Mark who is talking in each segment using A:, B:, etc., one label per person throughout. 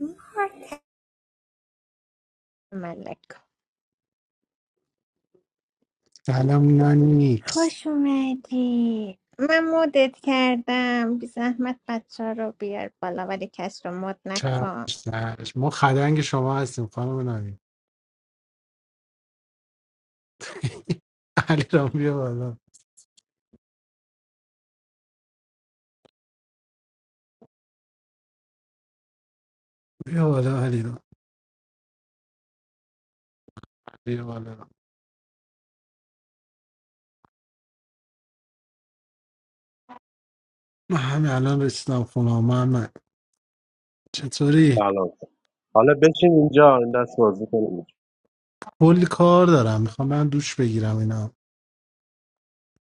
A: مارت ملکا
B: سلام نانیکس
A: خوش اومدی من مودت کردم بی زحمت بچه ها رو بیار بالا ولی کس رو مد
B: چش
A: نکن
B: چش ما خدنگ شما هستیم خانم نانی علی رام بیا بالا بیا بالا علی رام بیا بالا من همین الان رسیدم خونه محمد چطوری
C: سلام حالا بشین اینجا این دست بازی کنیم
B: کلی کار دارم میخوام من دوش بگیرم اینا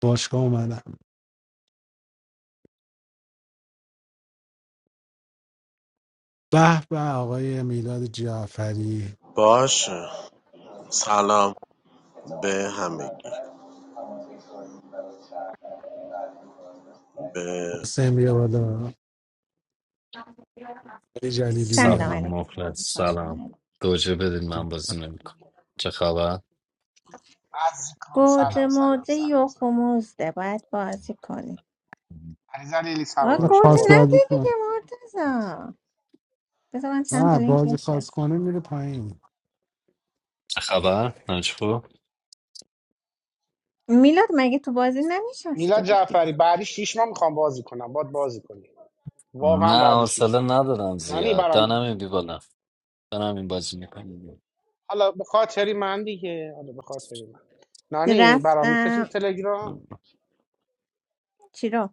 B: باشگاه اومدم به به آقای میلاد جعفری حسین بیا بالا علی جلیلی
A: سلام
B: بیا
D: سلام
A: علیکم
D: مخلص
A: خوش
D: سلام
A: اومدی
D: گوجه بدید من بازی نمیکنم چه خبر؟
E: عزیز کن.
A: گوجه
E: سلام
B: نه،
E: سلام
A: موجه
E: سلام
A: یخ و
E: سلام
A: مزده باید بازی کنی
E: علی علی
A: آه
E: سلام داداش بیا
A: گوجه
B: خاص
E: بالا
A: نده
B: بازی کن
A: دیگه مرتزا بذار من چند تا
B: نه
A: لینک
B: بازی خاص
A: بفرستم
B: کنه میره پایین
D: چه خبر؟ نجفو؟
A: میلاد مگه تو بازی نمیشسته
E: میلاد
A: بودی
E: جعفری بعدی شیش ماه میخوام بازی کنم باد بازی کنی واقعا
D: نه
E: بعدی
D: حوصله
E: شیش ماه
D: ندارم
E: نانی
D: زیاد دانم
E: برام
D: بی بالا دانم این بازی میکنم
E: حالا به خاطری من دیگه حالا به خاطری من نانی برام میفرستی
A: رفتم
E: تلگرام
A: چی رو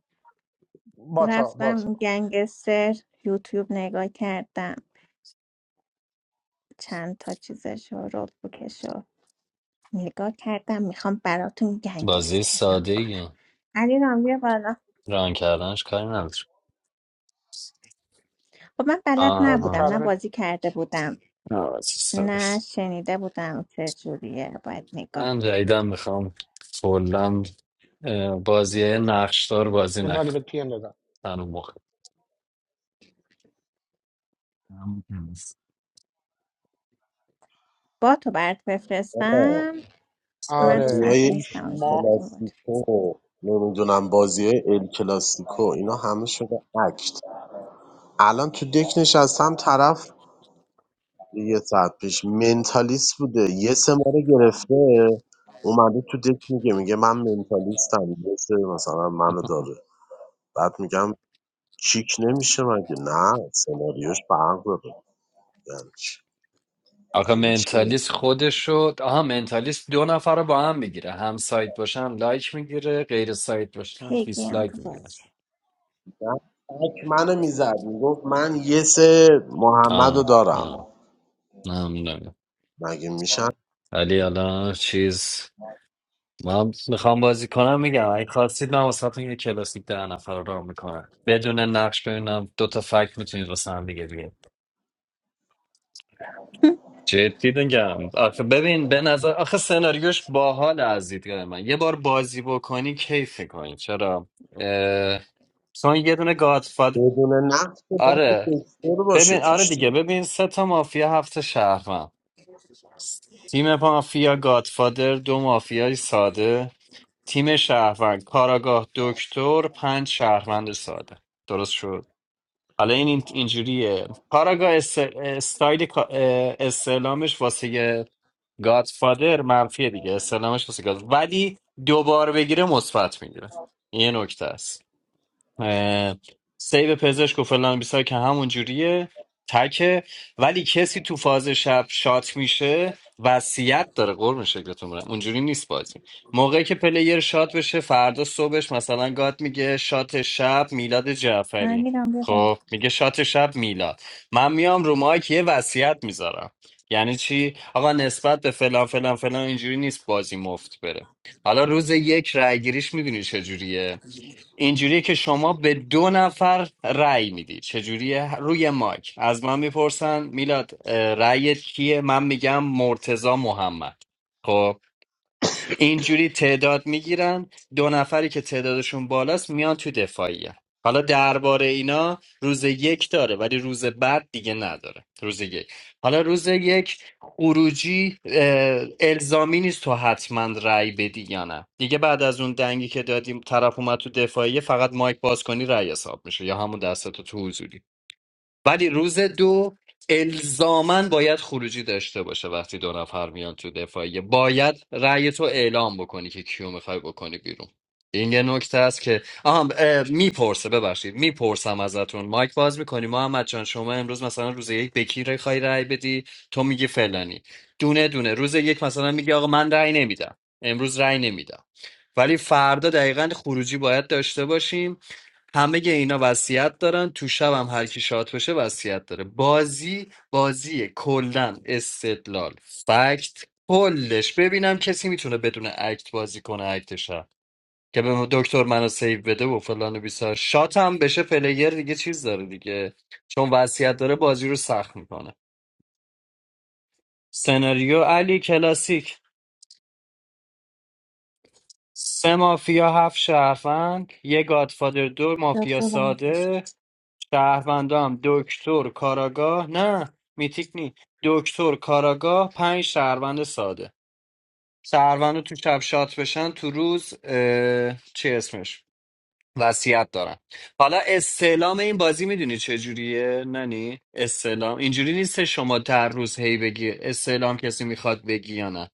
E: باتا باتا
A: رفتم گنگستر یوتیوب نگاه کردم چند تا چیزشو رو بکشو نگاه کردم میخوام براتون
D: بازی
A: گنگستر ران
D: ساده
A: کنم
D: ای
A: علی رام بیا بالا
D: ران کردنش کاری نداره
A: خب من بلد
D: آه
E: بازی
A: نبودم
D: آه
A: نه
E: کردن
A: بازی کرده بودم
D: نه بازی ساده
A: نه
D: است
A: شنیده بودم چه جوریه باید نگاه
D: من جدیدن میخوام کلا اه، بازی نقشدار بازی
E: نانی
D: نکنم
E: به پی ام دادم
D: تنو مخ
A: با تو برات
C: آره
A: بفرستم من رو
C: بازی
E: آره
A: صفحه
C: های
E: شیش
A: نیستم آقای
E: ماه
A: زحمت بود
C: کلاسیکو نمیدونم بازی های ال کلاسیکو اینا همه شده اکت الان تو دک نشستم طرف یه ساعت پیش منتالیست بوده یه سه ما رو گرفته اومده تو دک میگه میگه من منتالیستم یه سری مثلا منو داره بعد میگم کیک نمیشه مگه نه سناریوش فرق داره یعنی چی؟
D: آقا
C: مگه میشه
D: منتالیست خودشو آها منتالیست دو نفر رو با هم میگیره هم سایت باشن لایک میگیره غیر سایت باشن
A: پیگیری هم تو
D: دیسلایک میگیره
A: بازی
C: فک منو میزد میگفت من یه سه محمد رو
D: آه نه
C: دارم
D: نه نمیدونم
C: مگه میشن
D: ولی حالا چیز من میخوام بازی کنم میگم اگه خواستید من واسهتون یه کلاسیک ده نفر رو رام میکنم بدون نقش ببینم دو تا فکت میتونید واسه هم دیگه بیارید. جدی میگم آخه ببین به نظر آخه سناریوش باحال از دیدگاه من یه بار بازی بکنی کیف کنی چرا اه، چون یه دونه گادفاد
C: بدون نقص که باید
D: آره
C: دکتر باشه
D: ببین آره
C: توش
D: دیگه
C: دیگه
D: ببین سه تا مافیا هفت تا شهروند تیم مافیا گادفادر دو مافیای ساده تیم شهروند کاراگاه دکتر پنج شهروند ساده درست شد حالا این این- اینجوریه کاراگاه است... استایل کا- اه، استعلامش واسه گادفادر منفیه دیگه استعلامش واسه گاد ولی دوبار بگیره مثبت میگیره یه نکته است اه، سیب پزشک و فلان بیسار که همون جوریه تکه ولی کسی تو فاز شب شات میشه وصیت داره قرب شکلتون برم اونجوری نیست بازی موقعی که پلیر شات بشه فردا صبحش مثلا گات میگه شات شب میلاد جعفری
A: علی رام بیا بالا
D: خب میگه شات شب میلاد من میام رو مایک یه وصیت میذارم یعنی چی آقا نسبت به فلان فلان فلان اینجوری نیست بازی مفت بره حالا روز یک رای گیریش میدونی چجوریه اینجوریه که شما به دو نفر رأی میدی چجوریه روی مایک از من میپرسن میلاد اه، رأیت کیه من میگم مرتضی محمد خب اینجوری تعداد میگیرن دو نفری که تعدادشون بالاست میان تو دفاعیه حالا درباره اینا روز یک داره ولی روز بعد دیگه نداره روز یک حالا روز یک خروجی اه، الزامی نیست تو حتما رأی بدی یا نه دیگه بعد از اون دنگی که دادیم طرف اومد تو دفاعیه فقط مایک باز کنی رأی حساب میشه یا همون دستتو تو حضوری ولی روز دو الزاما باید خروجی داشته باشه وقتی دو نفر میان تو دفاعیه باید رأی تو اعلام بکنی که کیو میخوای بکنی بیرون این یه نکته است که آها میپرسه ببخشید میپرسم ازتون مایک باز میکنی محمد جان شما امروز مثلا روز یک به کی رای رأی بدی تو میگی فلانی دونه دونه روز یک مثلا میگی آقا من رأی نمیدم امروز رأی نمیدم ولی فردا دقیقا خروجی باید داشته باشیم همه اینا وصیت دارن تو شب هم هر کی شات بشه وصیت داره بازی بازی کلا استدلال فکت کلش ببینم کسی میتونه بدون اکت بازی کنه اکتش هم. که به دکتر منو سیو بده و فلان و بیسار شات هم بشه پلیر دیگه چیز داره دیگه چون وصیت داره بازی رو سخت میکنه سناریو علی کلاسیک سه مافیا هفت شهروند یه گادفادر دو مافیا
A: دکتر بنا خوش
D: ساده شهروندام دکتر کاراگاه نه میتیک نی دکتر کاراگاه پنج شهروند ساده شهروند تو شب شات بشن تو روز اه... چه اسمش وصیت دارن حالا استعلام این بازی میدونی چجوریه ننی استعلام اینجوری نیست شما در روز هی بگی استعلام کسی میخواد بگی یا نه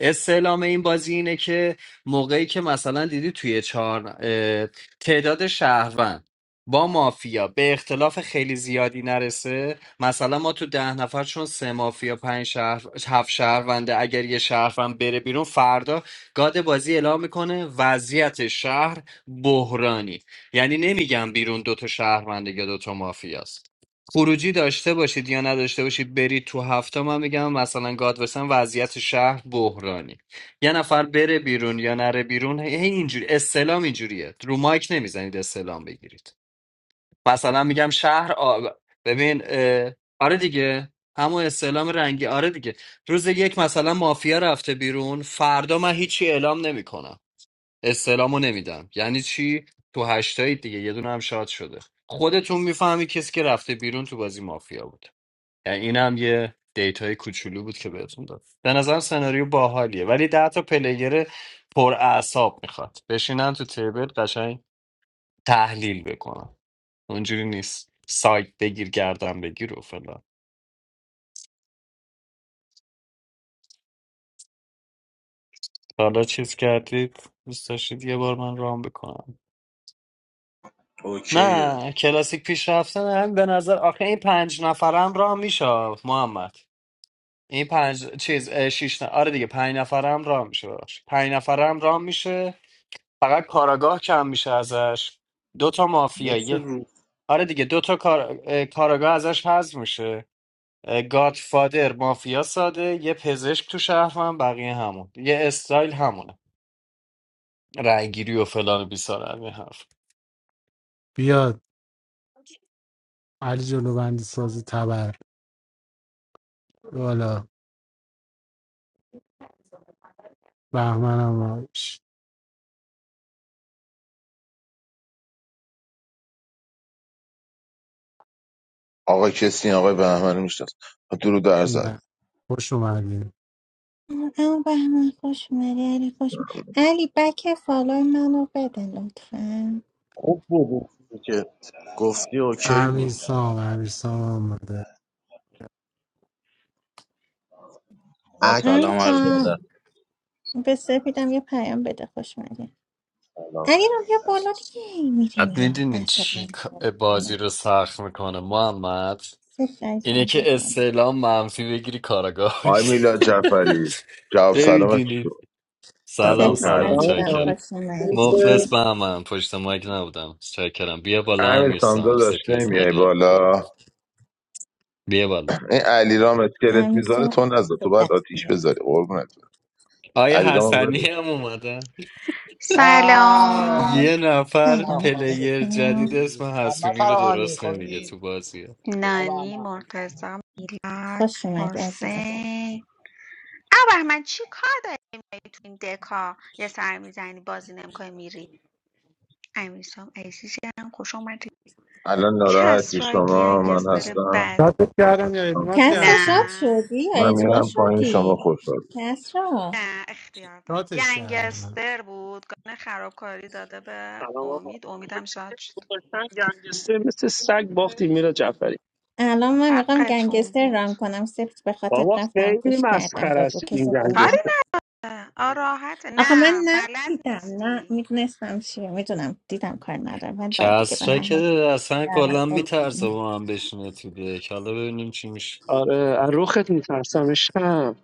D: استعلام این بازی اینه که موقعی که مثلا دیدی توی چهار اه، تعداد شهروند با مافیا به اختلاف خیلی زیادی نرسه مثلا ما تو ده نفر چون سه مافیا پنج شهر هفت شهرونده اگر یه شهروند بره بیرون فردا گاد بازی اعلام میکنه وضعیت شهر بحرانی یعنی نمیگم بیرون دوتا شهرونده یا دوتا مافیاست خروجی داشته باشید یا نداشته باشید برید تو هفته من میگم مثلا گادوسن وضعیت شهر بحرانی یه نفر بره بیرون یا نره بیرون هی هی اینجوری استلام اینجوریه رو مایک نمیزنید استلام بگیرید مثلا میگم شهر آ... ببین اه، آره دیگه همون استلام رنگی آره دیگه روز یک مثلا مافیا رفته بیرون فردا من هیچی اعلام نمیکنم استعلامو نمیدم یعنی چی تو هشتایی دیگه یه دونه هم شاد شده خودتون میفهمی کسی که رفته بیرون تو بازی مافیا بود یعنی این هم یه دیتای کوچولو بود که بهتون داد به نظرم سناریو باحالیه ولی ده تا پلیر پر اعصاب میخواد بشینن تو تیبل قشنگ تحلیل بکنن اونجوری نیست سایت بگیر گردن بگیر و فلان تا حالا چیز کردید دوست داشتید یه بار من رام بکنم
C: اوکیه
D: نه کلاسیک پیش رفتن هم به نظر آخه این پنج نفرم راه میشه محمد این پنج چیز اه، شیش نه آره دیگه پنج نفرم راه میشه ببخشید. پنج نفرم راه میشه فقط کاراگاه کم میشه ازش دو تا
C: مثل
D: مافیایی
C: روز
D: آره دیگه دو تا کار... اه، کاراگاه ازش حذف میشه گاد فادر مافیا ساده یه پزشک تو شهر هم بقیه همون یه استایل همونه رأیگیری و فلان و بیسار همین حرف.
B: بیاد علی جلو بندی ساز تبر بیا بالا بهمنم باش
F: آقا کسی آقای بهمن میشناس درو در زد
B: نه خوش اومدیم
A: اما بهمن خوش اومدی علی خوش اومد. علی بک فالای منو بده لطفا
C: خوب بود اون چیزی که گفتی اوکی
B: امیر
C: بود
B: سام امیر سام اومده
G: Oh,
C: اک
G: salam,
A: علی
G: Arda.
A: به سپیدم یه پیام بده خوش مگه
C: سلام
A: علیرام بیا بالا دیگه هی میری
D: بعد
A: میای
D: میدونی
A: اعصاب
D: چی
A: من
D: ک-
A: خورد
D: بازی
A: کنه
D: رو سخت میکنه محمد
A: سپید
D: اینه
A: عزیزم بیا
D: که
A: بالا
D: استعلام منفی بگیری
F: آقای
D: کاراگاهش
F: میلاد جعفری جواب سلامت چی
D: نمیدونی
F: شد
D: سلام
F: سلام
A: سپید
F: تعالی
D: سلام
C: اسلام
A: عزیزم
D: چاکرم
A: خوش
D: مخلص
C: منفیسه
A: اومدی
D: به من پشت مایک نبودم چاکرم بیا بالا
F: امیر
D: امیر سام
F: سامدا داشت
D: سپیز
F: نمیای
D: علیرام بیا
F: بالا
D: بالا بیا بالا
F: این علیرام اسکلت میذاره
A: امیسا
F: تو نذار
A: به
F: تو باید
A: دست
F: آتیش
A: میاد
F: بذاری قربونت
D: آیا
F: علیرام رو
D: حسنی
F: ولش کن.
D: هم اومدن
E: برای
D: یه
H: سلام
E: هست
D: نفر
E: سلام
A: سلام
E: خانم
D: پلیر جدید
A: علیکم.
D: اسم
E: سپید محمد
D: حسونی رو
E: فراهانی
D: درست نمیگه
E: خوبی
D: تو بازیه
H: نانی
E: آمه
H: مرتضی میلاد
A: خوش اومدی عزیزم
H: حسین او من چی کار داری می‌کنی تو این دکا یه سر میزنی بازی نمیکنی میری امیرسام عزیزم خوش اومدی
F: الان
H: کس
F: ناراحتی
H: رای
F: شما من
H: گنگستر
F: هستم
H: بد
B: شاتش کردم یا اجماعت
A: کس
H: نه
A: را شاد
B: کردم
A: شدی یا
F: من
A: اجماع
F: میرم پایین شما
A: شدی
F: خوش
A: کس را
H: نه اختیار داد
B: شاتش کردم
H: گنگستر بود گانه خرابکاری داده به
I: سلام آقا
H: امید
I: ما
H: امیدم
I: که
H: شاد شد
I: گذاشتن گنگستر مثل سگ باختیم میلا جعفری
A: الان من میخوام
H: حقتون
A: گنگستر
H: بود
A: ران کنم سپید به خاطر
I: بابا
A: رفتم
I: خیلی
A: گوش کردم
I: مسخره
A: گفت
I: است این
A: کسی
H: کاری
I: گنگستر
H: نه آه راحته
A: آخه من
H: نه
A: نه
H: بلد
A: دیدم نه
H: نیستی
A: میدونستم چیه میدونم دیدم کار ندارم من باید دیگه به
D: کسرا
A: هر حال
D: که اصلا کلا میترسه با من بشینه تو دک حالا ببینیم چی میشه
I: آره از رخت میترسم عشقم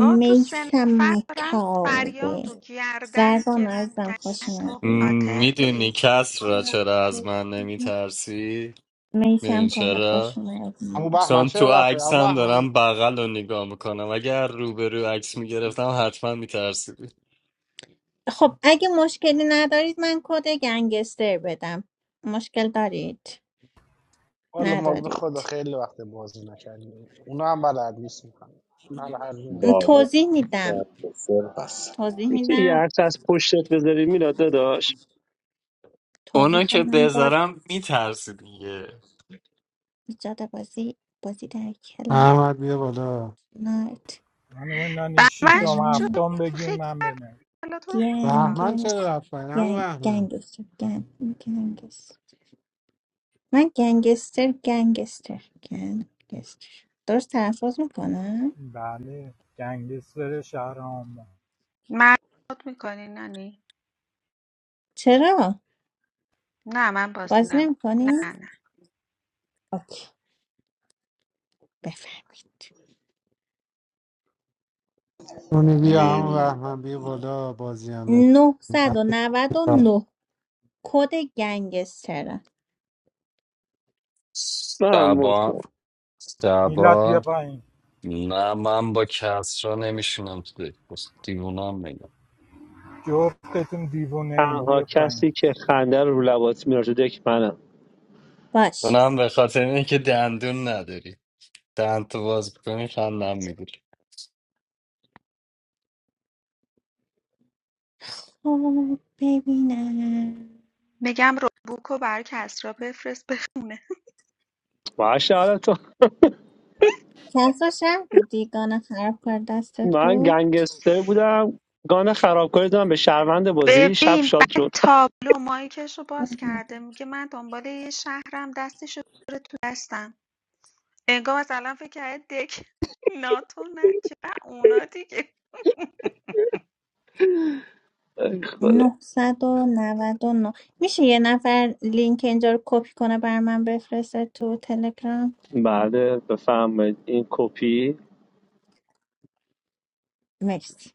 H: با تو سه نفر دارم
A: کاوه
H: فریاد و گردن
A: زربان
H: میگیرم
A: عزیزم
H: که
A: خوش
H: نه تو
A: اومدی
H: قاتلی
D: میدونی کسرا چرا از من نمیترسی
A: میسم
D: میدونی
A: کاوه
D: چرا
A: خوش
E: همون
A: اومدی
E: بهمن
D: چون
E: چرا
D: تو
E: رفت
D: عکس
E: امو
D: هم
E: بهمن
D: دارم بغل رو نگاه میکنم اگر روبرو عکس میگرفتم حتما میترسیدی
A: خب اگه مشکلی ندارید من کد گنگستر بدم مشکل دارید
E: والا ما به خدا
A: ندارید
E: خیلی وقت بازی نکردیم اونا هم بلد نیستن نه هر جون می‌گیم.
C: بالا
A: توضیح میدم
C: سر پس
A: توضیح
I: یکی یه
A: میدم
I: عکس از پشتت بذاری میلا داداش
A: توضیح
D: اونا که
A: خواهم داد
D: بذارم میترسی دیگه
A: ایجاد بازی بازی در کلاب
B: احمد بیا بالا
A: نایت
J: خانم نانی
H: بهمنش
J: شیشم هفتم بگیم
H: خیلی
J: من
H: کرد
J: بنویسم
H: حالا تو رو
B: بهمن چرا
A: گنگس
B: رفت پایین همون
A: گنگ
B: بهمن
A: گنگستر گنگ گنگستر من گنگستر گنگستر گنگستر درست تلفظ میکنم
J: بله گنگستر شهر آمون
H: مرد میکنی نانی
A: چرا
H: نه من بازی
A: بازی
H: نمیکنم
A: نمیکنی
H: نه نه
A: اوکی بفرمایید
B: اونی بیا همون
C: میم
B: بهمن بیا بالا بازی هم نکنه.
A: 999 کد گنگستر
I: من هم
D: سبا
I: مطمئن.
J: میلاد بیا
D: سبا
J: پایین
D: نه من با کسرا نمیشونم تو دک دیوونم میگم
J: جفتتون دیوونه این
I: تنها
J: بیا پایین
I: کسی که خنده رو رو لبات میاره تو دک منم
A: باش
D: اونم به خاطر اینه که دندون نداری چند تا باز کنی خندم میگیری
A: خب ببینم
H: میگم روبوکو رو برای کسرا بفرست بخونه
I: باشه حالا تو
A: کسا شهر بود دیگانه خراب کرد دست
I: من
A: تو
I: گنگستر بودم گان خرابکاری دادم به شهروند بازی شب
H: ببین
I: شاد شد
H: بعد تابلو مایکش رو باز کرده میگه من دنبال یه شهرم دستش رو تو دستم انگار مثلا فکر کرده دک ناتو نه چه بر اونا دیگه
I: خدا.
A: نه صد و نود و نه میشه یه نفر لینک اینجا رو کپی کنه بر من بفرسته تو تلگرام
I: بله بفرمایید این کپی
A: مرسی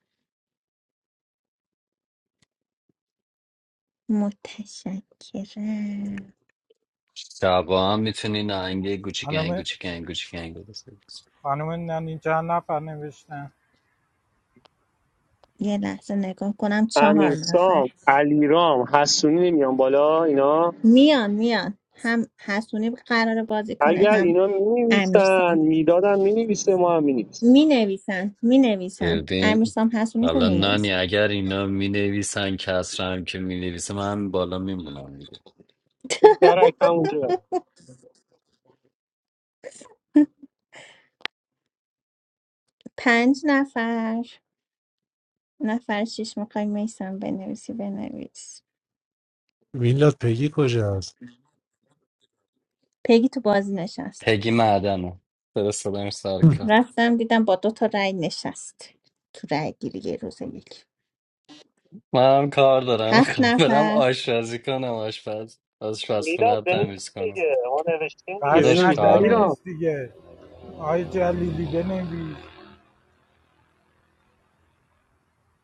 A: متشکرم
D: شبا هم میتونی نهنگه گوچیک
J: خانم
D: گوچیک گوچیک گنگ
J: خانم نانی چند نفر نوشتن
A: یه لحظه نگاه کنم چهار
I: امیرسام
A: نفر
I: علیرام حسونی نمیان بالا اینا
A: میان میان هم حسونی قرار بازی کنه
I: اگر
A: هم
I: اینا مینویسن
A: امیرسام
I: میدادن مینویسه ما هم مینویسیم
A: می نویسن می نویسن
D: ببین
A: امیرسام حسونی که
D: حالا
A: می
D: نانی
A: نویسن
D: اگر اینا می نویسن کس هم که می نویسه من بالا میمونم دیگه
I: درک همونجا
A: پنج نفر نفر شیش میخوای میسم بنویسی بنویس
B: میلاد پگی کجاست
A: پیگی تو بازی نشست
D: پگی معدنم فرستادم سر کار
A: رفتم دیدم با دو تا رأی نشست تو رأی گیری یه روز یک
D: من هم کار دارم
A: هفت
D: میکنم برم
A: نفر
D: آشپزی کنم آشپز آشپزخونه
I: میداد
D: رو تمیز
I: بنویس
D: کنم
I: دیگه ما نوشتیم دیگه
D: داداش
J: پشمک
I: بنویس
D: کار دارم
I: علیرام
J: بنویس دیگه آی جلیلی بنویس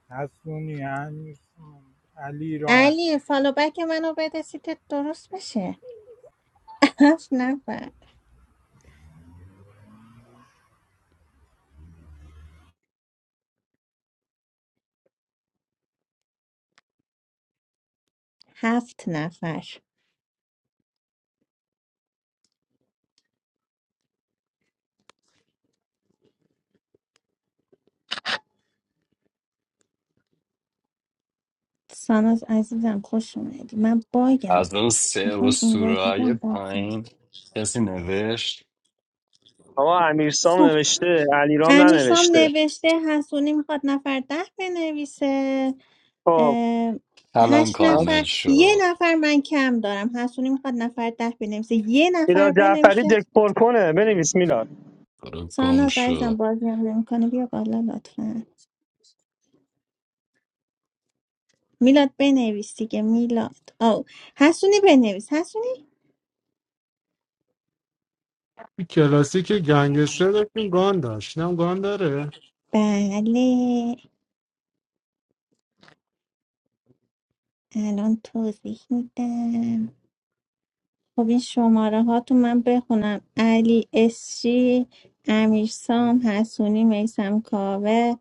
J: حسونی هنوز علی رام
A: علی فالو بک منو بده سیتت درست بشه هفت نفر هفت نفر ساناز عزیزم خوش اومدی من باگم
D: از اون سه
A: میخوام این
D: اسطوره های
A: وایسیدم بخشم
D: پایین کسی نوشت
I: آقا امیرسام نوشته علیرام
A: امیرسام
I: ننوشته
A: نوشته حسونی میخواد نفر ده بنویسه
I: خب
A: اه،
D: الان
A: هشت
D: کامل
A: نفر یه
D: شد
A: نفر من کم دارم حسونی میخواد نفر ده بنویسه یه نفر
I: میلاد جعفری
A: بنویسه
I: دک پر کنه بنویس میلاد
D: برو گم
A: ساناز عزیزم
D: شو
A: بازی هم نمیکنه بیا بالا لطفا میلاد بنویس دیگه میلاد او حسونی بنویس حسونی
B: کلاسیک گنگستر داشتیم گان داشت اینم گان داره
A: بله الان توضیح میدم خب این شماره هاتون من بخونم علی اسشی امیرسام حسونی میسم کاوه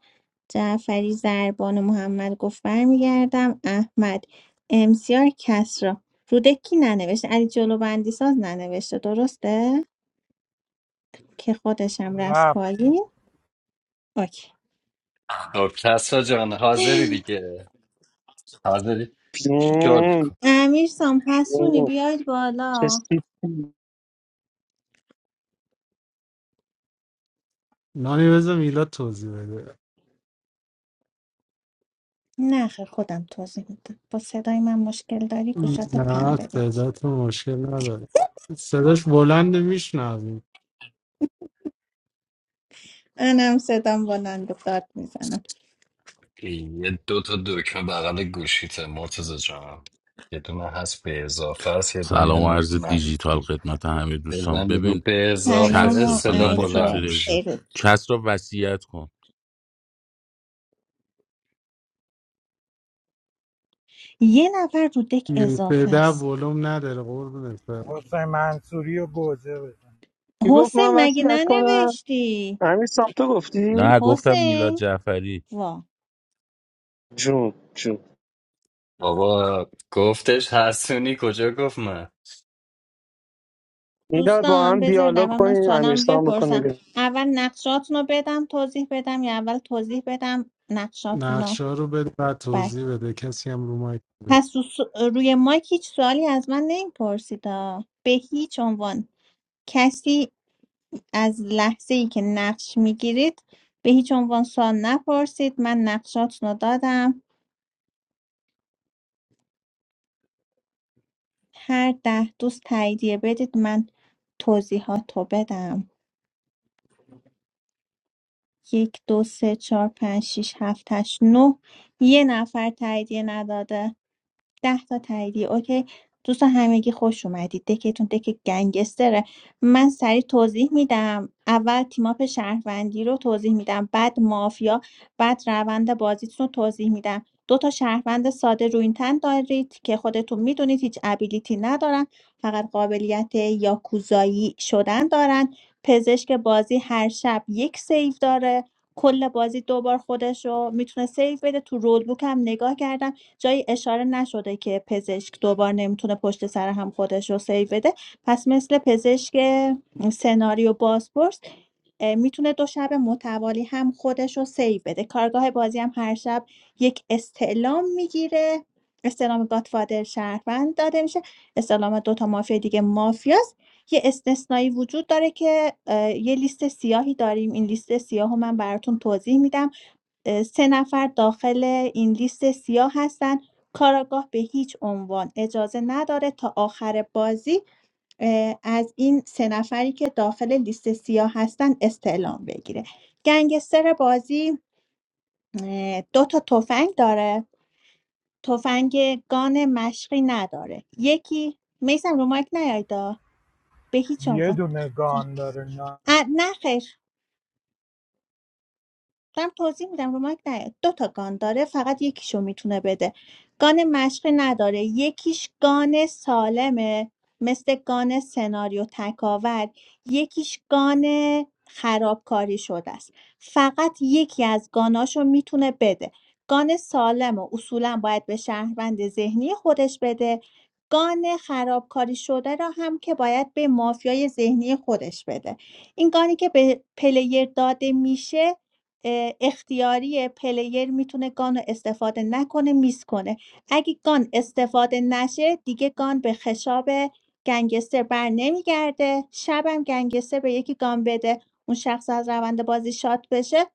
A: جعفری زربان و محمد گفت برمیگردم احمد امسیار کسرا رودکی ننوشته علی جلو بندی ساز ننوشته درسته که خودشم رفت
J: رفت
A: پایین اوکی
D: خب کسرا جان حاضری دیگه حاضری شل
I: پیون،
D: کن
A: امیر سام حسونی
I: پیون.
A: بیاید
I: چه
A: بالا
I: سیتی.
B: نانی بذار میلاد توضیح بده
A: نه خیر، خودم توضیح میدم با صدای من مشکل داری گوشات
B: نه
A: پنبه بگی
B: صداتون مشکل نداره صداش بلند میشنم
A: منم صدام بلند و داد میزنم
D: این یه دو تا دکمه بغل گوشیته مرتضی جان یه دونه هست به اضافه است یه دونه
K: سلام و عرض دیجیتال
D: منفی
K: خدمت همه دوستان
D: بزنی رو
K: ببین
D: به
A: سلام
D: اضافه
K: کس
A: و
K: رو-
D: صدا
K: نانی
A: عرض
D: بلند
K: چطوری
D: میشه
K: ازدن
A: سرود
K: کس را وصیت کن
A: یه نفر رو دک اضافه
B: ده
A: است
B: ولوم نداره قربونت برم
J: حسین منصوری و گوزه بزن
I: کی گفت
A: حسین
I: من
A: مگه
I: وصیت کنم
A: ننوشتی
I: امیر سام تو گفتی
K: نه گفتم میلاد
A: حسین
K: جعفری
A: وا
I: جون جون
D: بابا گفتش حسونی کجا گفت من
I: میلاد با
A: دوستان
I: هم
A: بذار
I: دیالوگ
A: اول من
I: کنیم
A: سوالم
I: امیرسام بکنیم
A: بپرسم
I: بیرون.
A: اول نقشاتون رو بدم توضیح بدم یا اول توضیح بدم نقشاتون رو؟
B: نقشه رو بده بعد
A: بک
B: توضیح بده کسی هم رو مایک بده
A: پس رو س- روی مایک هیچ سوالی از من نمیپرسید آ. به هیچ عنوان کسی از لحظه ای که نقش میگیرید به هیچ عنوان سوال نپرسید من نقشاتون رو دادم هر ده دوست تاییدیه بدید من توضیحات رو بدم یک دو سه چهار پنج شیش هفت هشت نه یه نفر تاییدیه نداده ده تا تاییدی اوکی دوستان همگی خوش اومدید دکتون دک گنگستره من سریع توضیح میدم اول تیماپ شهروندی رو توضیح میدم بعد مافیا بعد روند بازیتون رو توضیح میدم دو تا شهروند ساده رو این تن دارید که خودتون میدونید هیچ ابیلیتی ندارن فقط قابلیت یاکوزایی شدن دارن پزشک بازی هر شب یک سیو داره کل بازی دوبار خودش رو میتونه سیو بده تو رول بوک هم نگاه کردم جایی اشاره نشده که پزشک دوبار نمیتونه پشت سر هم خودش رو سیو بده پس مثل پزشک سناریو بازپرس اه، میتونه دو شب متوالی هم خودش رو سیو بده کارگاه بازی هم هر شب یک استعلام میگیره استعلام گاتفادر شهروند داده میشه استعلام دوتا مافیا دیگه مافیاست یه استثنایی وجود داره که یه لیست سیاهی داریم این لیست سیاه رو من براتون توضیح میدم اه، سه نفر داخل این لیست سیاه هستن کاراگاه به هیچ عنوان اجازه نداره تا آخر بازی اه، از این سه نفری که داخل لیست سیاه هستن استعلام بگیره گنگستر بازی اه، دو تا تفنگ داره تفنگ گان مشقی نداره یکی میسم رو مایک نیایدا به هیچ
J: یه
A: عنوان
J: دونه گان داره
A: اه، نه خیر دارم توضیح میدم رو مایک نیاد. دو تا گان داره فقط یکیشو میتونه بده گان مشقی نداره یکیش گان سالمه مثل گان سناریو تکاور یکیش گان خرابکاری شده است فقط یکی از گاناشو میتونه بده گان سالم و اصولا باید به شهروند ذهنی خودش بده گان خرابکاری شده را هم که باید به مافیای ذهنی خودش بده این گانی که به پلیر داده میشه اه، اختیاری پلیر میتونه گان رو استفاده نکنه میس کنه اگه گان استفاده نشه دیگه گان به خشاب گنگستر بر نمیگرده شبم گنگستر به یکی گان بده اون شخص از روند بازی شات بشه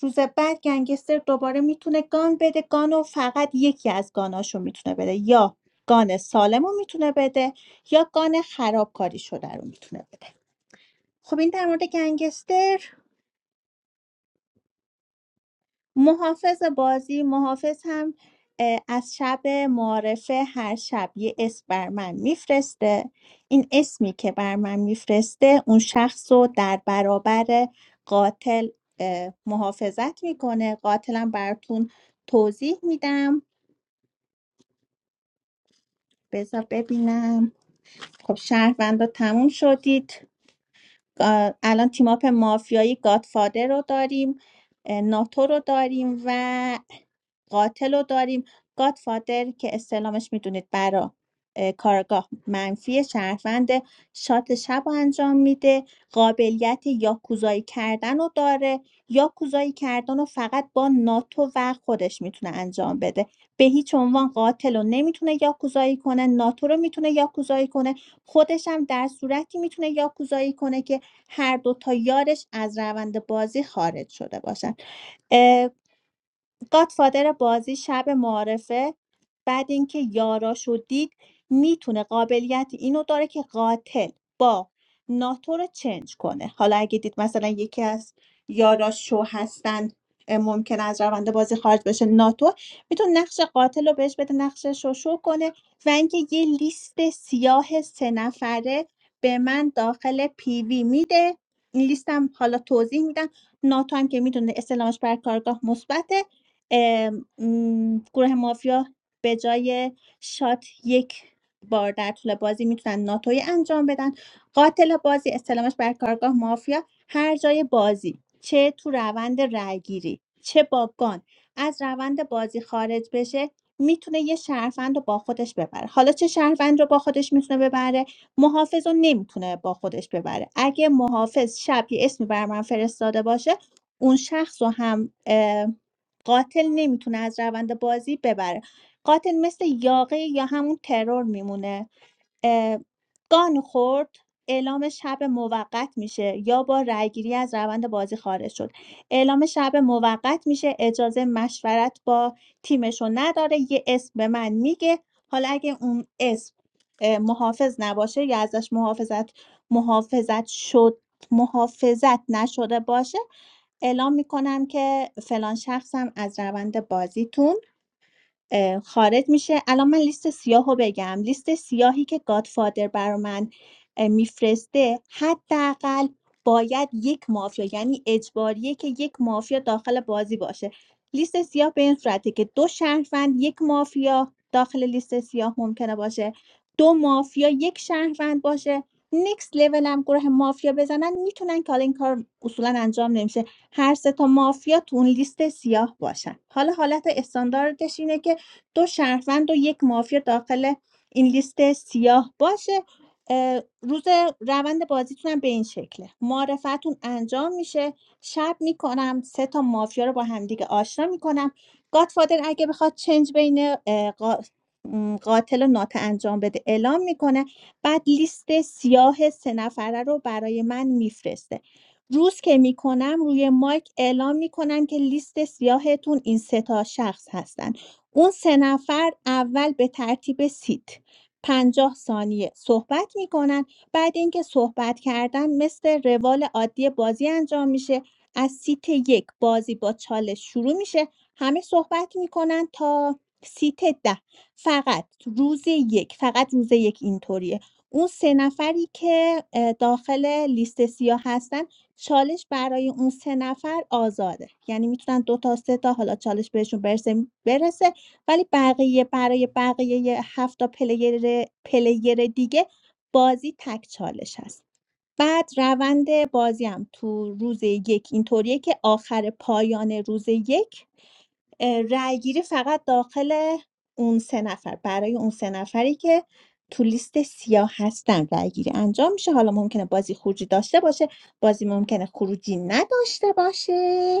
A: روز بعد گنگستر دوباره میتونه گان بده گان رو فقط یکی از گاناشو میتونه بده یا گان سالم رو میتونه بده یا گان خرابکاری شده رو میتونه بده خب این در مورد گنگستر محافظ بازی محافظ هم اه، از شب معارفه هر شب یه اسم بر من میفرسته این اسمی که بر من میفرسته اون شخص رو در برابر قاتل اه، محافظت میکنه قاتلم براتون توضیح میدم بذار ببینم خب شهروندا تموم شدید گا- الان تیماپ مافیایی گادفادر رو داریم اه، ناتو رو داریم و قاتل رو داریم گادفادر که استعلامش میدونید برا اه، کارگاه منفی شهروند شات شب رو انجام میده قابلیت یاکوزایی کردن رو داره یاکوزایی کردن رو فقط با ناتو و خودش میتونه انجام بده به هیچ عنوان قاتل رو نمیتونه یاکوزایی کنه ناتو رو میتونه یاکوزایی کنه خودش هم در صورتی میتونه یاکوزایی کنه که هر دو تا یارش از روند بازی خارج شده باشن گاتفادر بازی شب معارفه بعد اینکه یاراشو دید میتونه قابلیت اینو داره که قاتل با ناتو رو چنج کنه حالا اگه دید مثلا یکی از یاراش شو هستن اه، ممکن از روند بازی خارج بشه ناتو میتونه نقش قاتل رو بهش بده نقشش رو شو کنه و اینکه یه لیست سیاه سه نفره به من داخل پیوی میده این لیستم حالا توضیح میدم ناتو هم که میدونه استعلامش بر کارگاه مثبته ام، گروه مافیا به جای شات یک بار در طول بازی میتونن ناتوی انجام بدن قاتل بازی استلامش بر کارگاه مافیا هر جای بازی چه تو روند رأیگیری چه با گان از روند بازی خارج بشه میتونه یه شهروند رو با خودش ببره حالا چه شهروند رو با خودش میتونه ببره محافظ رو نمیتونه با خودش ببره اگه محافظ شب یه اسمی بر من فرستاده باشه اون شخص رو هم اه، قاتل نمیتونه از روند بازی ببره قاتل مثل یاقی یا همون ترور میمونه اه، گان خورد اعلام شب موقت میشه یا با رأیگیری از روند بازی خارج شد اعلام شب موقت میشه اجازه مشورت با تیمشو نداره یه اسم به من میگه حالا اگه اون اسم اه، محافظ نباشه یا ازش محافظت محافظت شد محافظت نشده باشه اعلام میکنم که فلان شخصم از روند بازیتون اه، خارج میشه الان من لیست سیاه رو بگم لیست سیاهی که گادفادر برا من اه، میفرسته حداقل باید یک مافیا یعنی اجباریه که یک مافیا داخل بازی باشه لیست سیاه به این صورته که دو شهروند یک مافیا داخل لیست سیاه ممکنه باشه دو مافیا یک شهروند باشه نیکس لول هم گروه مافیا بزنن میتونن که حالا این کار اصولا انجام نمیشه هر سه تا مافیا تو اون لیست سیاه باشن حالا حالت استانداردش اینه که دو شهروند و یک مافیا داخل این لیست سیاه باشه روز روند بازیتونم به این شکله معرفتون انجام میشه شب میکنم سه تا مافیا رو با همدیگه آشنا میکنم گادفادر اگه بخواد چنج بین اه، قا- قاتل و ناته انجام بده اعلام میکنه بعد لیست سیاه سه نفره رو برای من میفرسته روز که میکنم روی مایک اعلام میکنم که لیست سیاهتون این سه تا شخص هستن اون سه نفر اول به ترتیب سیت پنجاه ثانیه صحبت میکنن بعد اینکه صحبت کردن مثل روال عادی بازی انجام میشه از سیت یک بازی با چالش شروع میشه همه صحبت میکنن تا سیت ده فقط روز یک فقط روز یک اینطوریه اون سه نفری که اه، داخل لیست سیاه هستن چالش برای اون سه نفر آزاده یعنی میتونن دو تا سه تا حالا چالش بهشون برسه برسه ولی بقیه برای بقیه 7 تا پلیر پلیر دیگه بازی تک چالش هست بعد روند بازی هم تو روز یک اینطوریه که آخر پایان روز یک اه، رای گیری فقط داخل اون سه نفر برای اون سه نفری که تو لیست سیاه هستن رای گیری انجام میشه حالا ممکنه بازی خروجی داشته باشه بازی ممکنه خروجی نداشته باشه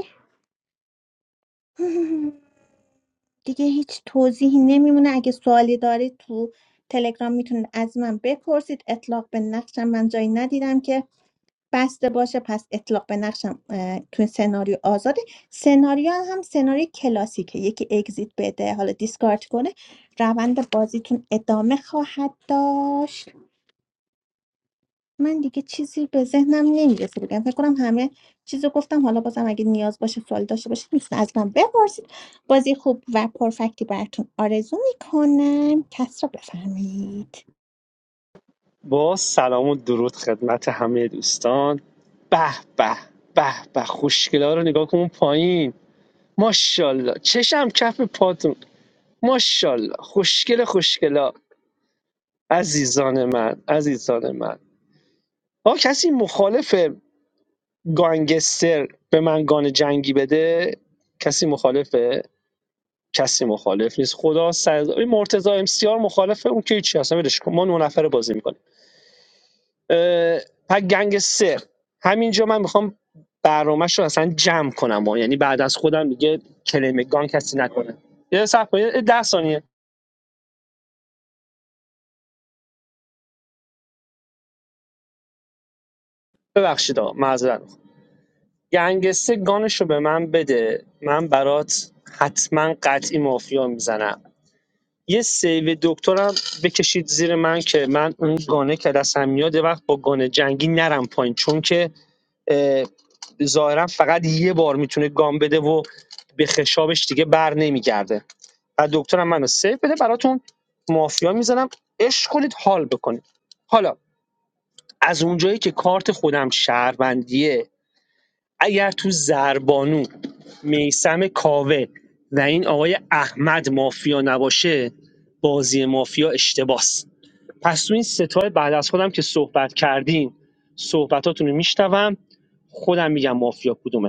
A: دیگه هیچ توضیحی نمیمونه اگه سوالی دارید تو تلگرام میتونید از من بپرسید اطلاق به نقشم من جایی ندیدم که بسته باشه پس اطلاق به نقشم اه، تو سناریو آزاده سناریو هم سناریو کلاسیکه یکی اگزیت بده حالا دیسکارد کنه روند بازیتون ادامه خواهد داشت من دیگه چیزی به ذهنم نمیرسه بگم فکر کنم همه چیزو گفتم حالا بازم اگه نیاز باشه سوالی داشته باشید میتونید از من بپرسید بازی خوب و پرفکتی براتون آرزو میکنم کس رو بفرمایید
I: با سلام و درود خدمت همه دوستان به به به به خوشگلا رو نگاه کن اون پایین ماشاءالله چشم کف پاتون ماشاءالله خوشگل خوشگلا عزیزان من عزیزان من آقا کسی مخالف گانگستر به من گان جنگی بده کسی مخالفه کسی مخالف نیست خدا سر این مرتضی ام سی آر مخالفه اون که چی اصلا ولش کن ما نه نفره بازی می‌کنیم. اه، پس گنگ سه همینجا من میخوام برنامهش رو اصلا جمع کنم و یعنی بعد از خودم میگه کلیم گان کسی نکنه یه صحب یه ده ثانیه ببخشید آقا معذرت می‌خوام. گنگ سه گانش رو به من بده من برات حتما قطعی مافیا میزنم یه سیو دکترم بکشید زیر من که من اون گانه که دستم میاد وقت با گانه جنگی نرم پایین چون که اه، ظاهرا فقط یه بار میتونه گام بده و به خشابش دیگه بر نمیگرده و دکترم منو سیف بده براتون مافیا میزنم عشق کنید حال بکنید حالا از اونجایی که کارت خودم شهروندیه اگر تو زربانو میسم کاوه و این آقای احمد مافیا نباشه بازی مافیا اشتباس پس تو این ستای بعد از خودم که صحبت کردین صحبتاتون رو میشنوم خودم میگم مافیا کدومه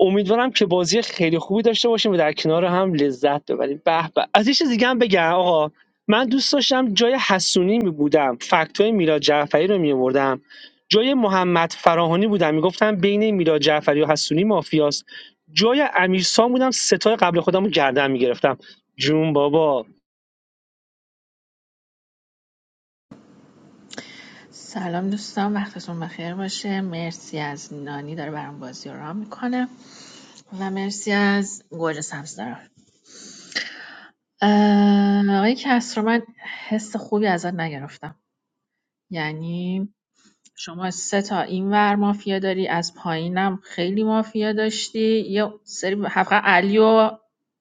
I: امیدوارم که بازی خیلی خوبی داشته باشیم و در کنار هم لذت ببریم به به از یه چیز دیگه هم بگم آقا من دوست داشتم جای حسونی می بودم فکتای میلاد جعفری رو می آوردم جای محمد فراهانی بودم میگفتم بین میلاد جعفری و حسونی مافیاست جای امیرسان بودم ستای قبل خودم رو گردن میگرفتم جون بابا
L: سلام دوستان وقتتون بخیر باشه مرسی از نانی داره برام بازی رو رام میکنه و مرسی از گوجه سبز دارم آقای کس رو من حس خوبی ازت نگرفتم یعنی شما سه تا این ور مافیا داری از پایینم خیلی مافیا داشتی یه سری حقا علی و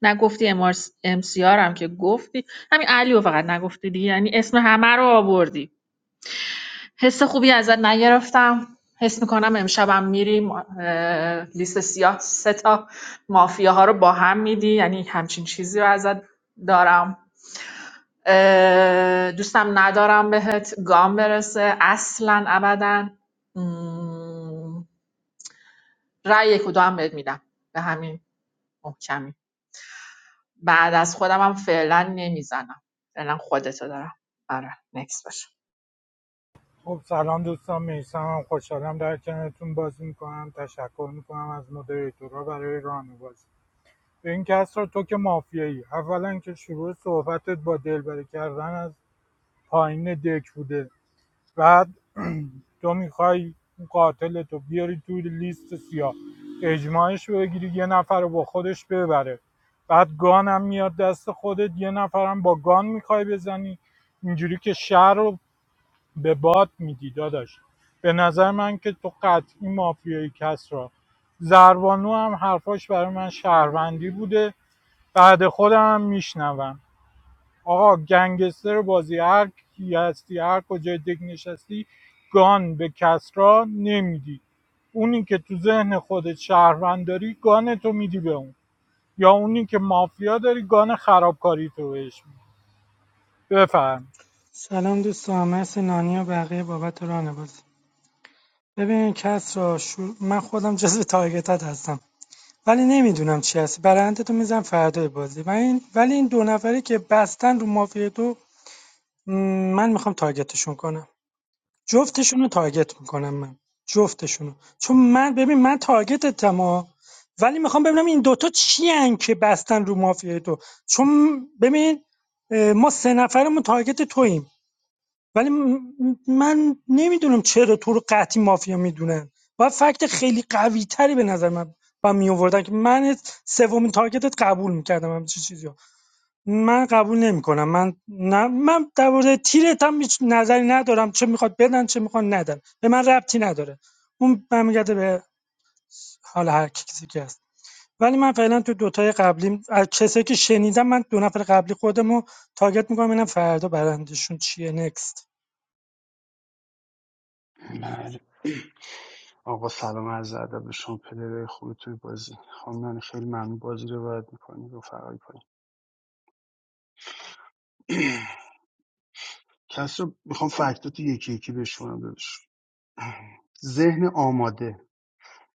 L: نگفتی امار... امسیار هم که گفتی همین علی رو فقط نگفتی دیگه یعنی اسم همه رو آوردی حس خوبی ازت نگرفتم حس میکنم امشبم میریم لیست سیاه سه تا مافیاها رو با هم میدی یعنی همچین چیزی رو ازت دارم دوستم ندارم بهت گام برسه اصلا ابدا مم، رأی یک و دو هم بهت میدم به همین محکمی بعد از خودم هم فعلا نمیزنم فعلا خودتو دارم آره نکس باشه
J: خب سلام دوستان میسمم خوشحالم در کنارتون بازی میکنم تشکر میکنم از مدیریتورا برای ران بازی به این کس را تو که مافیایی اولا که شروع صحبتت با دلبری کردن از پایین دک بوده بعد تو میخوای اون قاتل تو بیاری توی لیست سیاه اجماعش رو بگیری یه نفر رو با خودش ببره بعد گانم میاد دست خودت یه نفرم با گان میخوای بزنی اینجوری که شهر رو به باد میدی داداش به نظر من که تو قطعی مافیایی کسرا را زربانو هم حرفاش برای من شهروندی بوده بعد خودم هم میشنوم آقا گنگستر بازی هر کی هستی هر کجای دک نشستی گان به کسرا نمیدی اونی که تو ذهن خودت شهروند داری گان تو میدی به اون یا اونی که مافیا داری گان خرابکاری تو بهش میدی بفرم
M: سلام دوستان مرسی نانی و بقیه بابت ران بازی ببین کس را شور... من خودم جزو تارگتات هستم ولی نمیدونم چی هست برنده تو میزن فردای بازی و این... ولی این دو نفری که بستن رو مافیا دو م، من میخوام تارگتشون کنم جفتشون رو تارگت میکنم من جفتشون رو. چون من ببین من تارگتتم ها. ولی میخوام ببینم این دوتا چی هن که بستن رو مافیا دو چون ببین ما سه نفرمون تارگت توییم ولی م- من نمیدونم چرا تو رو قطعی مافیا میدونن باید فکت خیلی قوی تری به نظر من و می آوردن که من سومین تارگتت قبول میکردم همچین چیزی ها من قبول نمیکنم من نه من در مورد تیرت هم هیچ نظری ندارم چه میخواد بدن چه میخواد ندن به من ربطی نداره اون برمیگرده به حال هر کی- کسی که هست ولی من فعلا تو دوتای قبلی از کسایی که شنیدم من دو نفر قبلی خودم رو تارگت میکنم ببینم فردا برندشون چیه نکست
N: بله آقا سلام عرض ادب به شما پلیرهای خوبی توی بازی خانم نانی، خیلی ممنون بازی رو باید میکنی رفقای پایین کس رو میخوام فکتات یکی یکی بشونم دادش ذهن آماده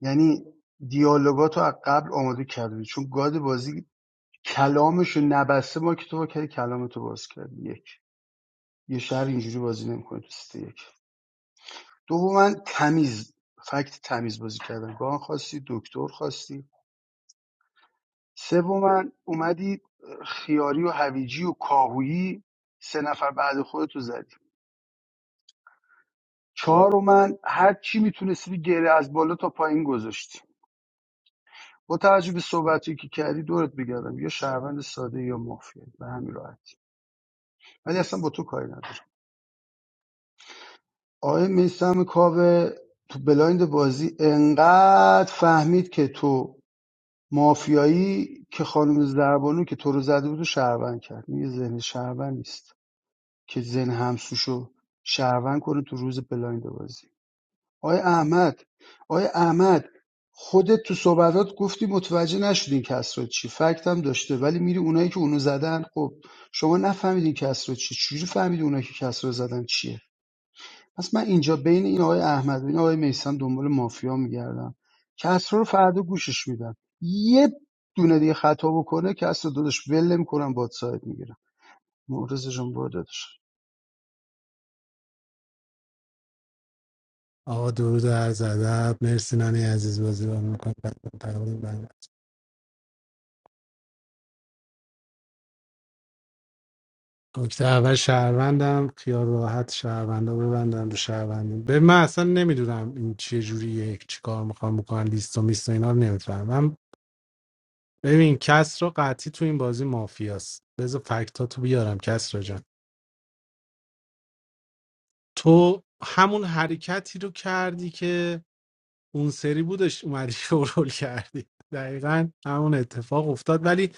N: یعنی دیالوگات رو از قبل آماده کردی چون گاد بازی کلامش رو نبسته ما که تو با کردی کلامتو باز کردی یک یه شهر اینجوری بازی نمیکنه تو سیت یک دوم من تمیز فکت تمیز بازی کردم گان خواستی دکتر خواستی سوما اومدی خیاری و هویجی و کاهویی سه نفر بعد خودتو زدی چهار من هر چی میتونستی گره از بالا تا پایین گذاشتی با توجه به صحبتی که کردی دورت بگردم یا شهروند ساده یا مافیا به همین راحتی ولی اصلا با تو کاری نداشت آقای میسم کاوه تو بلایند بازی انقدر فهمید که تو مافیایی که خانم زربانو که تو رو زده بود و شهروند کرد این یه ذهن شهروند نیست که زن همسوشو شهروند کنه تو روز بلایند بازی آیا احمد آیا احمد خودت تو صحبتات گفتی متوجه نشدین کسرا چی فکت هم داشته ولی میری اونایی که اونو زدن خب شما نفهمیدین کسرا چی چجوری فهمیدی اونایی که کسرا زدن چیه پس من اینجا بین این آقای احمد و این آقای میسم دنبال مافیا میگردم کسرا رو فردا گوشش میدم یه دونه دیگه خطا بکنه کسرا داداش ول نمیکنم باد ساعت میگیرم مورز جون برو داداش.
B: آقا درود و عرض ادب مرسی نانی عزیز بازی رو میکنم نکته اول شهروندم خیال راحت شهروندا ببندن رو شهروندی به من اصلا نمیدونم این چه جوریه چی کار میخوام بکنن لیست و میست و اینا رو نمیفهمم من ببین کس رو قطعی تو این بازی مافیاست بذار فکتاتو بیارم کس جان تو همون حرکتی رو کردی که اون سری بودش اومدی شورول کردی دقیقا همون اتفاق افتاد ولی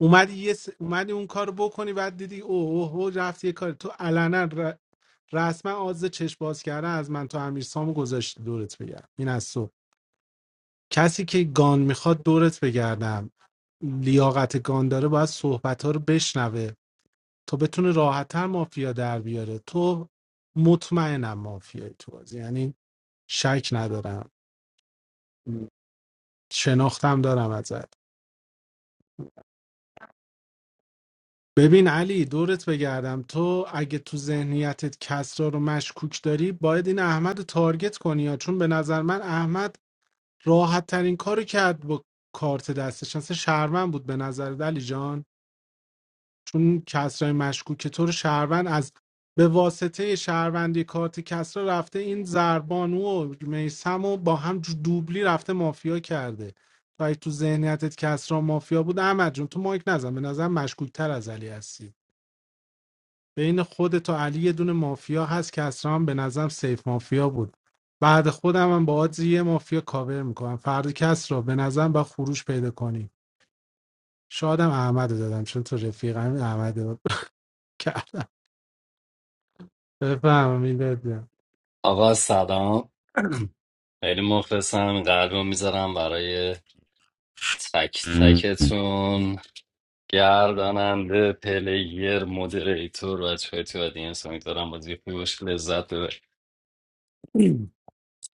B: اومدی یه س... اومدی اون کار بکنی بعد دیدی اوه اوه او رفت یه کار تو علنا ر... رسما آز چشم باز کردن از من تو امیر سامو گذاشتی دورت بگردم این از تو کسی که گان میخواد دورت بگردم لیاقت گان داره باید صحبت ها رو بشنوه تا بتونه راحتتر مافیا در بیاره تو مطمئنم مافیایی تو بازی یعنی شک ندارم شناختم دارم ازت ببین علی دورت بگردم تو اگه تو ذهنیتت کسرا رو مشکوک داری باید این احمد رو تارگت کنی ها. چون به نظر من احمد راحت ترین کارو کرد با کارت دستش اصلا شرمن بود به نظر علی جان چون کسرای مشکوک تو رو شهروند از به واسطه شهروندی کارت کسرا رفته این زربانو و میسم و با هم جو- دوبلی رفته مافیا کرده تو اگه تو ذهنیتت کسرا مافیا بود احمد جون تو مایک نزن به نظر مشکوک تر از علی هستی بین خودت و علی یه دونه مافیا هست کسرا هم به نظرم سیف مافیا بود بعد خودم هم با آدز یه مافیا کاور میکنم فرد کسرا به نظرم با خروج پیدا کنی شادم احمد رو دادم چون تو رفیقم احمد رو بفهم میلاد جان.
D: آقا سلام خیلی مخلصم قلبم میذارم برای تک تکتون گرداننده پلیر مدریتور بچه های تو آدینس امیدوارم بازی خوبی باشه لذت ببریم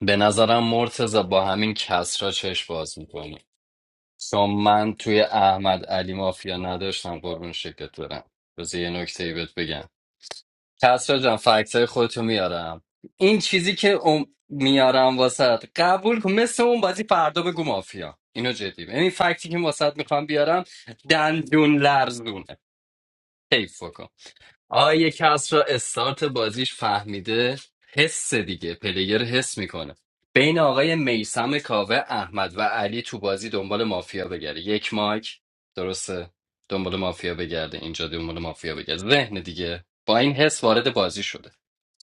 D: به نظرم مرتضی با همین کسرا چش باز میکنی چون من توی احمد علی مافیا نداشتم قربون شکلت برم بذار یه نکته ای بهت بگم کسرا جان فکتای خودتو میارم این چیزی که ام- میارم واسط قبول کن مثل اون بازی فردا بگو مافیا اینو جدی بگم. این فکتی که واسط میخوام بیارم دندون لرزونه حیف آه یه کس را استارت بازیش فهمیده حس دیگه پلیر حس میکنه بین آقای میسم کاوه احمد و علی تو بازی دنبال مافیا بگرده یک مایک درسته دنبال مافیا بگرده اینجا دنبال مافیا بگرده ذهن دیگه با این حس وارد بازی شده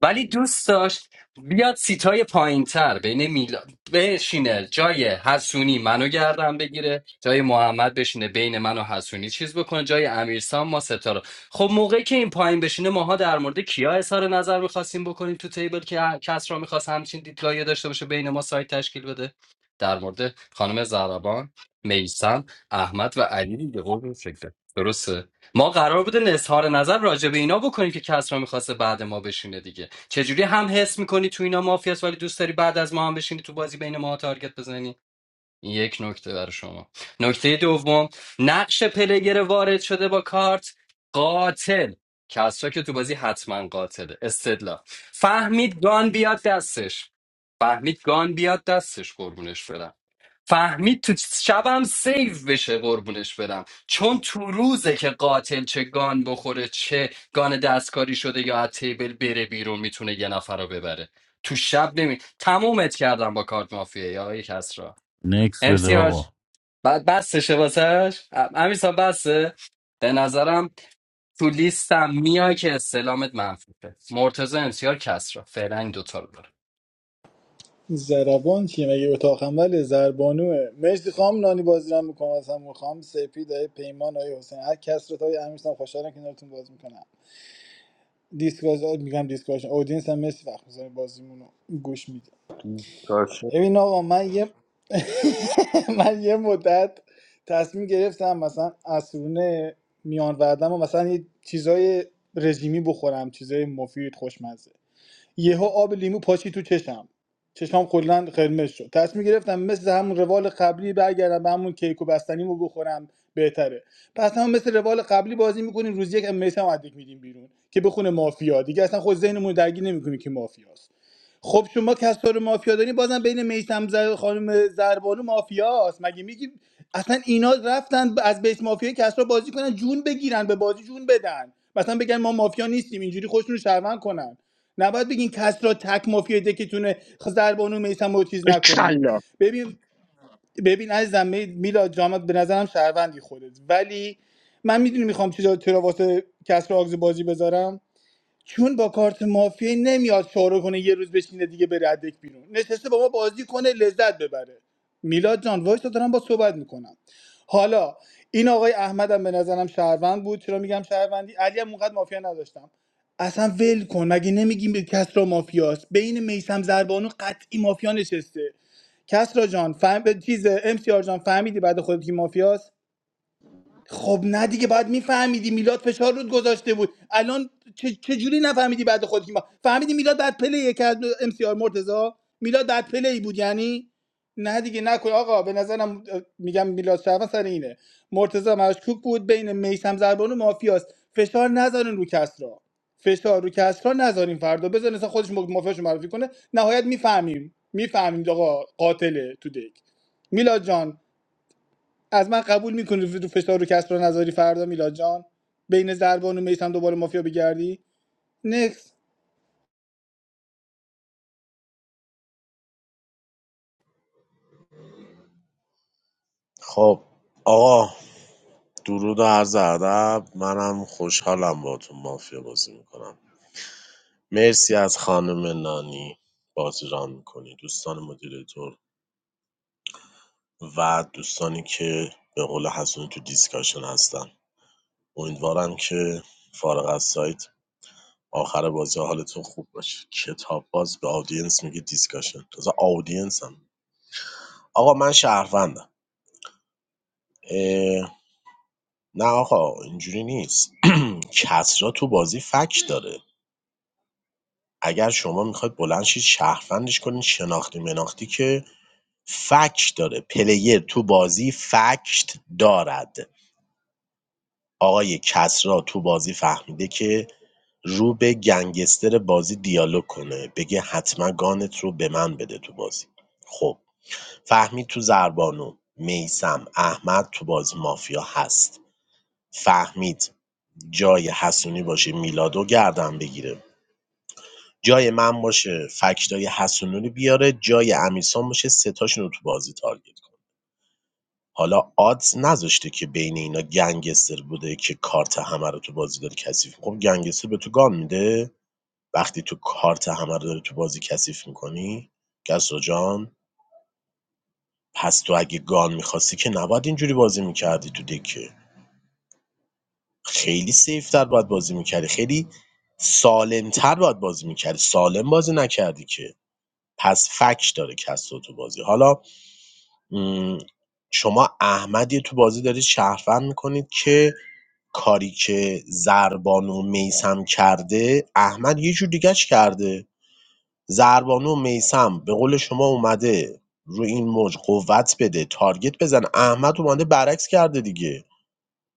D: ولی دوست داشت بیاد سیتای پایین تر بین میلا بشینه جای حسونی منو گردن بگیره جای محمد بشینه بین من و حسونی چیز بکنه جای امیرسام ما ستا رو خب موقعی که این پایین بشینه ماها در مورد کیا اظهار نظر میخواستیم بکنیم تو تیبل که هر کس را میخواست همچین دیدگاهی داشته باشه بین ما سایت تشکیل بده در مورد خانم زربان میسم احمد و علی دیگه قربون شکلت. درسته ما قرار بوده اظهار نظر راجع به اینا بکنیم که کس را میخواسته بعد ما بشینه دیگه چجوری هم حس میکنی تو اینا مافیاس ولی دوست داری بعد از ما هم بشینی تو بازی بین ما تارگت بزنی این یک نکته برای شما نکته دوم نقش پلگر وارد شده با کارت قاتل کسرا که تو بازی حتما قاتله استدلا فهمید گان بیاد دستش فهمید گان بیاد دستش قربونش برم فهمید تو شبم سیف بشه قربونش برم چون تو روزه که قاتل چه گان بخوره چه گان دستکاری شده یا از تیبل بره بیرون میتونه یه نفر رو ببره تو شب نمی تمومت کردم با کارت مافیه یا آقای کسرا
K: نکس بده
D: امسیاج
K: آقا
D: بعد بستشه واسش امیسا بسته به نظرم تو لیستم میای که استلامت منفیه مرتضی امسیار کسرا فعلا این دوتا رو داره
O: زربان چیه مگه اتاق عمل زربانوه مرسی خام نانی بازی رو میکنم از هم خام سپید آیه پیمان آیه حسین هر کس رو تا آیه امیرسان خوشحالم که کنارتون بازی میکنم دیسکاش میگم دیسکاشن اودینس هم مرسی وقت میزنه بازیمون رو گوش میده
C: دیسکاشن.
O: ببین آقا من یه من یه مدت تصمیم گرفتم مثلا عصرونه میان وردم و مثلا یه چیزای رژیمی بخورم چیزای مفید خوشمزه یهو آب لیمو پاشی تو چشم چشام کلا قرمز شد تصمیم گرفتم مثل همون روال قبلی برگردم به همون کیک و بستنیمو بخورم بهتره پس هم مثل روال قبلی بازی میکنیم روز یک میسم عدیک میدیم بیرون که بخونه مافیا دیگه اصلا خود ذهنمون رو درگیر نمیکنیم که مافیاست خب شما کسا رو مافیا دارین بازم بین میسم زر خانم زربانو مافیاست مگه میگی اصلا اینا رفتن ب- از بیس مافیا کسا بازی کنن جون بگیرن به بازی جون بدن مثلا بگن ما مافیا نیستیم اینجوری خودشون رو شهروند کنن نباید بگین کسرا تک مافیا دکتونه خ- زربانو میسم رو چیز نکنین
I: کلا
O: ببین ببین عزیزم می- میلاد جامت به نظرم شهروندی خودت ولی من میدونی میخوام چیزا چرا واسه کسرا آگز بازی بذارم چون با کارت مافیایی نمیاد شعار کنه یه روز بشینه دیگه بره ادک بیرون نشسته با ما بازی کنه لذت ببره میلاد جان وایس دارم با صحبت میکنم حالا این آقای احمدم به نظرم شهروند بود چرا میگم شهروندی علی هم اونقدر مافیا نداشتم اصلا ول کن مگه نمیگیم به کسرا مافیاست بین میسم زربانو قطعی مافیا نشسته کسرا جان فهم... چیز ام سی آر جان فهمیدی بعد خودت کی مافیاست؟ خب نه دیگه باید میفهمیدی میلاد فشار رود گذاشته بود الان چه, چه جوری نفهمیدی بعد خودت کی ما فهمیدی میلاد بعد پلی که از ام سی آر مرتضی میلاد بعد پلی بود یعنی نه دیگه نکن آقا به نظرم اه، میگم میلاد شرفا سر اینه مرتضی مشکوک بود بین میسم زربانو و مافیاست فشار نذارین رو کسرا فشار رو کسرا نذارین فردا بزن اصلا خودش مافیاشو معرفی کنه نهایت میفهمیم میفهمیم آقا قاتله تو دک میلاد جان از من قبول میکنی رو فشار رو کسب رو نظری فردا میلاد جان بین زربان و میسم دوباره مافیا بگردی نکس
C: خب آقا درود و عرض ادب منم خوشحالم باهاتون مافیا بازی میکنم مرسی از خانم نانی بازی ران میکنی دوستان مدیریتور و دوستانی که به قول حسونی تو دیسکاشن هستن امیدوارم که فارغ از سایت آخر بازی حالتون خوب باشه کتاب باز به آدینس میگه دیسکاشن تازه آدینس هم آقا من شهروندم اه، نه آقا اینجوری نیست کسرا تو بازی فک داره اگر شما میخواید بلند شید شهروندش کنین شناختی مناختی که فک داره پلیر تو بازی فکت دارد آقای کسرا تو بازی فهمیده که رو به گنگستر بازی دیالوگ کنه بگه حتما گانت رو به من بده تو بازی خب فهمید تو زربانو میسم احمد تو بازی مافیا هست فهمید جای حسونی باشه میلادو گردن بگیره جای من باشه فکتای حسونی رو بیاره جای امیرسان باشه ستاشون رو تو بازی تارگت حالا آدز نذاشته که بین اینا گنگستر بوده که کارت همه رو تو بازی داره کثیف خب گنگستر به تو گان میده وقتی تو کارت همه رو داری تو بازی کثیف میکنی کسرا جان پس تو اگه گان میخواستی که نباید اینجوری بازی میکردی تو دکه خیلی سیفتر باید بازی میکردی خیلی سالمتر باید بازی میکردی سالم بازی نکردی که پس فکش داره کسرا تو بازی حالا شما احمدی تو بازی دارید شهروند میکنید که کاری که زربانو میسم کرده احمد یه جور دیگهش کرده زربانو میسم به قول شما اومده رو این موج قوت بده تارگت بزن احمد اومده برعکس کرده دیگه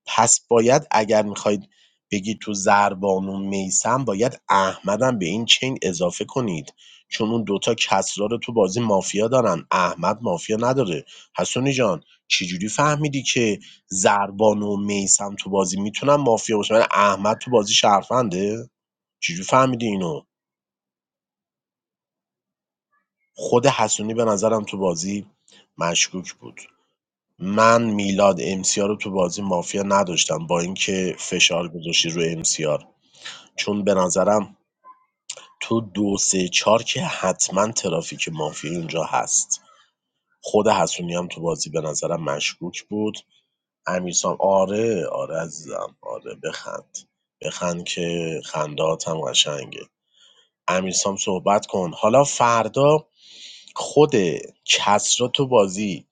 C: پس باید اگر میخواید بگید تو زربان و میسم باید احمدم به این چین اضافه کنید چون اون دوتا کسرا رو تو بازی مافیا دارن احمد مافیا نداره حسونی جان چجوری فهمیدی که زربان و میسم تو بازی میتونن مافیا باشن ولی احمد تو بازی شرفنده چجوری فهمیدی اینو خود حسونی به نظرم تو بازی مشکوک بود من میلاد امسیار رو تو بازی مافیا نداشتم با اینکه فشار گذاشتی رو امسیار چون به نظرم تو دو سه چار که حتما ترافیک مافیایی اونجا هست خود حسونی هم تو بازی به نظرم مشکوک بود امیرسام آره آره عزیزم آره بخند بخند که خندات هم قشنگه امیرسام صحبت کن حالا فردا خود کسرا تو بازی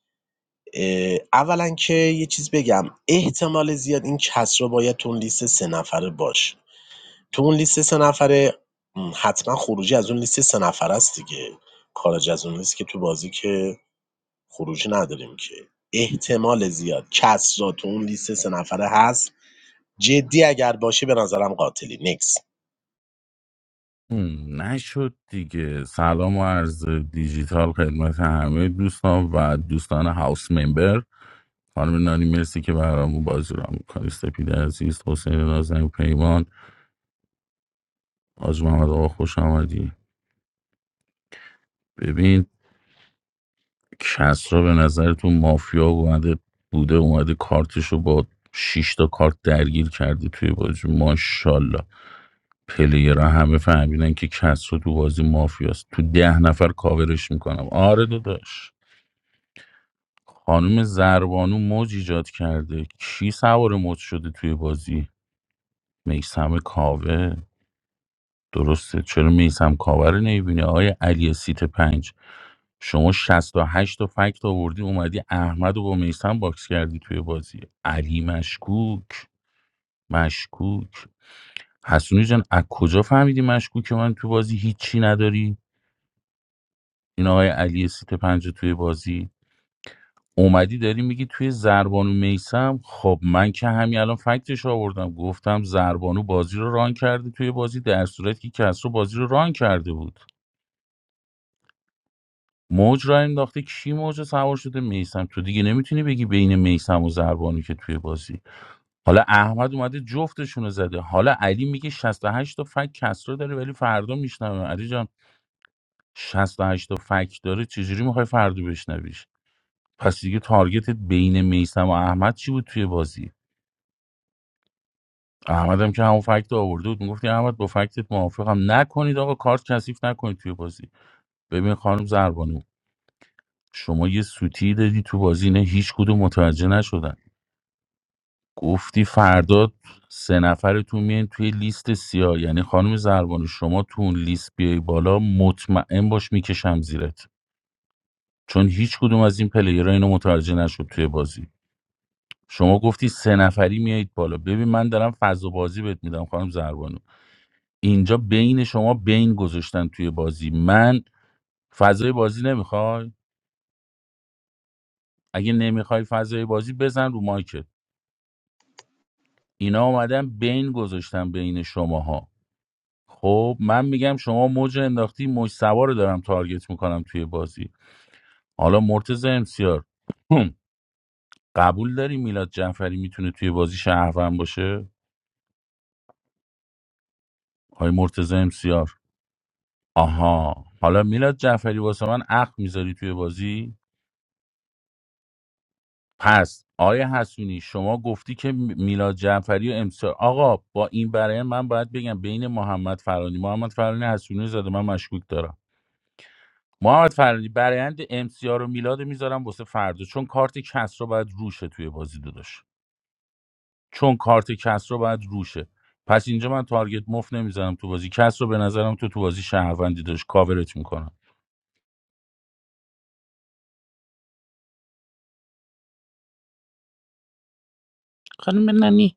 C: اه، اولا که یه چیز بگم احتمال زیاد این کسرا باید تو اون لیست سه نفره باشه تو اون لیست ۳ نفره حتما خروجی از اون لیست ۳ نفره است دیگه خارج از اون لیست که تو بازی که خروجی نداریم که احتمال زیاد کسرا تو اون لیست ۳ نفره هست جدی اگر باشه به نظرم قاتلی نکس
K: هم، نشد دیگه سلام و عرض دیجیتال خدمت همه دوستان و دوستان هاوس ممبر خانم نانی مرسی که برامون بازی را میکنی سپید عزیز حسین نازم پیمان آج محمد آقا خوش آمدی ببین کسرا به نظرتون مافیا اومده بوده اومده کارتش رو با شش تا کارت درگیر کرده توی بازی ماشاءالله پلیرها همه فهمیدن که کسرا تو بازی مافیاست تو ده نفر کاورش میکنم آره داداش خانم زربانو موج ایجاد کرده کی سوار موج شده توی بازی میسم کاوه درسته چرا میسم کاور رو نمیبینی آقای علی سیت پنج شما 68 تا فکت آوردی اومدی احمد رو با میسم باکس کردی توی بازی علی مشکوک مشکوک حسونی جان از کجا فهمیدی مشکوک من تو بازی هیچی نداری این آقای علی سیت پنج رو توی بازی اومدی داری میگی توی زربانو میسم خب من که همین الان فکتش آوردم گفتم زربانو بازی رو ران کرده توی بازی در صورتی که کسرو بازی رو ران کرده بود موج را انداخته کی موج سوار شده میسم تو دیگه نمیتونی بگی بین میسم و زربانی که توی بازی حالا احمد اومده جفتشون رو زده حالا علی میگه 68 تا فک کسرا داره ولی فردا میشنوه علی جان شصت و هشت تا فک داره چجوری میخوای فردا بشنویش پس دیگه تارگتت بین میسم و احمد چی بود توی بازی احمد هم که همون فکت رو آورده بود میگفتی احمد با فکتت موافقم نکنید آقا کارت کثیف نکنید توی بازی ببین خانم زربانو شما یه سوتی دادی تو بازی نه هیچ کدوم متوجه نشدن گفتی فردا سه نفرتون میان توی لیست سیاه یعنی خانم زربانو شما تو اون لیست بیای بالا مطمئن باش میکشم زیرت چون هیچ کدوم از این پلیرها اینو متوجه نشد توی بازی شما گفتی سه نفری میایید بالا ببین من دارم فضا بازی بهت میدم خانم زربانو اینجا بین شما بین گذاشتن توی بازی من فضای بازی نمیخوای اگه نمیخوای فضای بازی بزن رو مایکت اینا اومدن بین گذاشتن بین شماها خب من میگم شما موج انداختی موج سوار رو دارم تارگت میکنم توی بازی حالا مرتز امسیار هم، قبول داری میلاد جعفری میتونه توی بازی شهروند باشه آی مرتز امسیار آها حالا میلاد جعفری واسه من عقل میذاری توی بازی پس آیه حسونی شما گفتی که می- میلاد جعفری و امسیار آقا با این برای من باید بگم بین محمد فرانی محمد فرانی حسونی رو زده من مشکوک دارم محمد فرانی برایند ام سی رو میلاد میذارم واسه فردا چون کارت کس رو باید روشه توی بازی داداش چون کارت کس رو باید روشه پس اینجا من تارگت مفت نمیزنم تو بازی کس رو به نظرم تو تو بازی شهروندی داشت کاورت میکنم خانم ننی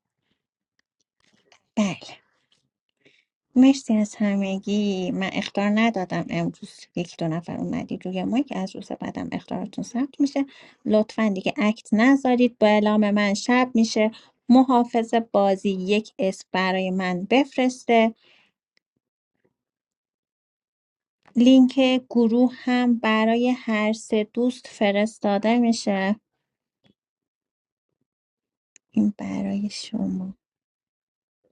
A: بله مرسی از همگی من اختار ندادم امروز یکی دو نفر اومدید روی ما که از روز بعدم اختارتون ثبت میشه لطفا دیگه اکت نذارید با اعلام من شب میشه محافظ بازی یک اسم برای من بفرسته لینک گروه هم برای هر سه دوست فرستاده میشه این برای شما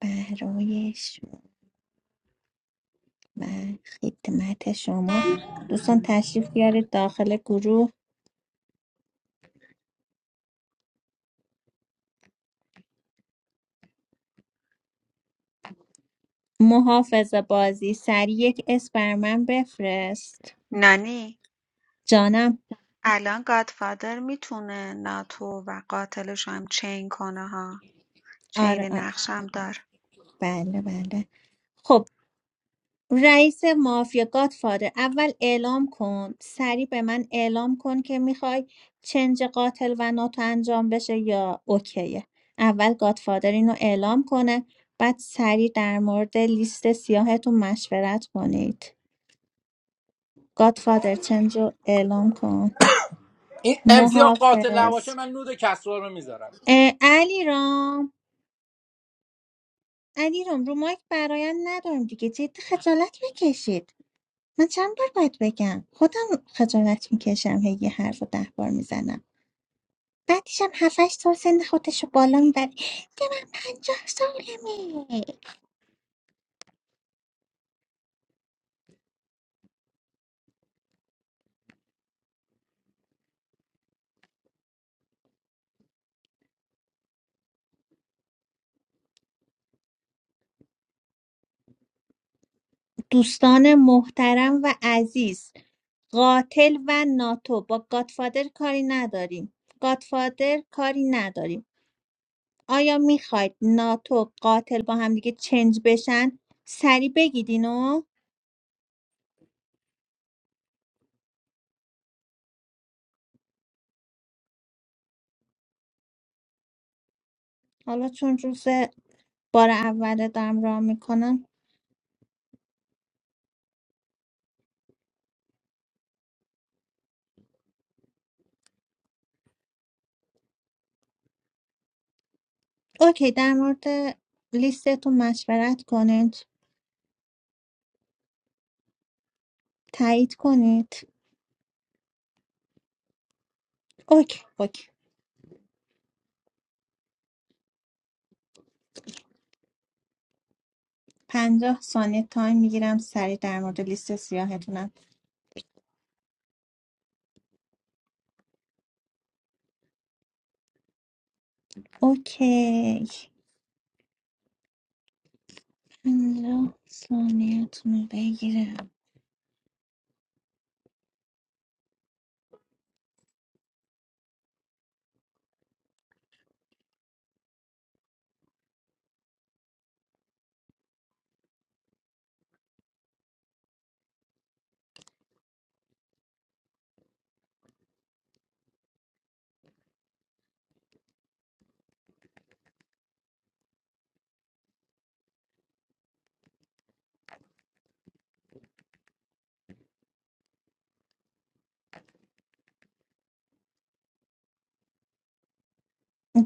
A: برای شما و خدمت شما دوستان تشریف بیارید داخل گروه محافظ بازی سریع یک اسم بر من بفرست
H: نانی
A: جانم
H: الان گادفادر میتونه ناتو و قاتلش هم چین کنه ها چین
A: آره آره
H: نقش هم داره
A: بله بله خب رئیس مافیا گادفادر اول اعلام کن سریع به من اعلام کن که میخوای چنج قاتل و ناتو انجام بشه یا اوکیه اول گادفادر اینو اعلام کنه بعد سریع در مورد لیست سیاهتون مشورت کنید گادفادر چنج رو اعلام کن
P: این امسیار قاتل نباشه
A: محافظ
P: من نود کسرا رو میذارم
A: اه، علیرام رام علی رو مایک برایم ندارم دیگه جدی خجالت بکشید من چند بار باید بگم خودم خجالت میکشم هی یه حرف رو ده بار میزنم بعدیشم هفتش سال سن خودش رو بالا میبره ده من پنجاه سالمه دوستان محترم و عزیز قاتل و ناتو با گادفادر کاری نداریم گادفادر کاری نداریم آیا میخواید ناتو قاتل با هم دیگه چنج بشن سریع بگید اینو حالا چون روز بار اوله دارم راه میکنم اوکی در مورد لیستتون مشورت کنید تایید کنید اوکی اوکی پنجاه ثانیه تایم میگیرم سریع در مورد لیست سیاهتونم اوکی پنجاه ثانیهتون رو بگیرم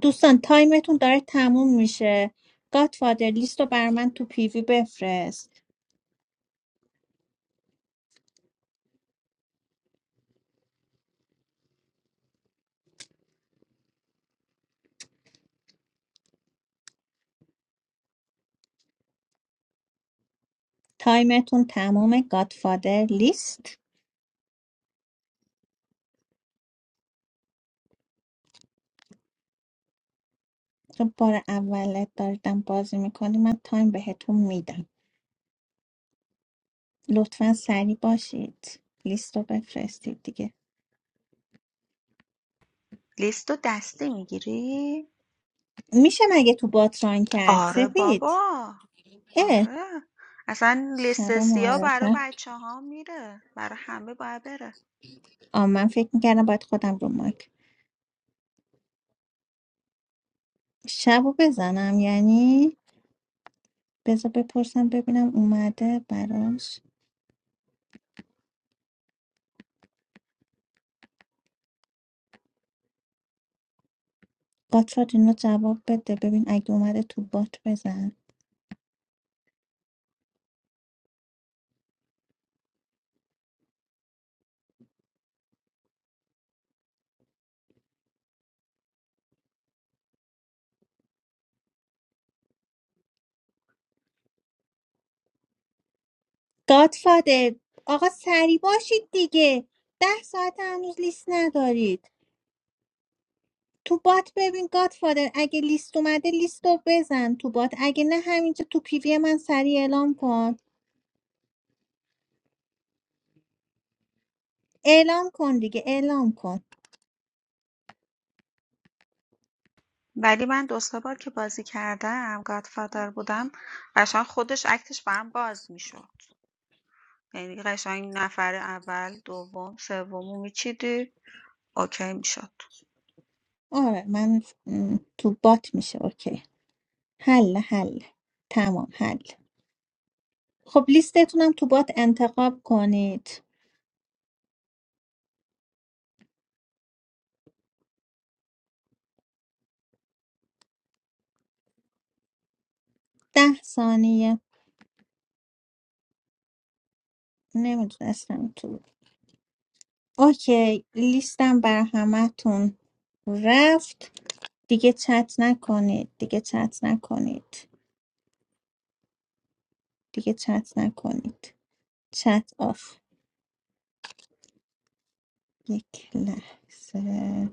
A: دوستان تایمتون داره تموم میشه گادفادر لیست رو بر من تو پیوی بفرست تایمتون تمومه گادفادر لیست تو بار اولت داردم بازی میکنی من تایم بهتون میدم لطفا سریع باشید لیست رو بفرستید دیگه
H: لیست دستی میگیری؟
A: میشه مگه تو بات ران کرد
H: آره
A: سپید
H: بابا
A: اه
H: آره. اصلا
A: شب
H: لیست سیاه آره. برا
A: معارفه
H: بچه‌ها میره. برا همه باید بره.
A: آ من فکر میکردم باید خودم رو ماک شبو بزنم یعنی بذار بپرسم ببینم اومده براش گاتفاد اینو جواب بده ببین اگه اومده تو بات بزن گاتفاده آقا سری باشید دیگه ده ساعت هنوز لیست ندارید تو بات ببین گادفادر اگه لیست اومده لیست رو بزن تو بات اگه نه همینجا تو پیوی من سریع اعلام کن اعلام کن دیگه اعلام کن
H: ولی من دو سه بار که بازی کردم گادفادر بودم قشنگ خودش اکتش برام باز میشد یعنی قشنگ نفر اول دوم سومو میچیدی اوکی میشد
A: آره من م، تو بات میشه اوکی حل حل تمام حل خب لیستتونم تو بات انتخاب کنید ده ثانیه نمیدونستم تو اوکی لیستم بر همتون رفت دیگه چت نکنید دیگه چت نکنید دیگه چت نکنید چت آف یک لحظه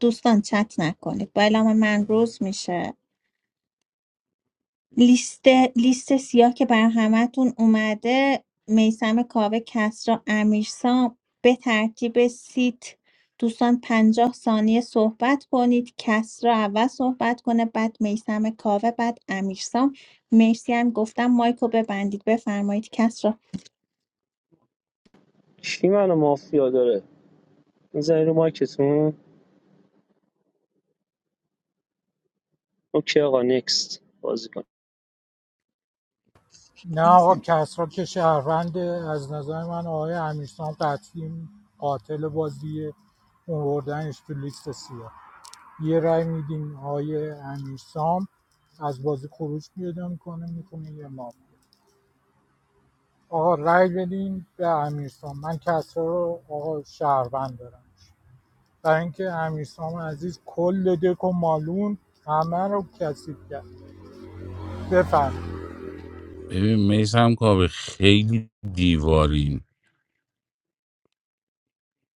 A: دوستان چت نکنید با اعلام من روز میشه لیست لیست سیاه که بر همتون اومده میسم کاوه کسرا امیرسام به ترتیب سیت دوستان پنجاه ثانیه صحبت کنید کسرا اول صحبت کنه بعد میسم کاوه بعد امیرسام مرسی هم گفتم مایکو ببندید بفرمایید کسرا
I: کی منو مافیا داره میزنی رو مایکتون اوکی آقا نکست بازی کن
J: نه آقا
A: احسن
J: کسرا که شهروند از نظر من آقای امیرسام قطعی قاتل بازیه اووردنش تو لیست سیاه یه رای میدیم آقای امیرسام از بازی خروج پیدا میکنه میکنه یه ما آقا رای بدیم به امیرسام من کسرا رو آقا شهروند دارم برای اینکه امیرسام عزیز کل دک و مالون همه رو کثیف کرد بفرم
K: ببین میسم کاوه خیلی دیوارین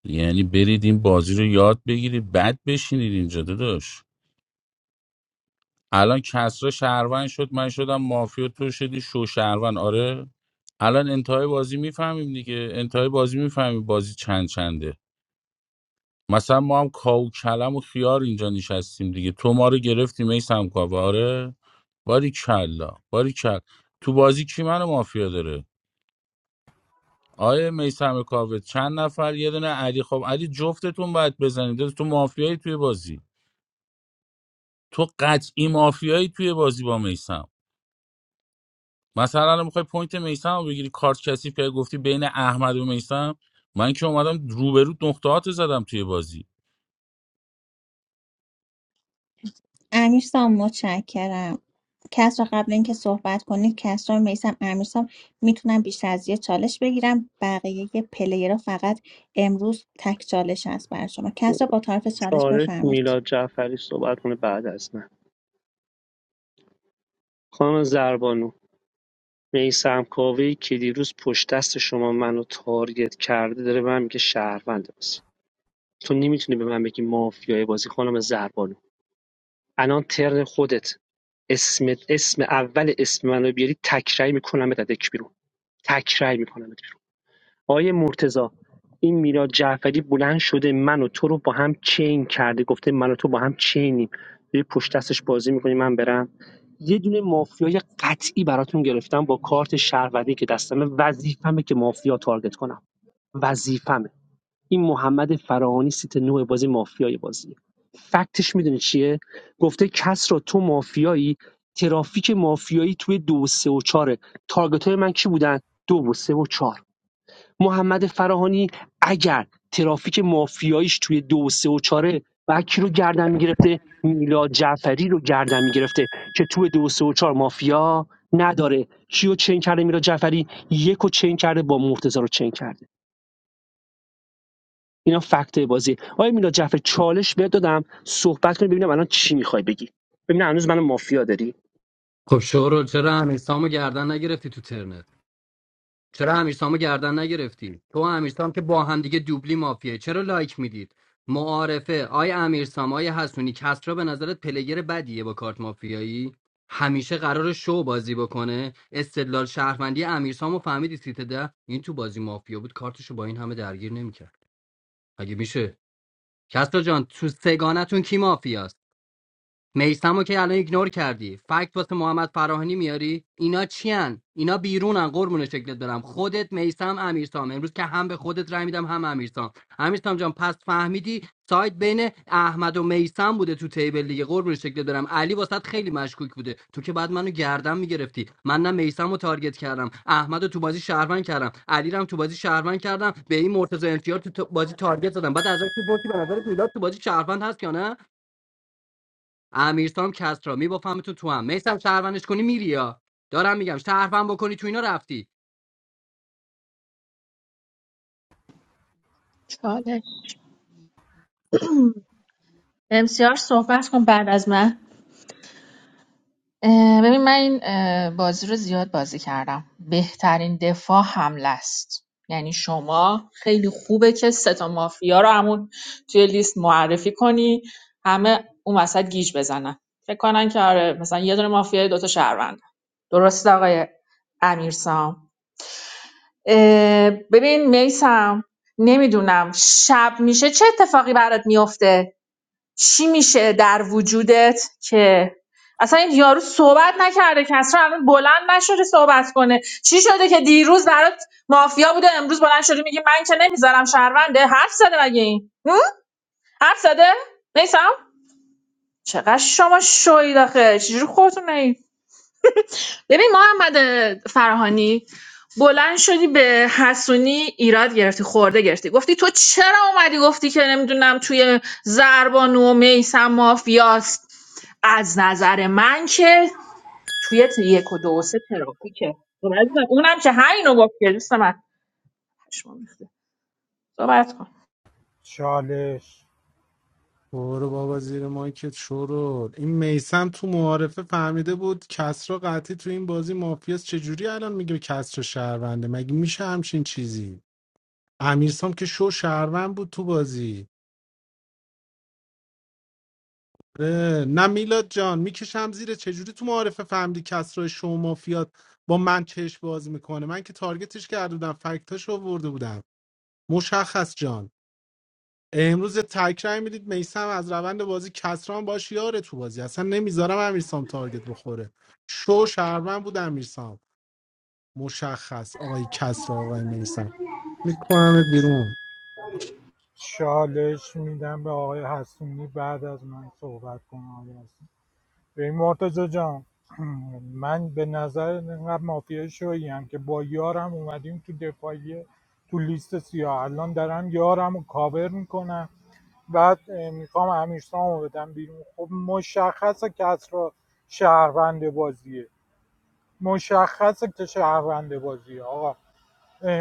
K: یعنی برید این بازی رو یاد بگیرید بد بشینید اینجا داداش الان کسرا شهروند شد من شدم مافیا تو شدی شو شهروند آره الان انتهای بازی میفهمیم دیگه انتهای بازی میفهمیم بازی چند چنده مثلا ما هم کاو کلم و خیار اینجا نشستیم دیگه تو ما رو گرفتی میسم کاو آره باری کلا باری کل تو بازی کی منو مافیا داره آیه میسم کاوه چند نفر یه دونه علی خب علی جفتتون باید بزنید تو مافیایی توی بازی تو قطعی مافیایی توی بازی با میسم مثلا الان میخوای پوینت میسم رو بگیری کارت کثیف که گفتی بین احمد و میسم من که اومدم روبرو نقطهات زدم توی بازی
A: امیرسام متشکرم کسرا قبل اینکه صحبت کنید کسرا میسم امیرسام میتونم بیشتر از یه چالش بگیرم بقیه یه پلیرها فقط امروز تک چالش هست برای شما کسرا با طرف چالش
I: چالش
A: بفرمایید
I: میلاد جعفری صحبت کنه بعد از من خانم زربانو میثم کاوه‌ای که دیروز پشت دست شما منو تارگت کرده داره به من میگه شهروند بازی تو نمیتونی به من بگی مافیای بازی خانم زربانو الان ترن خودت اسم اسم اول اسم منو بیاری تکرای میکنم به دک بیرون تکرای میکنم آقای مرتضی این میلاد جعفری بلند شده من و تو رو با هم چین کرده گفته من و تو با هم چینیم داری پشت دستش بازی میکنی من برم یه دونه مافیای قطعی براتون گرفتم با کارت شهروندی که دستمه وظیفمه که مافیا تارگت کنم وظیفمه این محمد فراهانی سیت نوع بازی مافیای بازی فکتش میدونی چیه گفته کس را تو مافیایی ترافیک مافیایی توی دو و سه و چاره تارگت های من کی بودن دو و سه و چهار محمد فراهانی اگر ترافیک مافیاییش توی دو و سه و چاره وکی رو گردن میگرفته میلاد جعفری رو گردن میگرفته که توی دو و سه و چهار مافیا نداره کیو چین کرده میلاد جعفری یک رو چین کرده با مرتضی رو چین کرده اینا فکت بازی آیا میلاد جعفری چالش بهت دادم صحبت کنی ببینم الان چی میخوای بگی ببینم هنوز من مافیا داری
D: خب شورو چرا امیرسامو گردن نگرفتی تو ترنت چرا امیرسامو گردن نگرفتی تو و امیرسام که با هم دیگه دوبلی مافیه چرا لایک میدید معارفه آی امیرسام آی حسونی کسرا به نظرت پلگر بدیه با کارت مافیایی همیشه قرار شو بازی بکنه استدلال شهروندی امیرسامو فهمیدی سیت ده این تو بازی مافیا بود کارتشو با این همه درگیر نمیکرد اگه میشه کسرا جان تو سگانتون کی مافیاست میسمو که الان ایگنور کردی فکت واسه محمد فراهانی میاری اینا چیان اینا بیرونن قربون شکلت برم خودت میسم امیرسام امروز که هم به خودت رای میدم هم امیرسام امیرسام جان پس فهمیدی سایت بین احمد و میسم بوده تو تیبل دیگه قربون شکلت برم علی واسط خیلی مشکوک بوده تو که بعد منو گردن میگرفتی من نه میسم رو تارگت کردم احمدو تو بازی شهروند کردم علی رو هم تو بازی شهروند کردم به این مرتضی امتیار تو بازی تارگت زدم بعد ازش میپرسی به نظر تو بازی شهروند هست یا نه امیرسام کسرا میبافمتون تو هم میسم شهروندش کنی میری یا دارم میگم شهروند بکنی تو اینا رفتی
L: چاله امسیار صحبت کن بعد از من اه، ببین من این اه، بازی رو زیاد بازی کردم بهترین دفاع حمله است یعنی شما خیلی خوبه که سه تا مافیا رو همون توی لیست معرفی کنی همه اون وسط گیج بزنن فکر کنن که آره مثلا یه دونه مافیا دو تا شهروند درسته آقای امیرسام اه، ببین میسم نمیدونم شب میشه چه اتفاقی برات میفته چی میشه در وجودت که اصلا این یارو صحبت نکرده که اصلا الان بلند نشده صحبت کنه چی شده که دیروز برات مافیا بوده امروز بلند شدی میگی من که نمیذارم شهرونده حرف زده مگه این هم؟ حرف زده نیسم چقدر شما شوید آخه چجوری خودتون ببین محمد فراهانی بلند شدی به حسونی ایراد گرفتی خورده گرفتی گفتی تو چرا اومدی گفتی که نمیدونم توی زربانو و میسم مافیاست از نظر من که توی ت- یک و دو و سه ترافیکه خب عزیزم، اونم که همینو گفت که دوست من پشمام ریخته. صحبت کن
J: چالش
B: برو بابا زیر مایکت شورول این میسم تو معارفه فهمیده بود کسرا قطعی تو این بازی مافیاس چجوری الان میگه کسرا شهرونده مگه میشه همچین چیزی امیرسام که شو شهروند بود تو بازی اه، نه میلاد جان میکشم زیر چجوری تو معارفه فهمیدی کسرا شو مافیات با من چش بازی میکنه من که تارگتش کرده بودم فکتاش آورده بودم مشخص جان امروز تک رای میدید میسم از روند بازی کسران باش یاره تو بازی اصلا نمیذارم امیرسام تارگت بخوره شو شهرمن بود امیرسام مشخص آقای کسرا آقای میسم میکنمت بیرون
J: چالش میدم به آقای حسونی بعد از من صحبت کنه آقای حسونی ببین مرتضی جان من به نظر اینقدر مافیا شویی هم که با یارم اومدیم تو دفاعیه تو لیست سیاه الان دارم یارم رو کاور میکنم بعد اه، میخوام امیرسام رو بدم بیرون خب مشخصه که را شهروند بازیه مشخصه که شهروند بازیه آقا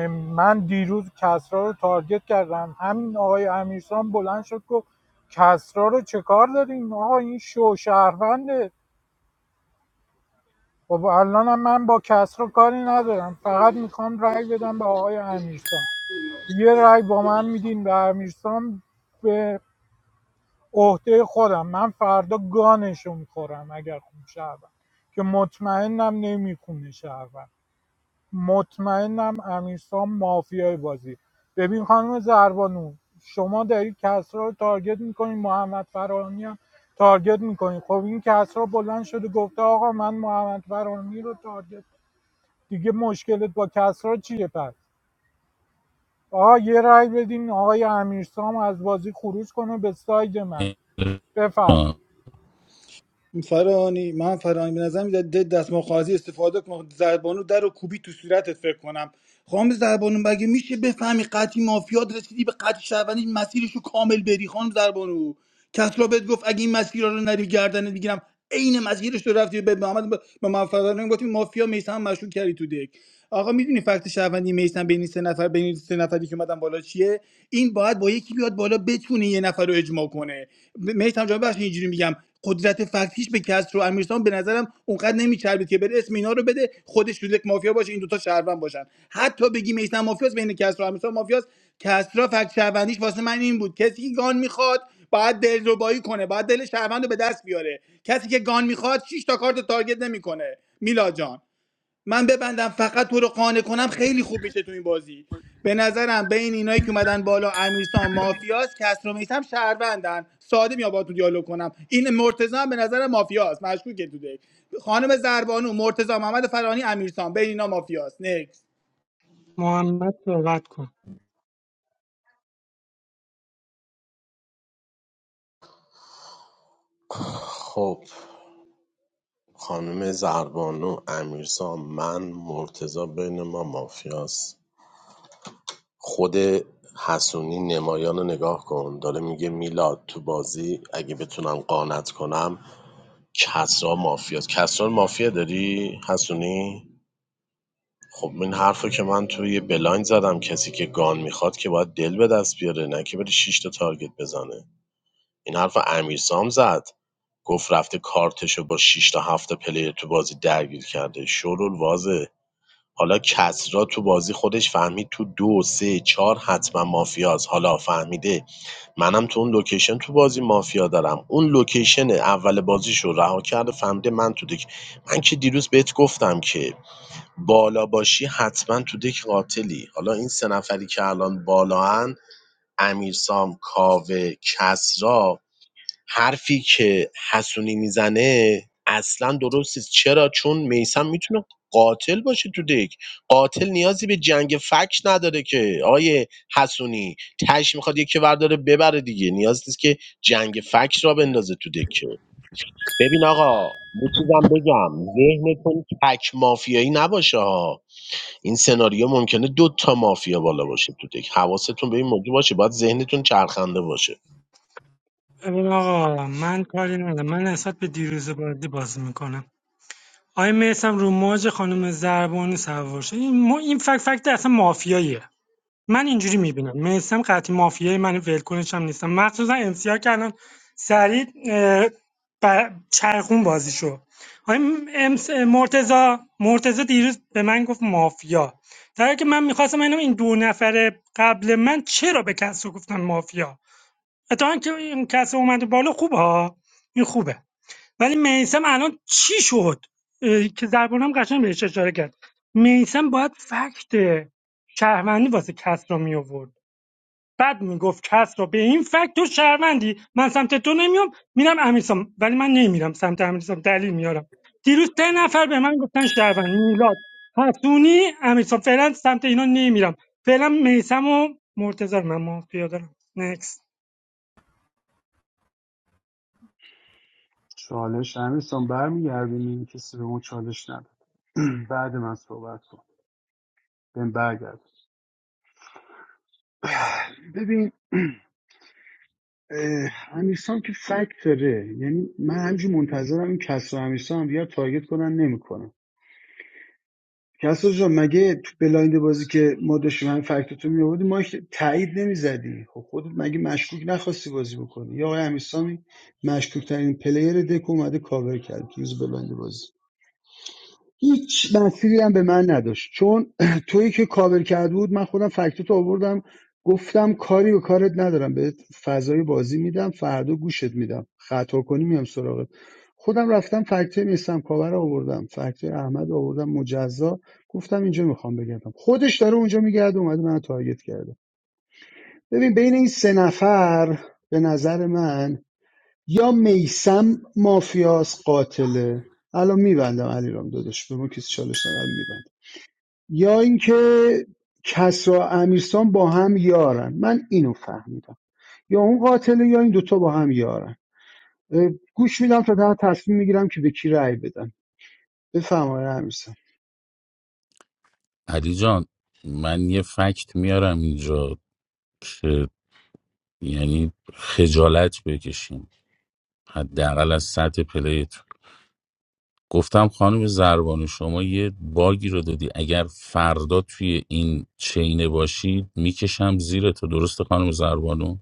J: من دیروز کسرا رو تارگت کردم همین آقای امیرسان بلند شد گفت کسرا رو چه کار داریم آقا این شو شهرونده خب الانم من با کسرا کاری ندارم فقط میخوام رأی بدم به آقای امیرسان یه رأی با من میدین به امیرسان به عهده خودم من فردا گانش رو میخورم اگر خون شهروند که مطمئنم نمیخونه شهروند مطمئنم امیرسام مافیای بازی ببین خانم زربانو شما دارید کسرا رو تارگت میکنین محمد فرانی هم تارگت میکنین خب این کسرا بلند شده گفته آقا من محمد فرانی رو تارگت دیگه مشکلت با کسرا چیه پس آقا یه رأی بدین آقای امیرسام از بازی خروج کنه به ساید من بفرمایید
K: آه،
O: فرانی من فرانی به نظر میاد ده دست مخازی استفاده کن زربانو در و کوبی تو صورتت فکر کنم خانم زربانو مگه میشه بفهمی قطعی مافیاد رسیدی به قطعی شهروندی مسیرشو کامل بری خانم زربانو کس را بهت گفت اگه این مسیر رو نری گردنت میگیرم عین مسیرش رو رفتی به محمد ب- به من فرانی گفتیم مافیا میسم مشروع کردی تو دک آقا میدونی فکت شهروندی میسم بین این سه نفر بین این سه نفری که اومدن بالا چیه این باید با یکی بیاد بالا بتونه یه نفر رو اجماع کنه میسم جان بخش اینجوری میگم قدرت فکت به کسر و امیرسان به نظرم اونقدر نمیچربید که بره اسم اینا رو بده خودش تو یک مافیا باشه این دوتا شهروند باشن حتی بگی میسن مافیاس بین کسر و امیرسان مافیاس کسرا فکت شهروندیش واسه من این بود کسی که گان میخواد باید دلربایی کنه باید دل شهروند رو به دست بیاره کسی که گان میخواد 6 تا کارت تارگت نمیکنه میلا جان من ببندم فقط تو رو قانع کنم خیلی خوب میشه تو این بازی به نظرم بین اینایی که اومدن بالا امیرسان مافیاس کسرو میسم شهروندن ساده میام باهاتون دیالوگ کنم این مرتضی هم به نظر مافیاس مشکوکه تو دک خانم زربانو مرتضی محمد فرانی امیرسان بین اینا مافیاست. نکس
M: محمد صحبت کن
C: خب خانم زربانو امیرسام من مرتضی بین ما مافیاست خود حسونی نمایان رو نگاه کن داره میگه میلاد تو بازی اگه بتونم قانت کنم کسرا مافیاست کسرا رو مافیا داری حسونی خب این حرفو که من توی یه بلایند زدم کسی که گان میخواد که باید دل به دست بیاره نه که بره شش تا تارگت بزنه این حرف امیرسام زد گفت رفته کارتشو با شش تا 7 تا پلیر تو بازی درگیر کرده شورول واضح حالا کسری تو بازی خودش فهمید تو دو سه چهار حتما مافیاست حالا فهمیده منم تو اون لوکیشن تو بازی مافیا دارم اون لوکیشن اول بازیش رو رها کرده فهمیده من تو دک من که دیروز بهت گفتم که بالا باشی حتما تو دک قاتلی حالا این سه نفری که الان بالاان امیرسام کاوه کسرا حرفی که حسونی میزنه اصلا درست نیست چرا چون میسم میتونه قاتل باشه تو دک قاتل نیازی به جنگ فکش نداره که آیه حسونی تش میخواد یکی ورداره ببره دیگه نیاز نیست که جنگ فکش را بندازه تو دک که. ببین آقا یه چیزم بگم ذهنتون تک مافیایی نباشه ها این سناریو ممکنه دو تا مافیا بالا باشه تو دک حواستون به این موضوع باشه باید ذهنتون چرخنده باشه
M: ببین آقا من کاری ندارم من نسبت به دیروز بازی بازی میکنم آقای میسم رو موج خانم زربانی سوار شد این, ما این فکت فکت اصلا مافیاییه من اینجوری میبینم میسم قطعی مافیایی من ولکنش هم نیستم مخصوصا امسیا که الان سریع اه، ب- چرخون بازی شد آقای مرتزا مرتزا دیروز به من گفت مافیا در حالی که من میخواستم اینو این دو نفر قبل من چرا به کس رو گفتن مافیا اتفاقا که این کسی اومده بالا خوبه ها این خوبه ولی میسم الان چی شد اه، که زربانم قشنگ بهش اشاره کرد میسم باید فکت شهروندی واسه کس را می آورد بعد میگفت کس را به این فکت تو شهروندی من سمت تو نمیام میرم امیرسام ولی من نمیرم سمت امیرسام دلیل میارم دیروز ده نفر به من گفتن شهروند میلاد حسونی امیرسام فعلا سمت اینا نمیرم فعلا میسم و مرتضی رو من مافیا دارم
N: چالش امیرسان برمیگردونی کسی به ما چالش نداد بعد من صحبت کن بهم برگرد ببین اه، که فکت داره یعنی من همجور منتظرم این کس و امیرسام هم دیگر تارگت کنن نمیکنن کس جان مگه تو بلایند بازی که ما داشتیم همین فکتتو می آوردی ما تایید نمیزدی خب خودت مگه مشکوک نخواستی بازی بکنی یا آقای امیرسامی مشکوک ترین پلیر دک اومده کاور کرد تو روز بلایند بازی هیچ مسیری هم به من نداشت چون تویی که کاور کرده بود من خودم فکتوت آوردم گفتم کاری و کارت ندارم به فضای بازی میدم فردا گوشت میدم خطا کنی میام سراغت خودم رفتم فکتای میستم کاور رو آوردم فکتای احمد رو آوردم مجزا گفتم اینجا میخوام بگردم خودش داره اونجا میگرده اومده من تارگت کرده ببین بین این سه نفر به نظر من یا میسم مافیاس قاتله الان میبندم علیرام داداش به ما کسی چالش ندارم میبندم یا اینکه کسرا امیرسان با هم یارن من اینو فهمیدم یا اون قاتله یا این دوتا با هم یارن اه، گوش میدم تا در تصمیم میگیرم که به کی رأی بدم بفرمایید امیرسان
K: علی جان من یه فکت میارم اینجا که یعنی خجالت بکشیم حداقل از سطح پلیت گفتم خانم زربانو شما یه باگی رو دادی اگر فردا توی این چینه باشی میکشم زیر تو درسته خانم زربانو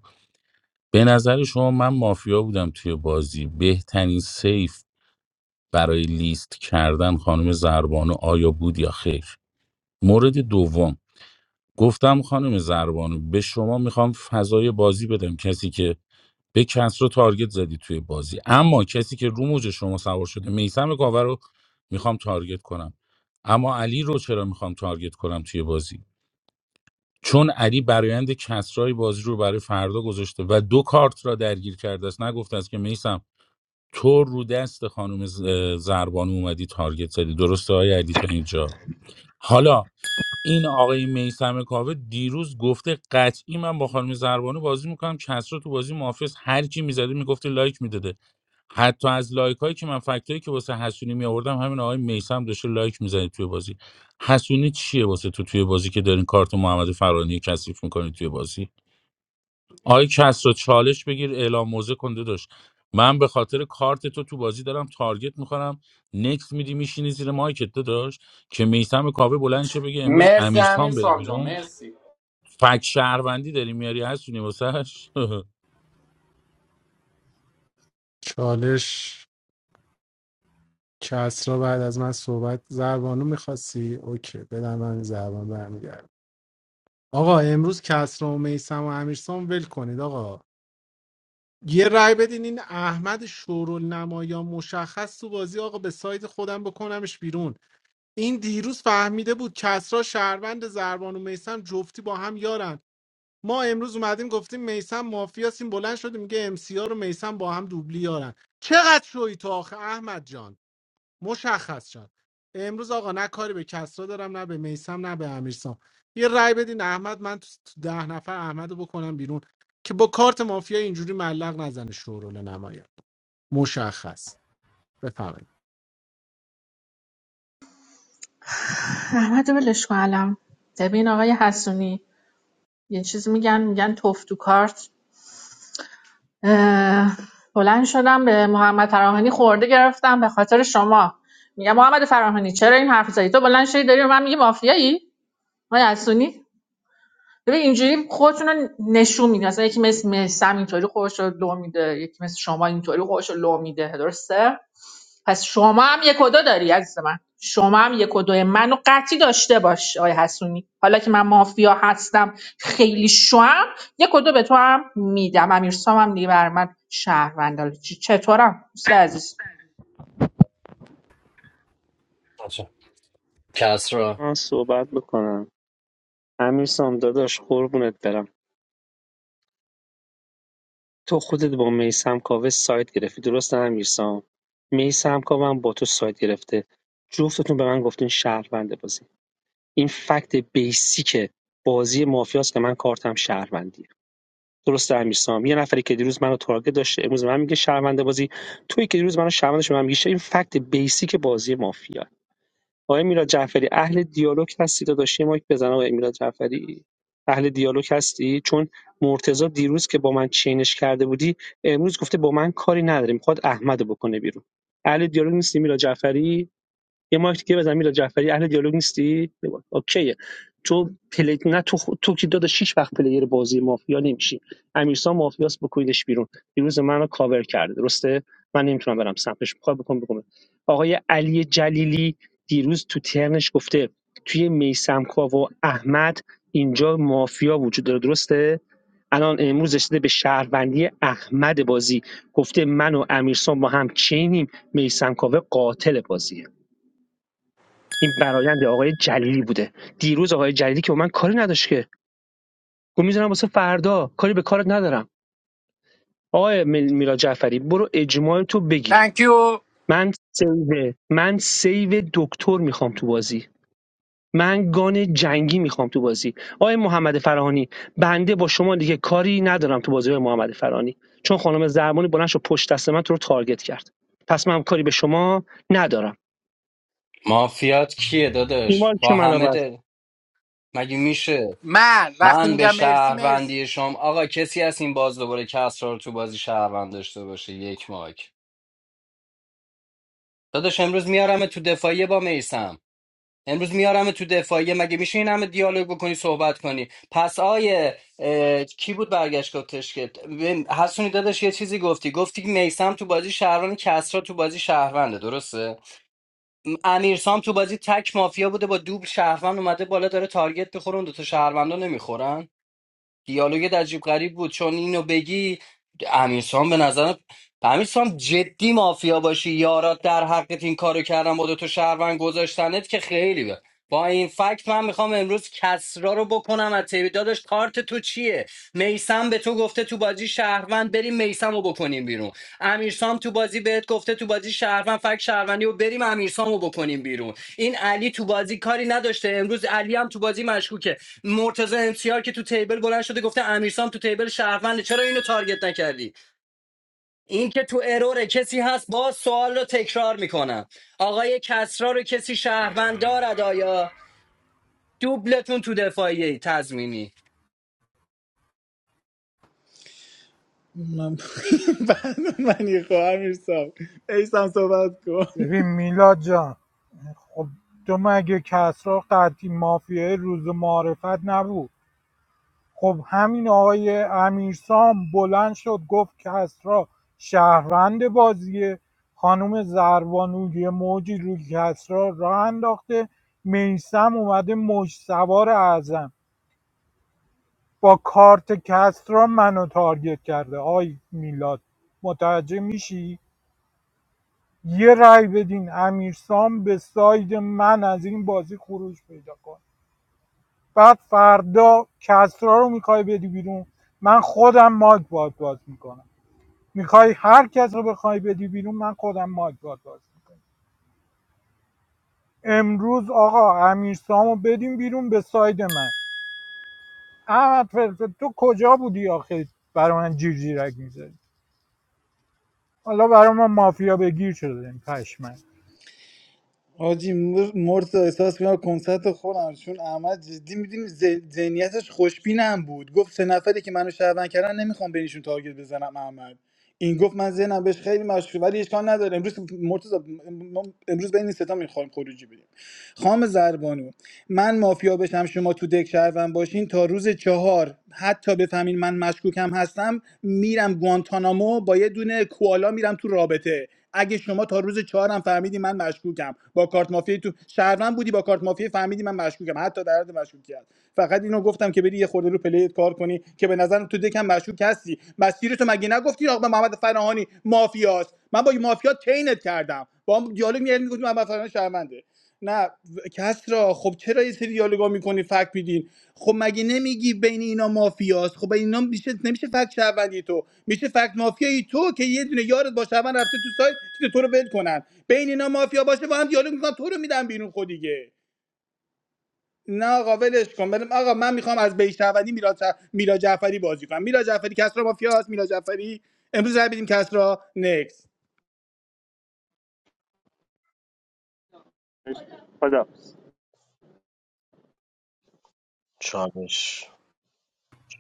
K: به نظر شما من مافیا بودم توی بازی بهترین سیف برای لیست کردن خانم زربانو آیا بود یا خیر مورد دوم گفتم خانم زربانو به شما میخوام فضای بازی بدم کسی که به کس رو تارگت زدی توی بازی اما کسی که رو موج شما سوار شده میسم کاور رو میخوام تارگت کنم اما علی رو چرا میخوام تارگت کنم توی بازی چون علی برایند کسرای بازی رو برای فردا گذاشته و دو کارت را درگیر کرده است نگفته است که میسم تو رو دست خانم ز- زربانو اومدی تارگت زدی درسته های علی تا اینجا حالا این آقای میسم کاوه دیروز گفته قطعی من با خانم زربانو بازی میکنم کسرا تو بازی محافظ هر کی میزده میگفته لایک میداده حتی از لایک هایی که من فکتایی که واسه حسونی میآوردم همین آقای میسم داشته لایک میزنه توی بازی حسونی چیه واسه تو توی بازی که دارین کارت محمد فرانی کثیف میکنی توی بازی آی کس رو چالش بگیر اعلام موزه کنده داشت من به خاطر کارت تو تو بازی دارم تارگت میخورم نکس میدی میشینی زیر مایکت داشت که میسم کاوه بلند شه بگه امروز
P: مرسی امیر
K: امیرسان بره
P: سال جان
K: بیرون
P: مرسی
K: فک شهروندی داری میاری هستونی واسهش
B: چالش کسرا بعد از من صحبت زربانو میخواستی اوکی بدم من زربان برمیگرد آقا امروز کسرا و میسم و امیرسام ول کنید آقا یه رای بدین این احمد شورالنمایان مشخص تو بازی آقا به ساید خودم بکنمش بیرون این دیروز فهمیده بود کسرا شهروند زربان و میسم جفتی با هم یارن ما امروز اومدیم گفتیم میسم مافیاس این بلند شده میگه ام سی رو میسم با هم دوبلی یارن چقدر شوی تو آخه احمد جان مشخص جان امروز آقا نه کاری به کسرا دارم نه به میسم نه به امیرسام یه رأی بدین احمد من تو تو ده نفر احمد رو بکنم بیرون که با کارت مافیا اینجوری ملق نزنه شورول نمایان مشخص بفهمید
L: احمد رو ولش کن الان. ببین آقای حسونی یه چیز میگن میگن توف تو کارت اه، بلند شدم به محمد فراهانی خورده گرفتم به خاطر شما میگم محمد فراهانی چرا این حرف زدی تو بلند شدی داری به من میگی مافیایی من اسونی ببین اینجوری خودتون رو نشون میدین مثلا یکی مثل مثم اینطوری خودش رو لو میده یکی مثل شما اینطوری خودش رو لو میده درسته پس شما هم یک و دو داری عزیز من شما هم یک و دو منو قطعی داشته باش آقای حسونی حالا که من مافیا هستم خیلی شوم یک و دو به تو هم میدم امیرسام هم دیگه بر من شهروندال چ- چطورم دوست عزیز
D: آجا. کسرا
I: من صحبت بکنم امیر سام داداش قربونت برم تو خودت با میسم کاوه سایت گرفتی درسته امیرسام میسم کاوه هم با تو سایت گرفته جفتتون به من گفتین شهروند بازی این فکت بیسیک بازی مافیاست که من کارتم شهروندیه درسته امیرسام یه نفری که دیروز منو تارگت داشته امروز به من میگه شهروند بازی توی که دیروز منو شهروندش به من میگه این فکت بیسیک بازی مافیا آقای میلاد جعفری اهل دیالوگ هستی داداش یه مایک بزن آقای میلاد جعفری اهل دیالوگ هستی چون مرتضی دیروز که با من چینش کرده بودی امروز گفته با من کاری نداره میخواد احمدو بکنه بیرون اهل دیالوگ نیستی میلاد جعفری یه مایک دیگه بزن میلاد جعفری اهل دیالوگ نیستی بگو. اوکیه تو پلی نه تو خ... تو که داده شیش وقت پلیر بازی مافیا نمیشی امیرسان مافیاس بکنیدش بیرون دیروز منو کاور کرده درسته من نمیتونم برم سمتش میخوام بکنم بکنم آقای علی جلیلی دیروز تو ترنش گفته توی میسمکا و احمد اینجا مافیا وجود داره درسته الان امروز رسیده به شهروندی احمد بازی گفته من و امیرسان با هم چینیم میسمکاوه قاتل بازیه این برایند آقای جلیلی بوده دیروز آقای جلیلی که به من کاری نداشت که گفت میذارم واسه فردا کاری به کارت ندارم آقای میل- میلاد جعفری برو اجماع تو بگیر
P: تانکیو
I: من سیو من سیو دکتر میخوام تو بازی من گان جنگی میخوام تو بازی آقای محمد فرهانی بنده با شما دیگه کاری ندارم تو بازی آقای محمد فرهانی چون خانم زرمانی بلند شد پشت دست من تو رو تارگت کرد پس من کاری به شما ندارم
D: مافیات کیه داداش
I: ایمان که
D: با
I: منو
D: همه
I: بس
D: دل مگه میشه
P: من وقتی
D: من به
P: میگم مرسی مرسی
D: شهروندی شما آقا کسی از این باز دوباره کسرا رو تو بازی شهروند داشته باشه یک ماک داداش امروز میارم تو دفاعیه با میسم امروز میارم تو دفاعیه مگه میشه این همه دیالوگ بکنی صحبت کنی پس آیه اه، کی بود برگشت گفتش که ببین، حسونی داداش یه چیزی گفتی گفتی که میسم تو بازی شهروند کسرا تو بازی شهرونده درسته م- امیرسام تو بازی تک مافیا بوده با دوبل شهروند اومده بالا داره تارگت میخوره اون دوتا شهروندا نمیخورن دیالوگ عجیب غریب بود چون اینو بگی امیرسام به نظرم امیرسام جدی مافیا باشی یارات در حقت این کارو کردن با دو تا شهروند گذاشتنت که خیلی بد. با این فکت من میخوام امروز کسرا رو بکنم از تیبی داداش کارت تو چیه میسم به تو گفته تو بازی شهروند بریم میسم رو بکنیم بیرون امیرسام تو بازی بهت گفته تو بازی شهروند فک شهروندی و بریم امیرسام رو بکنیم بیرون این علی تو بازی کاری نداشته امروز علی هم تو بازی مشکوکه مرتضی امسیار که تو تیبل بلند شده گفته امیرسام تو تیبل شهرونده چرا اینو تارگت نکردی این که تو اروره کسی هست باز سوال رو تکرار میکنم آقای کسرا رو کسی شهروند دارد آیا دوبلتون تو دفاعی تضمینی
O: من من یه خواهم امیرسان ایسان صحبت کن
J: ببین میلاد جان خب تو مگه کسرا قطعی مافیای روز معرفت نبود خب همین آقای امیرسام بلند شد گفت که کسرا شهروند بازیه خانم زربانو یه موجی روی کسرا راه انداخته میسم اومده مش سوار اعظم با کارت کسرا منو تارگت کرده آی میلاد متوجه میشی یه رأی بدین امیرسام به ساید من از این بازی خروج پیدا کن بعد فردا کسرا رو میخوای بدی بیرون من خودم مایک باید باز میکنم میخوای هر کس رو بخوای بدی بیرون من خودم مایک باد باز میکنم امروز آقا امیرسامو سامو بدیم بیرون به ساید من احمد فرفه تو کجا بودی آخه برای من جیر جیرک میزدی حالا برای من مافیا بگیر شده این پشمن
O: حاجی مر- مرتضی احساس میکنم کنسرت خودم چون احمد جدی میدونی ذهنیتش خوشبینم بود گفت سه نفری که منو شهروند کردن نمیخوام بینشون تارگت بزنم احمد این گفت من ذهنم بهش خیلی مشغول ولی اشکال نداره امروز مرتضی م- امروز بین این ستا میخوایم خروجی بدیم خام زربانو من مافیا بشم شما تو دک شهروند باشین تا روز چهار حتی بفهمین من مشکوکم هستم میرم گوانتانامو با یه دونه کوالا میرم تو رابطه اگه شما تا روز چهار هم فهمیدی من مشکوکم با کارت مافیا تو شهروند بودی با کارت مافیا فهمیدی من مشکوکم حتی در حد مشکوکیت فقط اینو گفتم که بری یه خورده رو پلیت کار کنی که به نظرم تو دکم مشکوک هستی مسیر تو مگه نگفتی آقا محمد فراهانی مافیاست من با مافیا چینت کردم با هم دیالوگ میگردی میگفتی محمد فراهانی شرمنده نه کسرا خب چرا یه سری دیالوگا میکنی فکت میدین خب مگه نمیگی بین اینا مافیاست خب بین اینا میشه نمیشه فکت شهروندی تو میشه فکت مافیایی تو که یه دونه یارت با شهروند رفته تو سایت تو رو ول کنن بین اینا مافیا باشه با هم دیالوگ میکنن تو رو میدن بیرون خود دیگه نه آقا ولش کن بریم آقا من میخوام از بیش شهروندی میلاد شه- میلاد جعفری بازی کنم میلاد جعفری کسرا مافیاست میلاد جعفری امروز رای بدیم کسرا نکس
C: چالش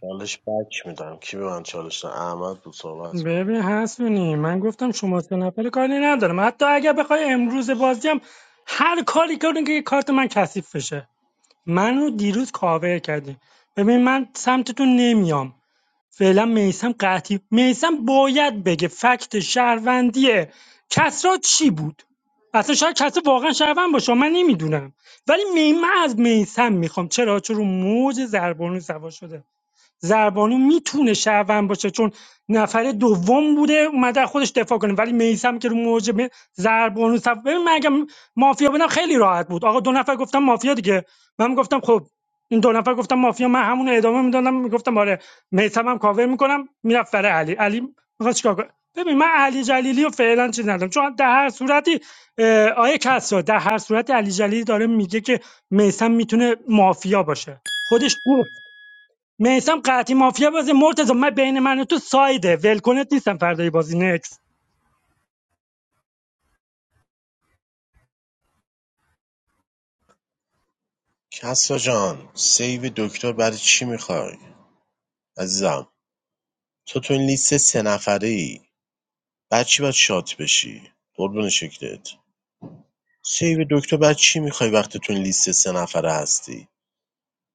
C: چالش بک میدم کی به من چالش داد؟ احمد بود صحبت کن.
M: ببین حسونی من گفتم شما سه نفر کاری ندارم حتی اگر بخوای امروز بازی هم هر کاری کردون که کارت من کثیف بشه منو دیروز کاور کردی ببین من سمتتون نمیام فعلا میسم قطعی میسم باید بگه فکت شهروندی کسرا چی بود اصلا شاید کسی واقعا شهروند باشه من نمیدونم ولی می- من از میسم میخوام چرا چون رو موج زربانو سوا شده زربانو میتونه شهروند باشه چون نفر دوم بوده اومده از خودش دفاع کنه ولی میسم که رو موج م- زربانو صف ببین من اگه مافیا بودم خیلی راحت بود آقا دو نفر گفتم مافیا دیگه من گفتم خب این دو نفر گفتم مافیا من همون ادامه میدادم میگفتم آره میسم هم کاور میکنم میرفت برای علی علی میخواد چیکار کنه ببین من علی جلیلی رو فعلا چیز ندارم چون در هر صورتی آیه کسرا در هر صورتی علی جلیلی داره میگه که میسم میتونه مافیا باشه خودش گفت میسم قطعی مافیا بازی مرتضی من بین من و تو سایده ولکنت نیستم فردای بازی نکس
C: کسا جان سیو دکتر برای چی میخوای عزیزم تو تو این لیست سه نفره ای بعد چی باید شات بشی قربون شکلت سیو دکتر بعد چی میخوای وقتی تو این لیست سه نفره هستی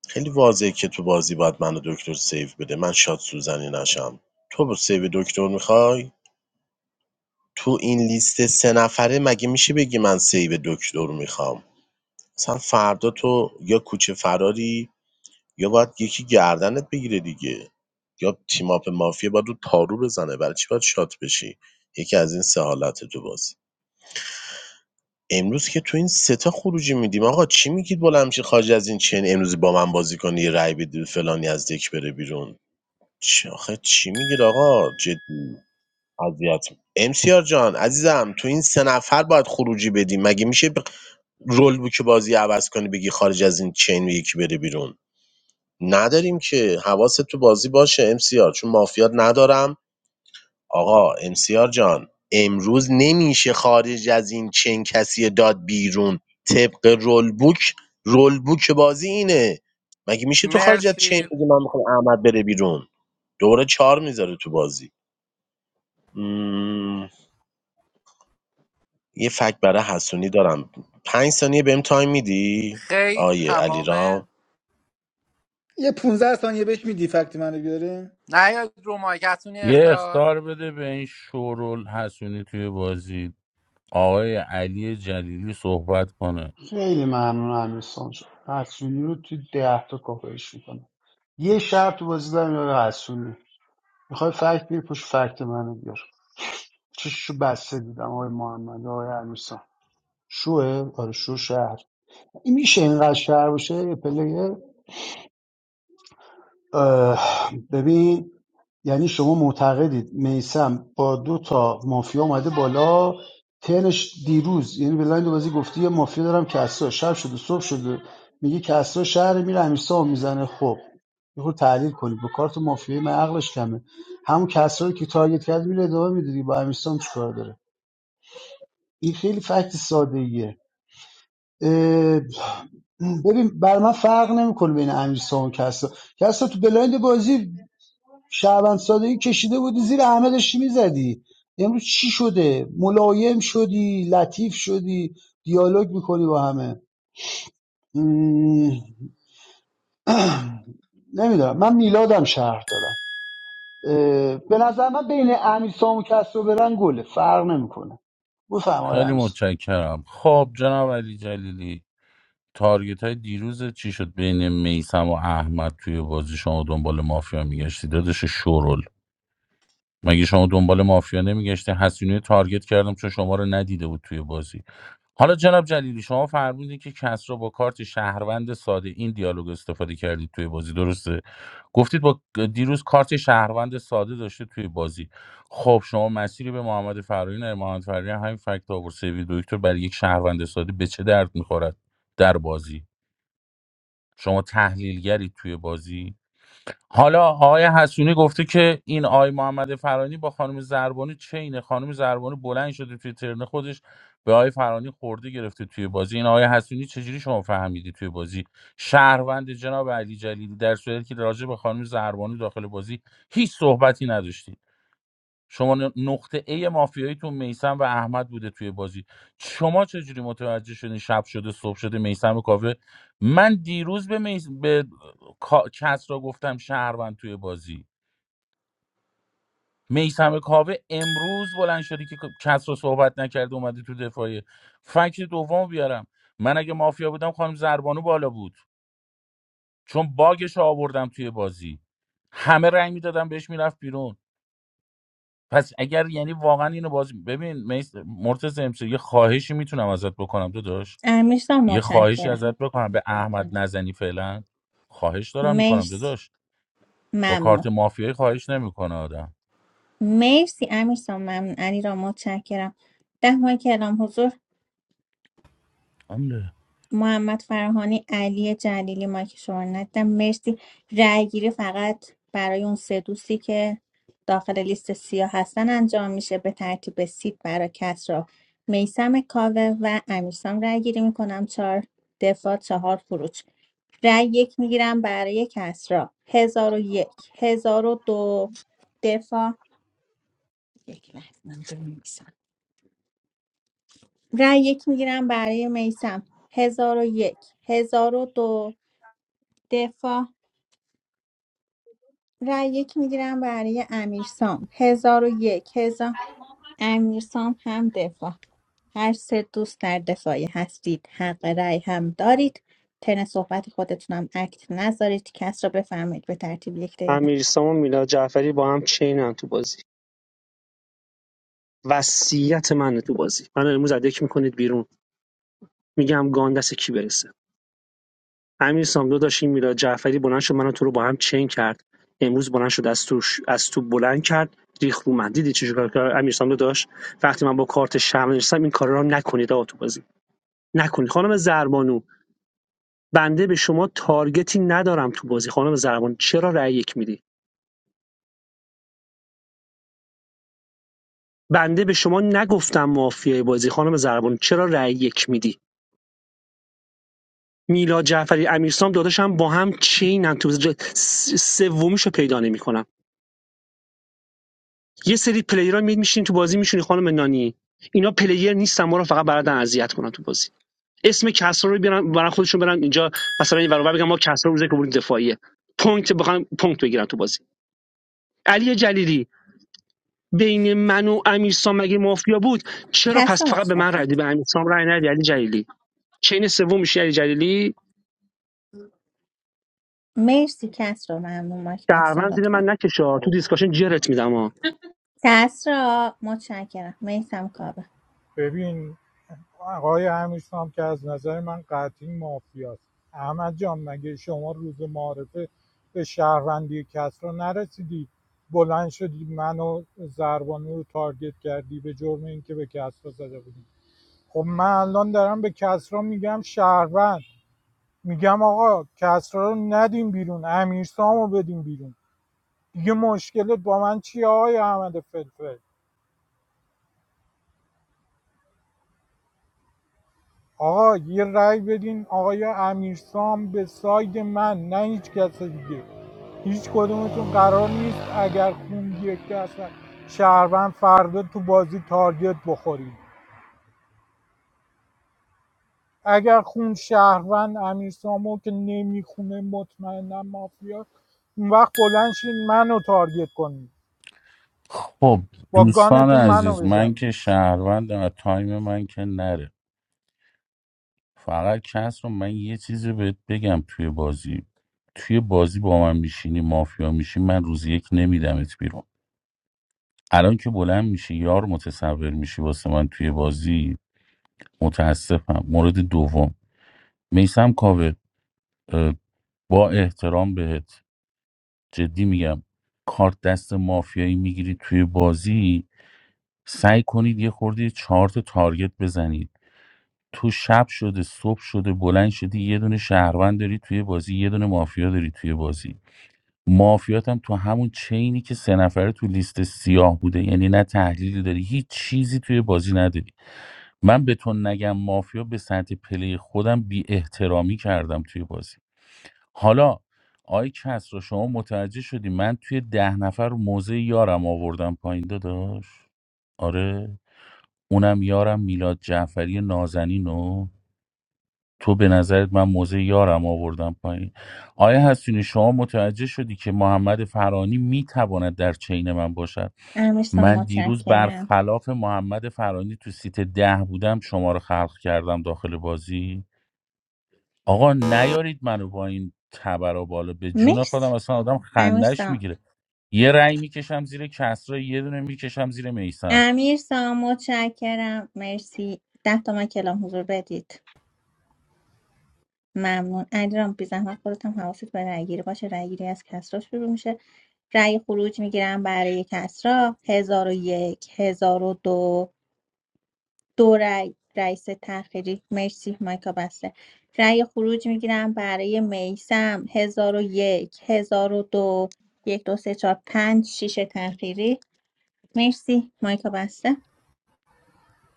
C: خیلی واضحه که تو بازی باید منو دکتر سیو بده من شات سوزنی نشم تو با سیو دکتر میخوای تو این لیست سه نفره مگه میشه بگی من سیو دکتر میخوام مثلا فردا تو یا کوچه فراری یا باید یکی گردنت بگیره دیگه یا تیم اپ مافیا باید رو پارو بزنه برای چی باید شات بشی یکی از این سه حالت تو بازی امروز که تو این سه تا خروجی میدیم آقا چی میگید بلند میشه خارج از این چین امروز با من بازی کنی یه رأی بدی فلانی از دک بره بیرون چی آخه چی میگید آقا جدی اذیت امسیار جان عزیزم تو این سه نفر باید خروجی بدیم مگه میشه ب... رول بوک بازی عوض کنی بگی خارج از این چین یکی بره بیرون نداریم که حواست تو بازی باشه امسیار چون مافیات ندارم آقا امسیار جان امروز نمیشه خارج از این چین کسی داد بیرون طبق رول بوک رول بوک بازی اینه مگه میشه تو خارج از چین
P: مرسی
C: بگی من میخوام احمد بره بیرون دوره چهار میذاره تو بازی مم، یه فکت برای حسونی دارم پنج ثانیه بهم تایم میدی
P: خیر
C: آیه
P: تمامه
C: علیرام
O: یه 15 ثانیه بهش میدی فکت منو بیاره
P: نیاید رو مایکتونی
K: یه
P: اختار
K: اختار بده به این شورول حسونی توی بازی آقای علی جلیلی صحبت کنه
N: خیلی ممنون امیرسان جان حسونی رو تو ده تا کاپایش میکنم یه شرط تو بازی دارم یا حسونی میخوای فکت بیاری پشت فکت منو بیار چششو بسته دیدم آقای محمد آقای عروسان شوه آره شو شهر این میشه اینقدر شهر باشه یه پلیر اه، ببین یعنی شما معتقدید میسم با دو تا مافیا اومده بالا تنش دیروز یعنی به لایند بازی گفتی یه مافیا دارم کسرا شب شده صبح شده میگه کسرا شهر میره امیرسام میزنه خب یه خورده تحلیل کنید با کارت مافیایی من عقلش کمه همون کسرا رو که تارگت کرد میره ادامه میدادی با امیرسام چیکار داره این خیلی فکت ساده ایه. اه، ببین بر من فرق نمیکنه بین امیرسا و کسا کسا تو بلایند بازی شهروند سادگی کشیده بودی زیر همه داشتی میزدی امروز چی شده ملایم شدی لطیف شدی دیالوگ میکنی با همه م، نمیدونم من میلادم شهر دارم اه، به نظر من بین امیرسام و کسرا برن گله فرق نمیکنه بفرمایید
K: خیلی
N: امیرسام
K: متشکرم خب جناب علی جلیلی تارگت های دیروز چی شد بین میسم و احمد توی بازی شما دنبال مافیا میگشتی دادش شورل مگه شما دنبال مافیا نمیگشتی حسینی رو تارگت کردم چون شما رو ندیده بود توی بازی حالا جناب جلیلی شما فرمودید که کس را با کارت شهروند ساده این دیالوگ استفاده کردید توی بازی درسته گفتید با دیروز کارت شهروند ساده داشته توی بازی خب شما مسیری به محمد فرانی نه محمد فرانی همین فکت آورد سیوی دکتر برای یک شهروند ساده به چه درد میخورد در بازی شما تحلیلگری توی بازی حالا آقای حسونی گفته که این آقای محمد فرانی با خانم زربانی چینه خانم زربانی بلند شده توی ترن خودش به آقای فرانی خورده گرفته توی بازی این آقای حسونی چجوری شما فهمیدی توی بازی شهروند جناب علی جلیلی در صورتی که راجع به خانم زربانی داخل بازی هیچ صحبتی نداشتی شما ن- نقطه A مافیاییتون میسم و احمد بوده توی بازی شما چجوری متوجه شدین شب شده صبح شده میسم کاوه من دیروز به, میس... به کا- کس را گفتم شهروند توی بازی میسم کاوه امروز بلند شدی که کس را صحبت نکرده اومده تو دفاعیه فکت دوم بیارم من اگه مافیا بودم خانم زربانو بالا بود چون باگش رو آوردم توی بازی همه رنگ میدادم بهش میرفت بیرون پس اگر یعنی واقعا اینو باز ببین مرتز امسی یه خواهشی میتونم ازت بکنم داداش
A: امیرسام
K: یه خواهشی
A: متشکرم
K: ازت بکنم به احمد نزنی فعلا خواهش دارم میکنم
A: مرسی
K: داداش با
A: ممنون
K: کارت مافیایی خواهش نمیکنه آدم
A: مرسی امیرسان ممنون علی را متشکرم ده ماه که اعلام حضور
K: حمله.
A: محمد فرهانی علی جلیلی مایک شما رو ندیدم مرسی رأی گیری فقط برای اون سه دوستی که داخل لیست سیاه هستن انجام میشه به ترتیب سید برای کسرا میسم کاوه و امیرسام رأی گیری میکنم چهار دفاع چهار خروج رأی یک میگیرم برای کسرا هزار و یک هزار و دو دفاع یک لحظه من بنویسم. رای یک میگیرم برای میسم هزار و یک هزار و دو دفاع رای یک میگیرم برای امیرسام هزار و یک هزار امیرسام هم دفاع هر سه دوست در دفاعی هستید حق رای هم دارید تن صحبت خودتونم اکت نذارید کس رو بفرمایید به ترتیب یک دقیقه
I: امیرسام و میلاد جعفری با هم چینن تو بازی وصیت منه تو بازی من امروز از دک میکنید بیرون میگم گان دست کی برسه امیرسام دو داشت این میلاد جعفری بلند شد منو تو رو با هم چین کرد امروز بلند شد از تو از تو بلند کرد ریخ رو من دیدی چه کار کرد امیرسام دو داشت وقتی من با کارت شمع نشستم این کارا رو نکنید آقا تو بازی نکنید خانم زربانو بنده به شما تارگتی ندارم تو بازی خانم زربانو چرا رأی یک میدی بنده به شما نگفتم مافیای بازی خانم زربانو چرا رأی یک میدی میلاد جعفری امیرسام داداشم با هم چینن تو ج- س- سومیشو پیدا نمیکنم یه سری پلیرها می میشین تو بازی میشونی خانم نانی اینا پلیر نیستن ما رو فقط بلدن اذیت کنن تو بازی اسم کسرا رو بیارن برن خودشون برن اینجا مثلا این برابر بگم ما کسرا روزه که بردیم دفاعیه پونت بخوام پونت بگیرن تو بازی علی جلیلی بین من و امیرسام مگه مافیا بود چرا
A: کس
I: پس
A: رو
I: فقط به من رای
A: متشکرم
I: دادی؟ به امیرسام رای ندی علی جلیلی چین سوم میشه علی جلیلی
A: مرسی کس رو ممنون مایک بسته
I: شهروند زیر
A: لطفا
I: من نکشا تو دیسکاشن جرت میدم
A: کس را متشکرم میسم کابه
J: ببین آقای امیرسام که از نظر من قطعی مافیاست احمد جان مگه شما روز معارفه به شهروندی کس رو نرسیدی بلند شدی منو زربانو رو تارگت کردی به جرم اینکه به کس رو زده بودی خب من الان دارم به کسرا میگم شهروند میگم آقا کسرا رو ندیم بیرون امیرسامو سامو بدیم بیرون دیگه مشکلت با من چیه آقای احمد فلفل آقا یه رأی بدین آقای امیرسام به ساید من نه هیچ کس دیگه هیچ کدومتون قرار نیست اگر خون یک دست شهروند فردا تو بازی تارگت بخورید اگر خون شهروند امیر سامو که نمیخونه مطمئنا مافیا اون وقت بلند شین منو تارگت کنید
K: خب
J: با
K: دوستان
J: گانتون منو
K: عزیز من
J: بزنید
K: که شهروندم از تایم من که نره فقط کس رو من یه چیزی بهت بگم توی بازی توی بازی با من میشینی مافیا میشی من روز یک نمیدمت بیرون الان که بلند میشی یار متصور میشی واسه من توی بازی متاسفم مورد دوم میسم کاوه اه، با احترام بهت جدی میگم کارت دست مافیایی میگیری توی بازی سعی کنید یه خورده چهار تا تارگت بزنید تو شب شده صبح شده بلند شدی یه دونه شهروند داری توی بازی یه دونه مافیا داری توی بازی مافیات هم تو همون چینی که سه نفره تو لیست سیاه بوده یعنی نه تحلیلی داری هیچ چیزی توی بازی نداری من به تو نگم مافیا به سطح پلی خودم بی احترامی کردم توی بازی حالا آی کس رو شما متوجه شدی من توی ده نفر موزه یارم آوردم پایین داداش آره اونم یارم میلاد جعفری نازنینو تو به نظرت من موزه یارم آوردم پایین آیا هستینی شما متوجه شدی که محمد فرانی میتواند در چین من باشد
A: امیرسام
K: من دیروز
A: متشکرم
K: برخلاف محمد فرانی تو سیت ده بودم شما رو خلق کردم داخل بازی آقا نیارید منو با این تبر بالا به جون
A: مرسی
K: خودم اصلا آدم
A: امیر
K: خندش
A: سام
K: میگیره یه رأی میکشم زیر کسرا یه دونه میکشم زیر میسم
A: امیر سام متشکرم مرسی ده تا من کلام حضور بدید ممنون علیرام بی زحمت خودت هم حواست به رأی گیری باشه رأی گیری از کسرا شروع میشه رأی خروج میگیرم برای کسرا هزار و یک هزار و دو دو رأی رئیس تخیری مرسی مایکا بسته رأی خروج میگیرم برای میسم هزار و یک هزار و دو یک دو سه چهار پنج شیش تخیری مرسی مایکا بسته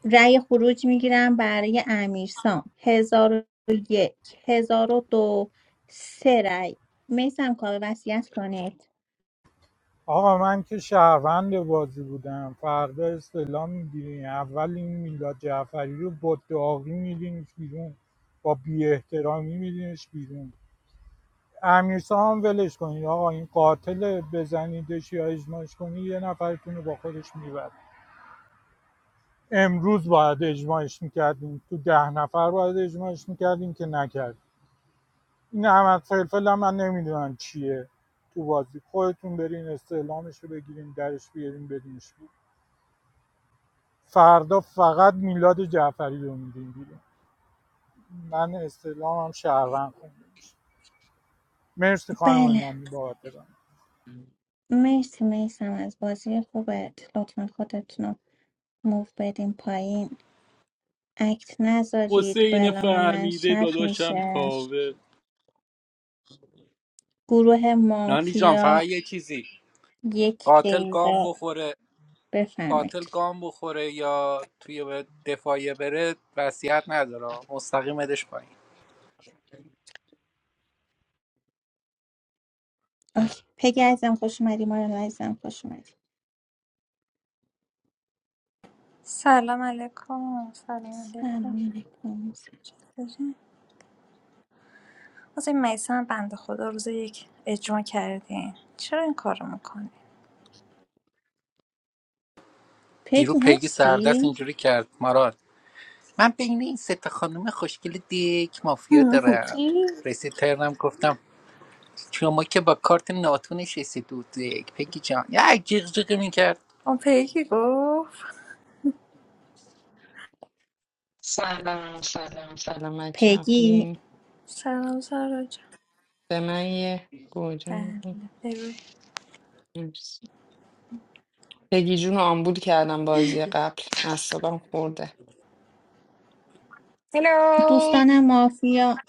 A: رأی خروج میگیرم برای امیرسام هزار و یک هزار و دو سه رأی میسم کار وصیت کنید
J: آقا من که شهروند بازی بودم فردا استعلام میگیرین اول این میلاد جعفری رو با داغی میدینش بیرون با بی احترامی میدینش بیرون امیر هم ولش کنید آقا این قاتل بزنیدش یا اجماعش کنید یه نفرتون رو با خودش میبره امروز باید اجماعش میکردیم تو ده نفر باید اجماعش میکردیم که نکرد این احمد فلفل هم من نمیدونم چیه تو بازی خودتون برین استعلامش رو بگیریم درش بیاریم بدینش بیرون. فردا فقط میلاد جعفری رو میدین بیرون من استعلامم شهروند خونده میشه مرسی خانم
A: بله
J: نانی بابت ران.
A: مرسی میسم از بازی خوبت لطفا خودتون رو موف بدین پایین اکت نذارید با
P: حسین
A: اعلام من
P: فهمیده
A: شب
P: داداشم
A: میشه
P: کاوه
A: گروه
P: نانی جان فقط
A: مافیا
P: یه چیزی
A: یک
P: قاتل گام
A: دقیقه
P: بخوره قاتل
A: بفرمایید
P: گام بخوره یا توی به دفاعیه بره وصیت نداره مستقیم بدش پایین
A: اوکی. پگی عزیزم خوش اومدی مارال عزیزم خوش اومدی
Q: Salam alikum, salam
A: سلام
Q: alikum.
A: علیکم
Q: Where? Azim Maisan, bende khoda, ursdayyik ajma kardin. Charein karamu kani.
P: دیرو
A: پگی
P: پیگی سردست
A: هستی
P: اینجوری کرد مراد من بین این سه تا خانم خوشگل دیک مافیا
Q: Hm,
P: دارم
Q: kiy?
P: رسید ترنم گفتم شما که با کارت ناتو نشستید دو دیک پگی جان یه جیغ جیغ میکرد
Q: Opeyiky go.
R: سلام سلام سلام بچه
A: پیگی
R: خوبی
Q: Salam sharajah.
R: به من یه گوجه
Q: Bende,
R: میدی
Q: baby.
R: مرسی پگی جون رو آمبول کردم بازی قبل اعصابم خورده
S: هلو
A: دوستان مافیا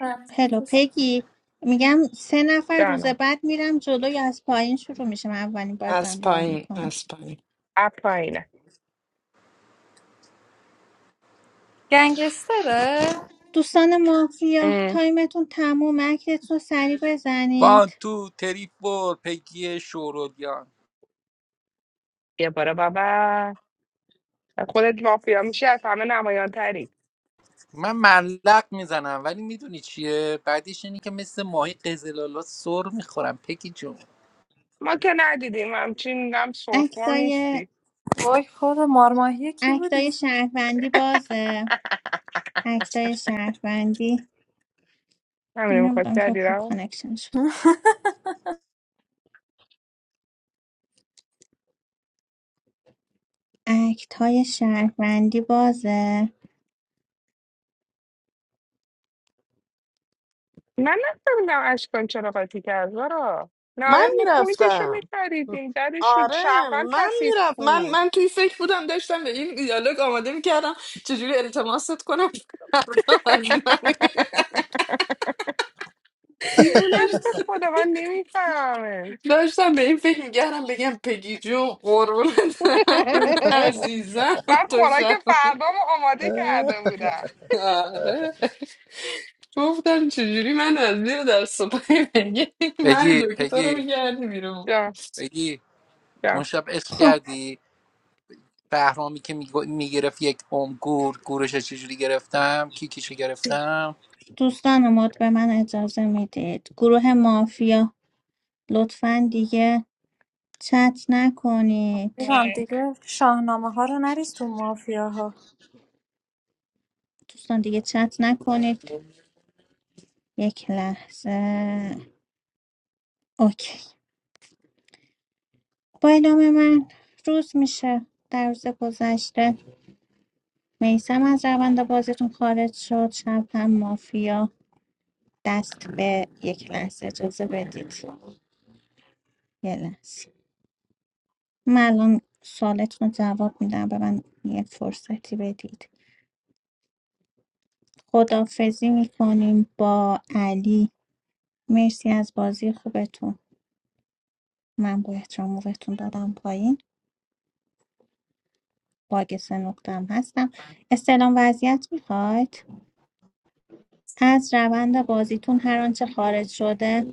Q: Salam
A: هلو
Q: azas.
A: پیگی میگم سه نفر روز
S: جانم
A: بعد میرم جلوی از پایین شروع میشه من اولین بار دارم
R: از
A: راه
R: پایین
A: میکنم
R: از پایین
S: اپ پایینه
Q: Gen gester.
A: دوستان مافیا
S: اه،
A: تایمتون تموم اکتتون رو سریع
P: وان
A: بزنید
P: تو تری فور پگی شورولیان
S: بیا برو بابا خودت مافیا میشه از همه نمایان تری
P: من ملق میزنم ولی میدونی چیه بعدیش اینه که مثل ماهی قزلالا سر میخورم پگی جون
S: ما که ندیدیم همچین هم سرخور
A: اکتای
S: نیستی
Q: Oy khoda, marmahiyeh kiyu did.
A: اکتای شهروندی بازه اکتای شهروندی
S: همینه میخواد
A: نمیدونم چرا
S: کردی
A: پول
S: رو
A: کانکشن شد
Q: Hahaha.
A: اکتای شهروندی بازه
S: من نفهمیدم اشکان چرا قاطی کرد برو
R: من
S: نهایت ما پوینتش رو
R: میرفتم
S: میخریدیم درش رو
R: آره
S: شهروند
R: من
S: کثیف
R: میرفت من
S: بود
R: من توی فکر بودم داشتم به این دیالوگ آماده میکردم چجوری التماست کنم فردا از من
S: دیوونه است به
R: داشتم
S: خدا من نمیفهمم
R: داشتم به این فکر میکردم بگم پگی جون قربونت عزیزم
S: من
R: تو
S: خوراک فردامو آماده
T: Oh,
S: کرده بودم
R: آره گفتم چجوری من از زیر دست و پای بگی من
P: پگی
R: دکتر رو
P: پگی
R: میگردی بیرون
S: جان
P: پگی اون شب عشق
A: خب
P: کردی بهرامی که میگرفت یک عمر گور گورش چجوری گرفتم کیکیشو گرفتم
A: دوستان مد به من اجازه میدید گروه مافیا لطفا دیگه چت
Q: I
A: نکنید
Q: am thinking. Shahnama haranaris tu maafiya ha.
A: دوستان دیگه چت نکنید یک لحظه اوکی با اعلام من روز میشه در روز گذشته میسم از روند بازیتون خارج شد شب هم مافیا دست به یک لحظه اجازه بدید یه لحظه من الان سوالتون رو جواب میدم به من یه فرصتی بدید خدافزی میکنیم با علی مرسی از بازی خوبتون من با احترام موقعتون دادم پایین باگ سه نقطم هستم استعلام وضعیت میخواید از روند بازیتون هر آنچه خارج شده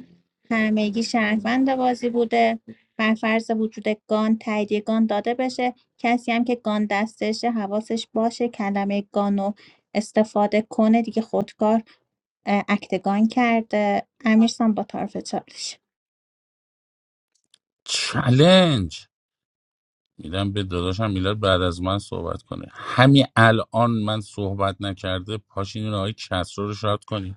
A: همگی شهروند بازی بوده بر فرض وجود گان تاییدیه گان داده بشه کسی هم که گان دستشه حواسش باشه کلمه گان رو استفاده کنه دیگه خودکار اه، اکت گان کرده امیرسام با طرف چالش
K: چلنج میدم به داداشم میلاد بعد از من صحبت کنه همین الان من صحبت نکرده پاشین این آقای کسرا رو شاد کنی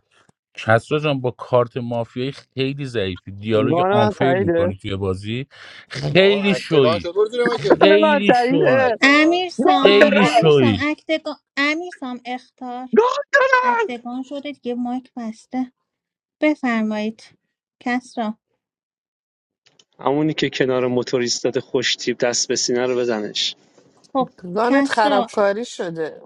K: کسرا جان با کارت مافیایی خیلی ضعیفی دیالوگ
I: گان من
K: آنفیر میکنی
I: تاییده
K: توی بازی خیلی
T: acte van, what
K: شویی
T: do you mean?
I: گان من
K: خیلی
T: Oh,
K: شویی
I: تاییده
T: acte van.
I: گان
A: امیرسام
K: خیلی
I: دارم
A: امیرسام
K: شویی
A: اکت گان امیرسام اختار
I: گان دارم
A: اکتگان شده دیگه مایک بسته بفرمایید کسرا
I: همونی که کنار موتوریستت خوش تیپ دست به سینه رو بزنش
A: خب
R: گانت
A: کسرا
R: خرابکاری شده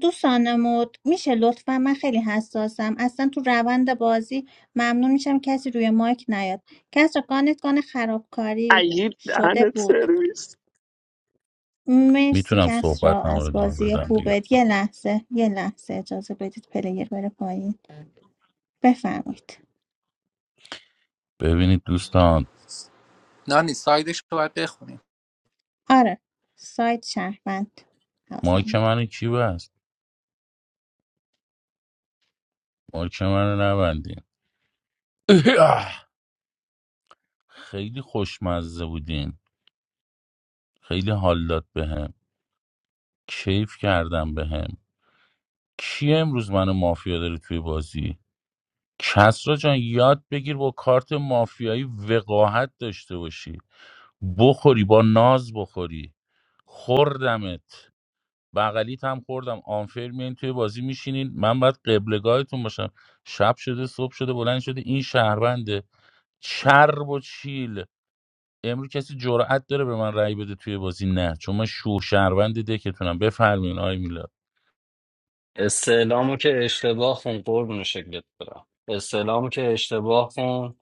A: دوستان مود میشه لطفا من خیلی حساسم اصلا تو روند بازی ممنون میشم کسی روی مایک نیاد کسرا گانت گان خرابکاری
I: عیب
A: شده
I: دهنت
A: بود
I: سرویس
A: مرسی
K: میتونم
A: کسرا
K: صحبت رو
A: از
K: ادامه
A: بازی
K: بدم دیگه
A: خوبت یه لحظه یه لحظه اجازه بدید پلیر بره پایین بفرمایید
K: ببینید دوستان
P: نانی سایدش رو باید بخونیم
A: آره سایت شهروند حواسم
K: مایک
A: بود.
K: منو کی بست مایک منو نبندین اه، خیلی خوشمزه بودین خیلی حال داد بهم کیف کردم بهم کی امروز منو مافیا داره توی بازی کسرا جان یاد بگیر با کارت مافیایی وقاحت داشته باشی بخوری با ناز بخوری خوردمت بغلیت هم خوردم آنفر میان توی بازی میشینین من باید قبلگاهتون باشم شب شده صبح شده بلند شده این شهرونده چرب و چیل امروز کسی جرأت داره به من رأی بده توی بازی نه چون من شو شهروند دکتونم بفرمین آی میلاد
D: استعلامو که اشتباه خون قربون شکلت برم استعلامو که اشتباه خون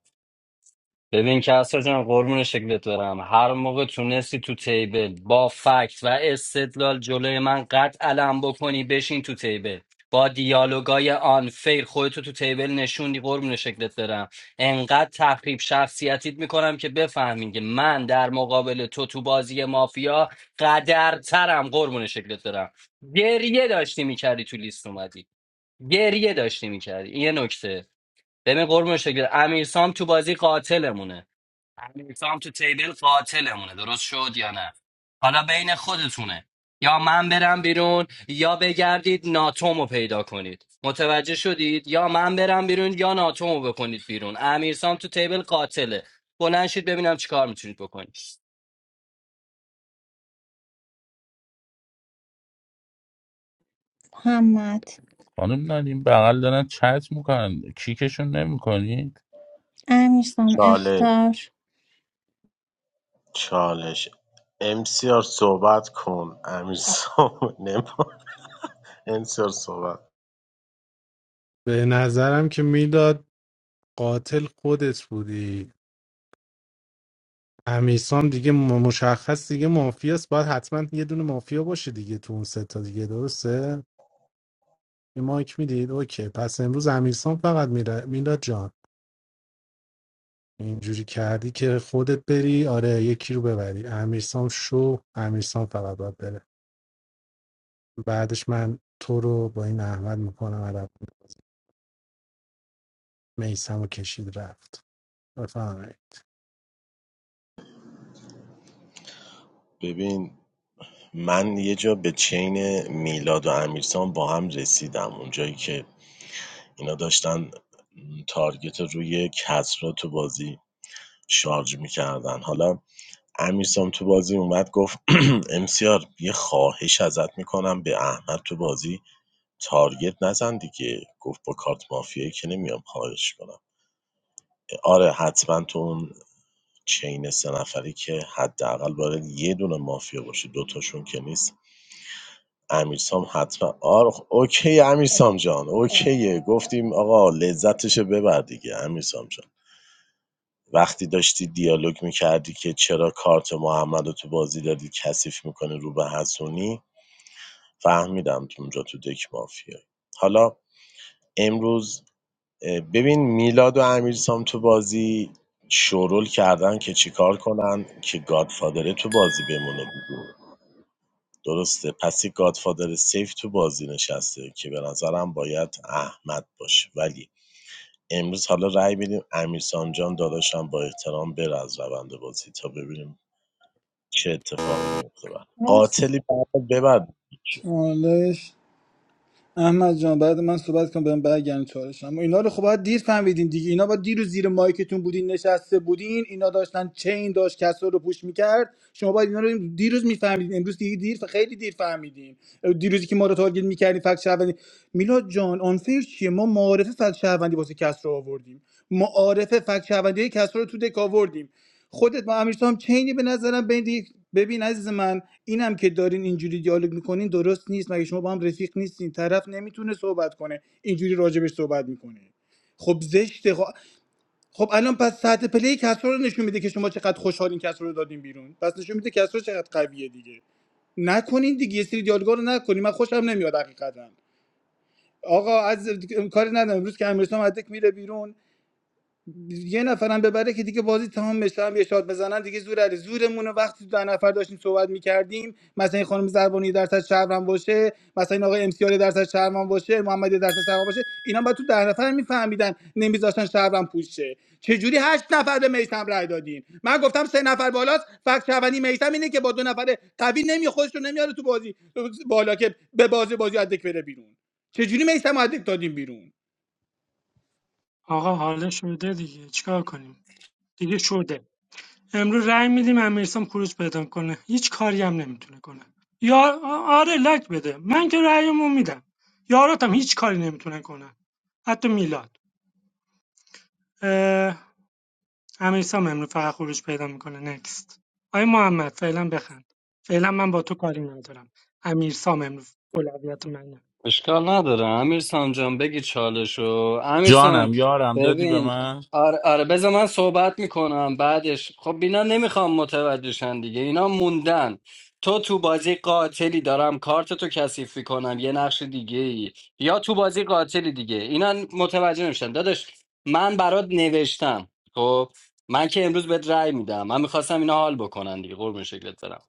D: ببین کسرا جان قربون شکلت برم هر موقع تونستی تو تیبل با فکت و استدلال جلوی من قد علم بکنی بشین تو تیبل با دیالوگای آنفیر خودتو تو تیبل نشوندی قربون شکلت برم انقدر تخریب شخصیتیت میکنم که بفهمین که من در مقابل تو تو بازی مافیا قدرترم قربون شکلت برم گریه داشتی میکردی تو لیست اومدی گریه داشتی میکردی یه نکته ببین قربون شکلت امیرسام تو بازی قاتلمونه امیرسام تو تیبل قاتلمونه درست شد یا نه حالا بین خودتونه یا من برم بیرون یا بگردید ناتومو پیدا کنید متوجه شدید یا من برم بیرون یا ناتومو بکنید بیرون امیرسام تو تیبل قاتله بلند شید ببینم چیکار میتونید بکنید
A: محمد
K: خانم نادیم بغل دارن چت میکنن کیکشون نمیکنی
A: امیرسام
C: چالش
A: اختار
C: چالش امسیار صحبت کن امیر صحبت امسیار صحبت
B: به نظرم که میداد قاتل خودت بودی امیرسام دیگه م- مشخص دیگه مافیاست باید حتما یه دونه مافیا باشه دیگه تو اون سه تا دیگه درسته یه مایک میدید اوکی پس امروز امیرسام فقط میره میلاد جان اینجوری کردی که خودت بری آره یکی رو ببری امیرسام شو امیرسام فقط باید بره بعدش من تو رو با این احمد میکنم عرب میسم و کشید رفت بفهمه
C: ببین من یه جا به چین میلاد و امیرسان با هم رسیدم اونجایی که اینا داشتن تارگت روی کسرا تو بازی شارژ میکردن حالا امیرسام تو بازی اومد گفت امسیار یه خواهش ازت میکنم به احمد تو بازی تارگت نزن دیگه گفت با کارت مافیایی که نمیام خواهش کنم آره حتما تو اون چین سه نفری که حداقل باید یه دونه مافیا باشه دوتاشون که نیست امیرسام حتما آرخ اوکی امیرسام جان اوکیه گفتیم آقا لذتشو ببر دیگه امیرسام جان وقتی داشتی دیالوگ میکردی که چرا کارت محمد رو تو بازی دادی کثیف میکنه رو به حسونی فهمیدم تو اونجا تو دک مافیا حالا امروز ببین میلاد و امیرسام تو بازی شورول کردن که چیکار کنن که گادفادره تو بازی بمونه درسته پس یه گادفادر سیف تو بازی نشسته که به نظرم باید احمد باشه ولی امروز حالا رأی بدیم امیر سانجان داداشم با احترام بره از روند بازی تا ببینیم چه اتفاقی میفته بعد
A: مرسی
C: قاتلی بعد ببر
O: چالش احمد جان بعد من صحبت کنم بهم برگردن چالش اما اینا رو خب باید دیر فهمیدین دیگه اینا با دیر و زیر مایکتون بودین نشسته بودین اینا داشتن چین داشت کسا رو پوش میکرد شما باید اینا رو دیروز میفهمیدین امروز دیگه دیر خیلی دیر فهمیدین دیروزی که ما رو تارگت میکردین فکت شهروندی میلاد جان آنفیر چیه ما معارفه فکت شهروندی واسه کس رو آوردیم معارفه فکت شهروندی کس رو تو دک آوردیم خودت با امیر هم چینی به نظرم بین یک- ببین عزیز من اینم که دارین اینجوری دیالوگ میکنین درست نیست مگه شما با هم رفیق نیستین طرف نمیتونه صحبت کنه اینجوری راجبش صحبت میکنه خب زشته خب, خب الان پس ساعت پلی کسرا رو نشون میده که شما چقدر خوشحالین کسرا رو دادین بیرون پس نشون میده کسرا چقدر قویه دیگه نکنین دیگه یه سری دیالوگا رو نکنین من خوشم نمیاد حقیقتا آقا از کاری ندارم امروز که امیرسام از میره بیرون یه نفرم ببره که دیگه بازی تمام بشه هم یه شات بزنن دیگه زور علی زورمون وقتی در نفر داشتیم صحبت میکردیم مثلا این خانم زربانی درصد شهرم باشه مثلا این آقای امسیار درصد شهرم باشه محمدی درصد شهرم باشه اینا بعد تو در نفر میفهمیدن نمیذاشتن شهرم پوشه چه جوری هشت نفر به میثم رای دادین من گفتم سه نفر بالاست فقط شهروندی میثم اینه که با دو نفر قوی نمی خودش رو نمیاره تو بازی بالا که به بازی بازی ادک بره بیرون چه جوری میثم ادک دادیم بیرون
M: آقا حالا شده دیگه چیکار کنیم دیگه شده امروز رأی میدیم امیرسام خروج پیدا کنه هیچ کاری هم نمیتونه کنه یا آره لک بده من که رأیمو میدم یاراتم هیچ کاری نمیتونه کنه حتی میلاد اه، امیرسام امروز فقط خروج پیدا میکنه نکست آی محمد فعلا بخند فعلا من با تو کاری ندارم امیرسام امروز اولویت منه
D: اشکال نداره امیر سام جان بگی چالشو امیر سام،
K: جانم یارم دادی به
D: ببین
K: من
D: آره, آره بذار من صحبت میکنم بعدش خب اینا نمیخوام متوجهشن دیگه اینا موندن تو تو بازی قاتلی دارم کارت تو کثیف کنم یه نقش دیگه ای یا تو بازی قاتلی دیگه اینا متوجه نمیشن داداش من برات نوشتم خب من که امروز بهت رأی میدم من میخواستم اینا حال بکنن دیگه قربون شکلت برم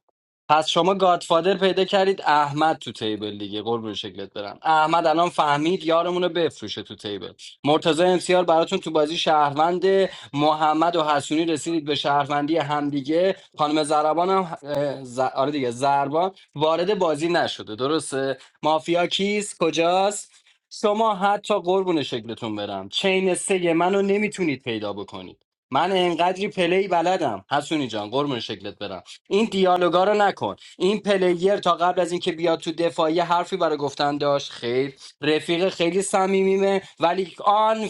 D: پس شما گادفادر پیدا کردید احمد تو تیبل دیگه قربون شکلت برم احمد الان فهمید یارمون رو بفروشه تو تیبل مرتضی امسیار براتون تو بازی شهروند محمد و حسونی رسیدید به شهروندی همدیگه خانم زربان هم اه، ز... آره دیگه زربان وارد بازی نشده درسته مافیا کیست کجاست شما حتی قربون شکلتون برم چین سه منو نمیتونید پیدا بکنید من انقدری پلی بلدم حسونی جان قربون شکلت برم این دیالوگا رو نکن این پلیر تا قبل از اینکه بیاد تو دفاعی حرفی برای گفتن داشت خیر رفیق خیلی صمیمیمه ولی آن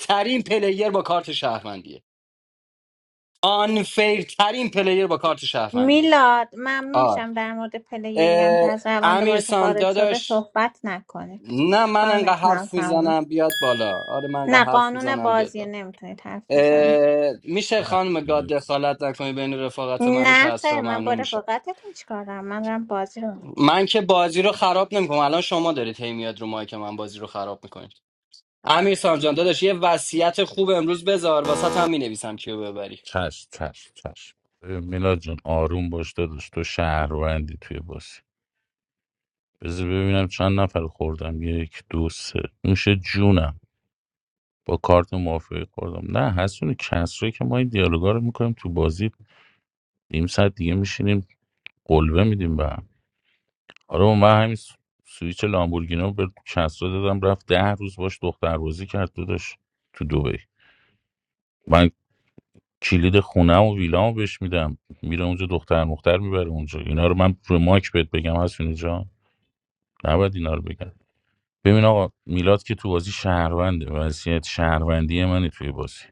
D: ترین پلیر با کارت شهروندیه آن ترین پلیر با کارت شهروندیه
A: میلاد ممنون
D: آر
A: میشم در مورد پلیری هم که
D: اه،
A: از روند
D: امیر
A: بازی
D: سام
A: خارج شده
D: داداش
A: صحبت نکنید
D: نه من انقدر
A: تایمتون هم
D: حرف
A: تمومه
D: میزنم بیاد بالا آره من انقدر
A: نه
D: حرف
A: قانون
D: میزنم بیاد
A: بازی
D: بالا
A: نمیتونید حرف بزنید
D: اه، میشه
K: نه.
D: خانم گاد دخالت نکنی بین رفاقت منو که
A: نه خیر
D: اصرا
A: من با
D: ممنون میشم.
A: رفاقتتون چیکار دارم من دارم بازی رو می‌بینم.
D: من که بازی رو خراب نمیکنم الان شما دارید هی میاد رو مایک من بازی رو خراب میکنید امیر سامجان داداش یه وصیت خوب امروز بذار واسه هم مینویسم کیو ببری
K: چشم چشم چشم ببین، میلاد جان آروم باش داداش تو شهروندی توی بازی بذار ببینم چند نفر خوردم یک دو سه نوش جونم با کارت موافقی خوردم نه هستون کسری که ما این دیالوگا رو میکنیم تو بازی نیم ساعت دیگه میشینیم قلبه میدیم به هم آره و من همین س- سویچ لامبورگینو به کسرا دادم رفت ده روز باش دختر بازی کرد داداش تو دبی من کلید خونه و ویلامو بهش میدم میره اونجا دختر مختر میبره اونجا اینا رو من رو مایک بهت بگم هست اینجا نباید اینا رو بگم ببین آقا میلاد که تو بازی شهرونده وضعیت شهروندی منه توی بازی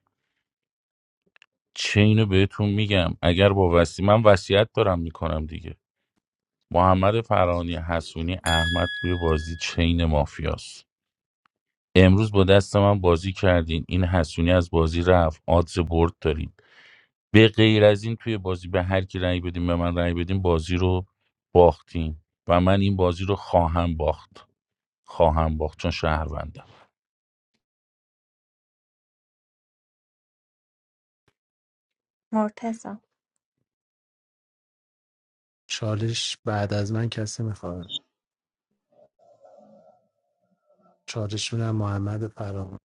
K: چه اینو بهتون میگم اگر با وسی من وصیت دارم میکنم دیگه محمد فرانی حسونی احمد توی بازی چین مافیاست امروز با دست من بازی کردین این حسونی از بازی رفت آدز برد دارین به غیر از این توی بازی به هر کی رأی بدیم به من رأی بدیم بازی رو باختیم و من این بازی رو خواهم باخت خواهم باخت چون شهروندم
A: مرتزا
B: چالش بعد از من کسی میخواد چالش میدم محمد فرام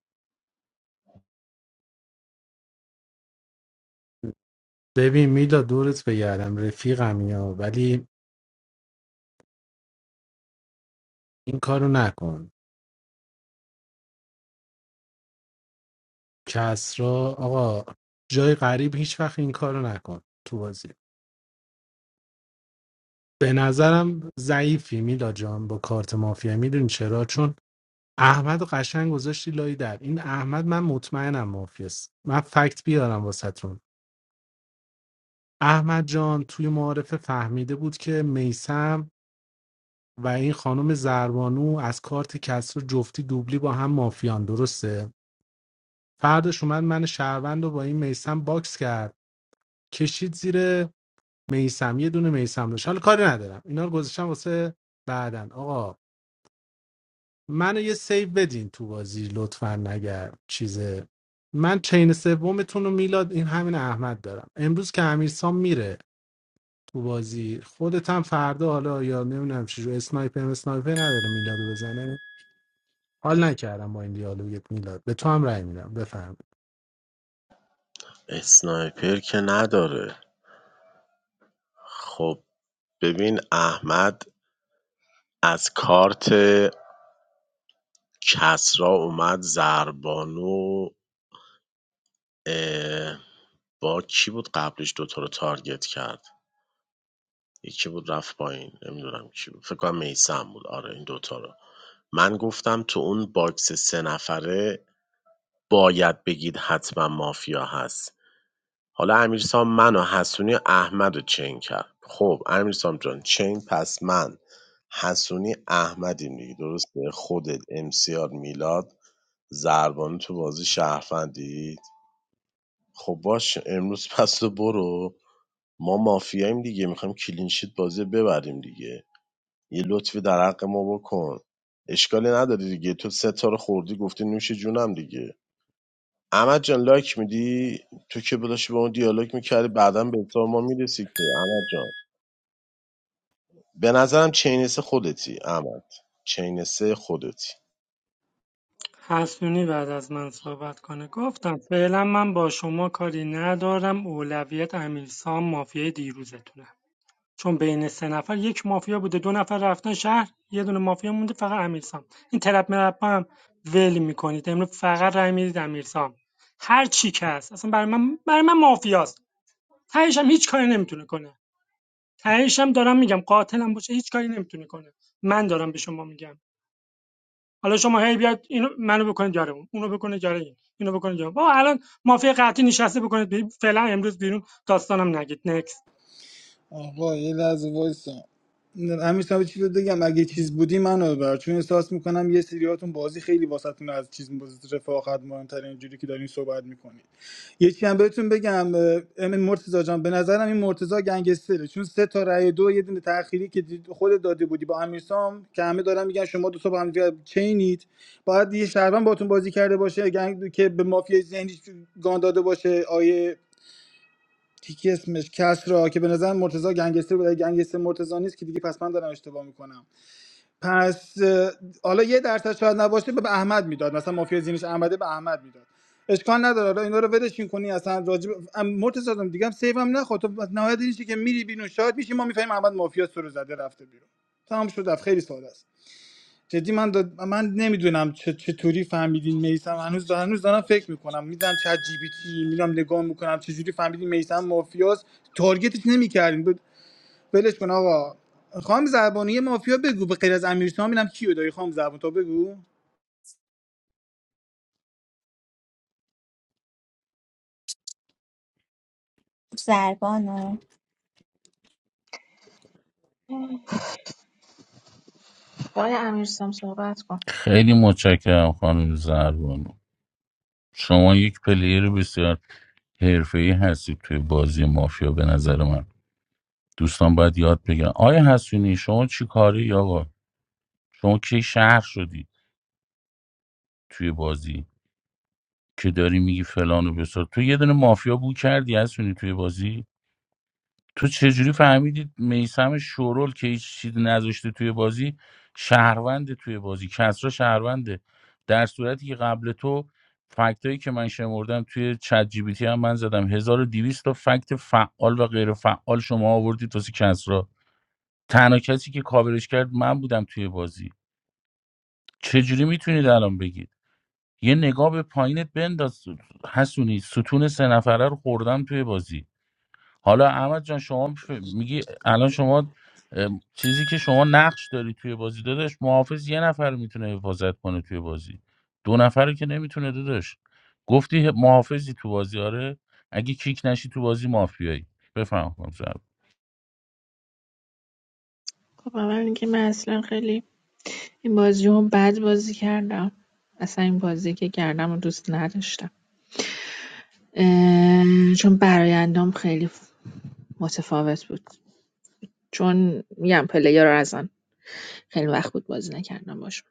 B: ببین میلا دورت بگردم رفیقم یا ولی این کارو نکن کسرا آقا جای غریب هیچ وقت این کارو نکن تو بازی به نظرم ضعیفی میلا جان با کارت مافیا میدونی چرا چون احمد و قشنگ گذاشتی لای در این احمد من مطمئنم مافیاست من فکت بیارم واسهتون احمد جان توی معارفه فهمیده بود که میسم و این خانم زربانو از کارت کسر جفتی دوبلی با هم مافیان درسته فردش اومد من شهروند رو با این میسم باکس کرد کشید زیر میسم یه دونه میسم داشت حالا کاری ندارم اینا رو گذاشتم واسه بعدن آقا منو یه سیو بدین تو بازی لطفا نگر چیزه من چین سومتون رو میلاد این همین احمد دارم امروز که امیرسام میره تو بازی خودت هم فردا حالا یا نمیدونم چی رو اسنایپر اسنایپر نداره میلادو بزنه حال نکردم با این دیالوگت میلاد به تو هم رأی میدم بفهم
C: اسنایپر که نداره خب ببین احمد از کارت کسرا اومد زربانو اه، با کی بود قبلش دوتا رو تارگت کرد یکی بود رفت پایین نمیدونم کی بود فکر کنم میسم بود آره این دوتا رو من گفتم تو اون باکس سه نفره باید بگید حتما مافیا هست حالا امیرسام منو حسونی و احمد رو چین کرد خب امیرسام جان چین پس من حسونی احمدیم دیگه درسته خودت امسیار میلاد زربانو تو بازی شهرفندید خب باش امروز پس تو برو ما مافیاییم دیگه میخوایم کلینشیت بازی ببریم دیگه یه لطفی در حق ما بکن اشکالی نداره دیگه تو سه تا رو خوردی گفتی نوش جونم دیگه احمد جان لایک میدی تو که داشتی با اون دیالوگ میکردی بعدا به تو ما میرسی که احمد جان به نظرم چینسه خودتی احمد چینسه خودتی
M: حسونی بعد از من صحبت کنه گفتم فعلا من با شما کاری ندارم اولویت امیرسام مافیای دیروزتونه چون بین سه نفر یک مافیا بوده دو نفر رفتن شهر یه دونه مافیا مونده فقط امیرسام این ترپ مرپا هم ول میکنید امروز فقط رای میدید امیرسام هر چی که هست اصلا برای من برای من مافیاست تهش هم هیچ کاری نمیتونه کنه تهش هم دارم میگم قاتلم باشه هیچ کاری نمیتونه کنه من دارم به شما میگم حالا شما هی بیاد اینو منو بکنید جاره اون اونو بکنید جاره این اینو بکنید جاره بابا الان مافیا قطعی نشسته بکنید فعلا امروز بیرون داستانم نگید نکس
O: آقا یه لحظه وایسا همین چیز رو بگم اگه چیز بودی منو ببر چون احساس میکنم یه سریاتون بازی خیلی واسهتون از چیز بازی رفاقت مهمتر اینجوری که دارین صحبت میکنید یه چی هم بهتون بگم اه، امین مرتضی جان به نظرم این مرتضی گنگستره چون سه تا رأی دو یه دونه تأخیری که دید- خود داده بودی با امیرسام که همه دارن میگن شما دو تا با هم دیگه چینید باید یه شهروند باتون بازی کرده باشه گنگ که به مافیا ذهنی گان داده باشه آیه یکی اسمش کسرا که به نظر مرتضی گنگستر بود اگه گنگستر مرتضی نیست که دیگه پس من دارم اشتباه میکنم پس اه، حالا یه درصد شاید نباشه به به احمد میداد مثلا مافیا زینش احمده به احمد میداد اشکال نداره حالا اینا رو ولشین کنی اصلا راجب ام، مرتضی جان، دیگه هم سیو هم نخواد تو بس نهایت اینشه که میری بیرون شاید میشه ما میفهمیم احمد مافیا سر زده رفته بیرون تمام شد رفت. خیلی ساده است جدی من داد... من نمیدونم چه چطوری فهمیدین میسم هنوز دا... هنوز دارم فکر میکنم میدونم چت جی پی تی میرم نگاه میکنم چجوری فهمیدین میسم مافیاس تارگتش نمیکردین ب... ولش کن آقا خام زبانی یه مافیا بگو به غیر از امیرسام میرم کیو داری خام زبان تو بگو
A: زربانو
L: آقای امیرسام صحبت کن
K: خیلی متشکرم خانم زربانو شما یک پلیر بسیار حرفه‌ای هستید توی بازی مافیا به نظر من دوستان باید یاد بگیرن آیا حسونی شما چی کاری آقا شما کی شهر شدی توی بازی که داری میگی فلان و بسار تو یه دونه مافیا بو کردی حسونی توی بازی تو چجوری فهمیدید میسم شورول که هیچ چیزی نذاشته توی بازی شهرونده توی بازی کسرا شهرونده در صورتی که قبل تو فکتایی که من شمردم توی چت جی بی تی هم من زدم 1200 تا فکت فعال و غیر فعال شما آوردید واسه کسرا تنها کسی که کاورش کرد من بودم توی بازی چجوری میتونید الان بگید یه نگاه به پایینت بنداز حسونی ستون سه نفره رو خوردم توی بازی حالا احمد جان شما ف- میگی الان شما ام، چیزی که شما نقش داری توی بازی داداش محافظ یه نفر میتونه حفاظت کنه توی بازی دو نفر رو که نمیتونه داداش گفتی ه- محافظی تو بازی آره اگه کیک نشی تو بازی مافیایی بفهم کنم زب
L: خب اول اینکه من اصلا خیلی این بازی رو بد بازی کردم اصلا این بازی که کردم رو دوست نداشتم اه، چون برایندام خیلی متفاوت بود چون میگم پلیر رو خیلی وقت بود بازی نکردم باشون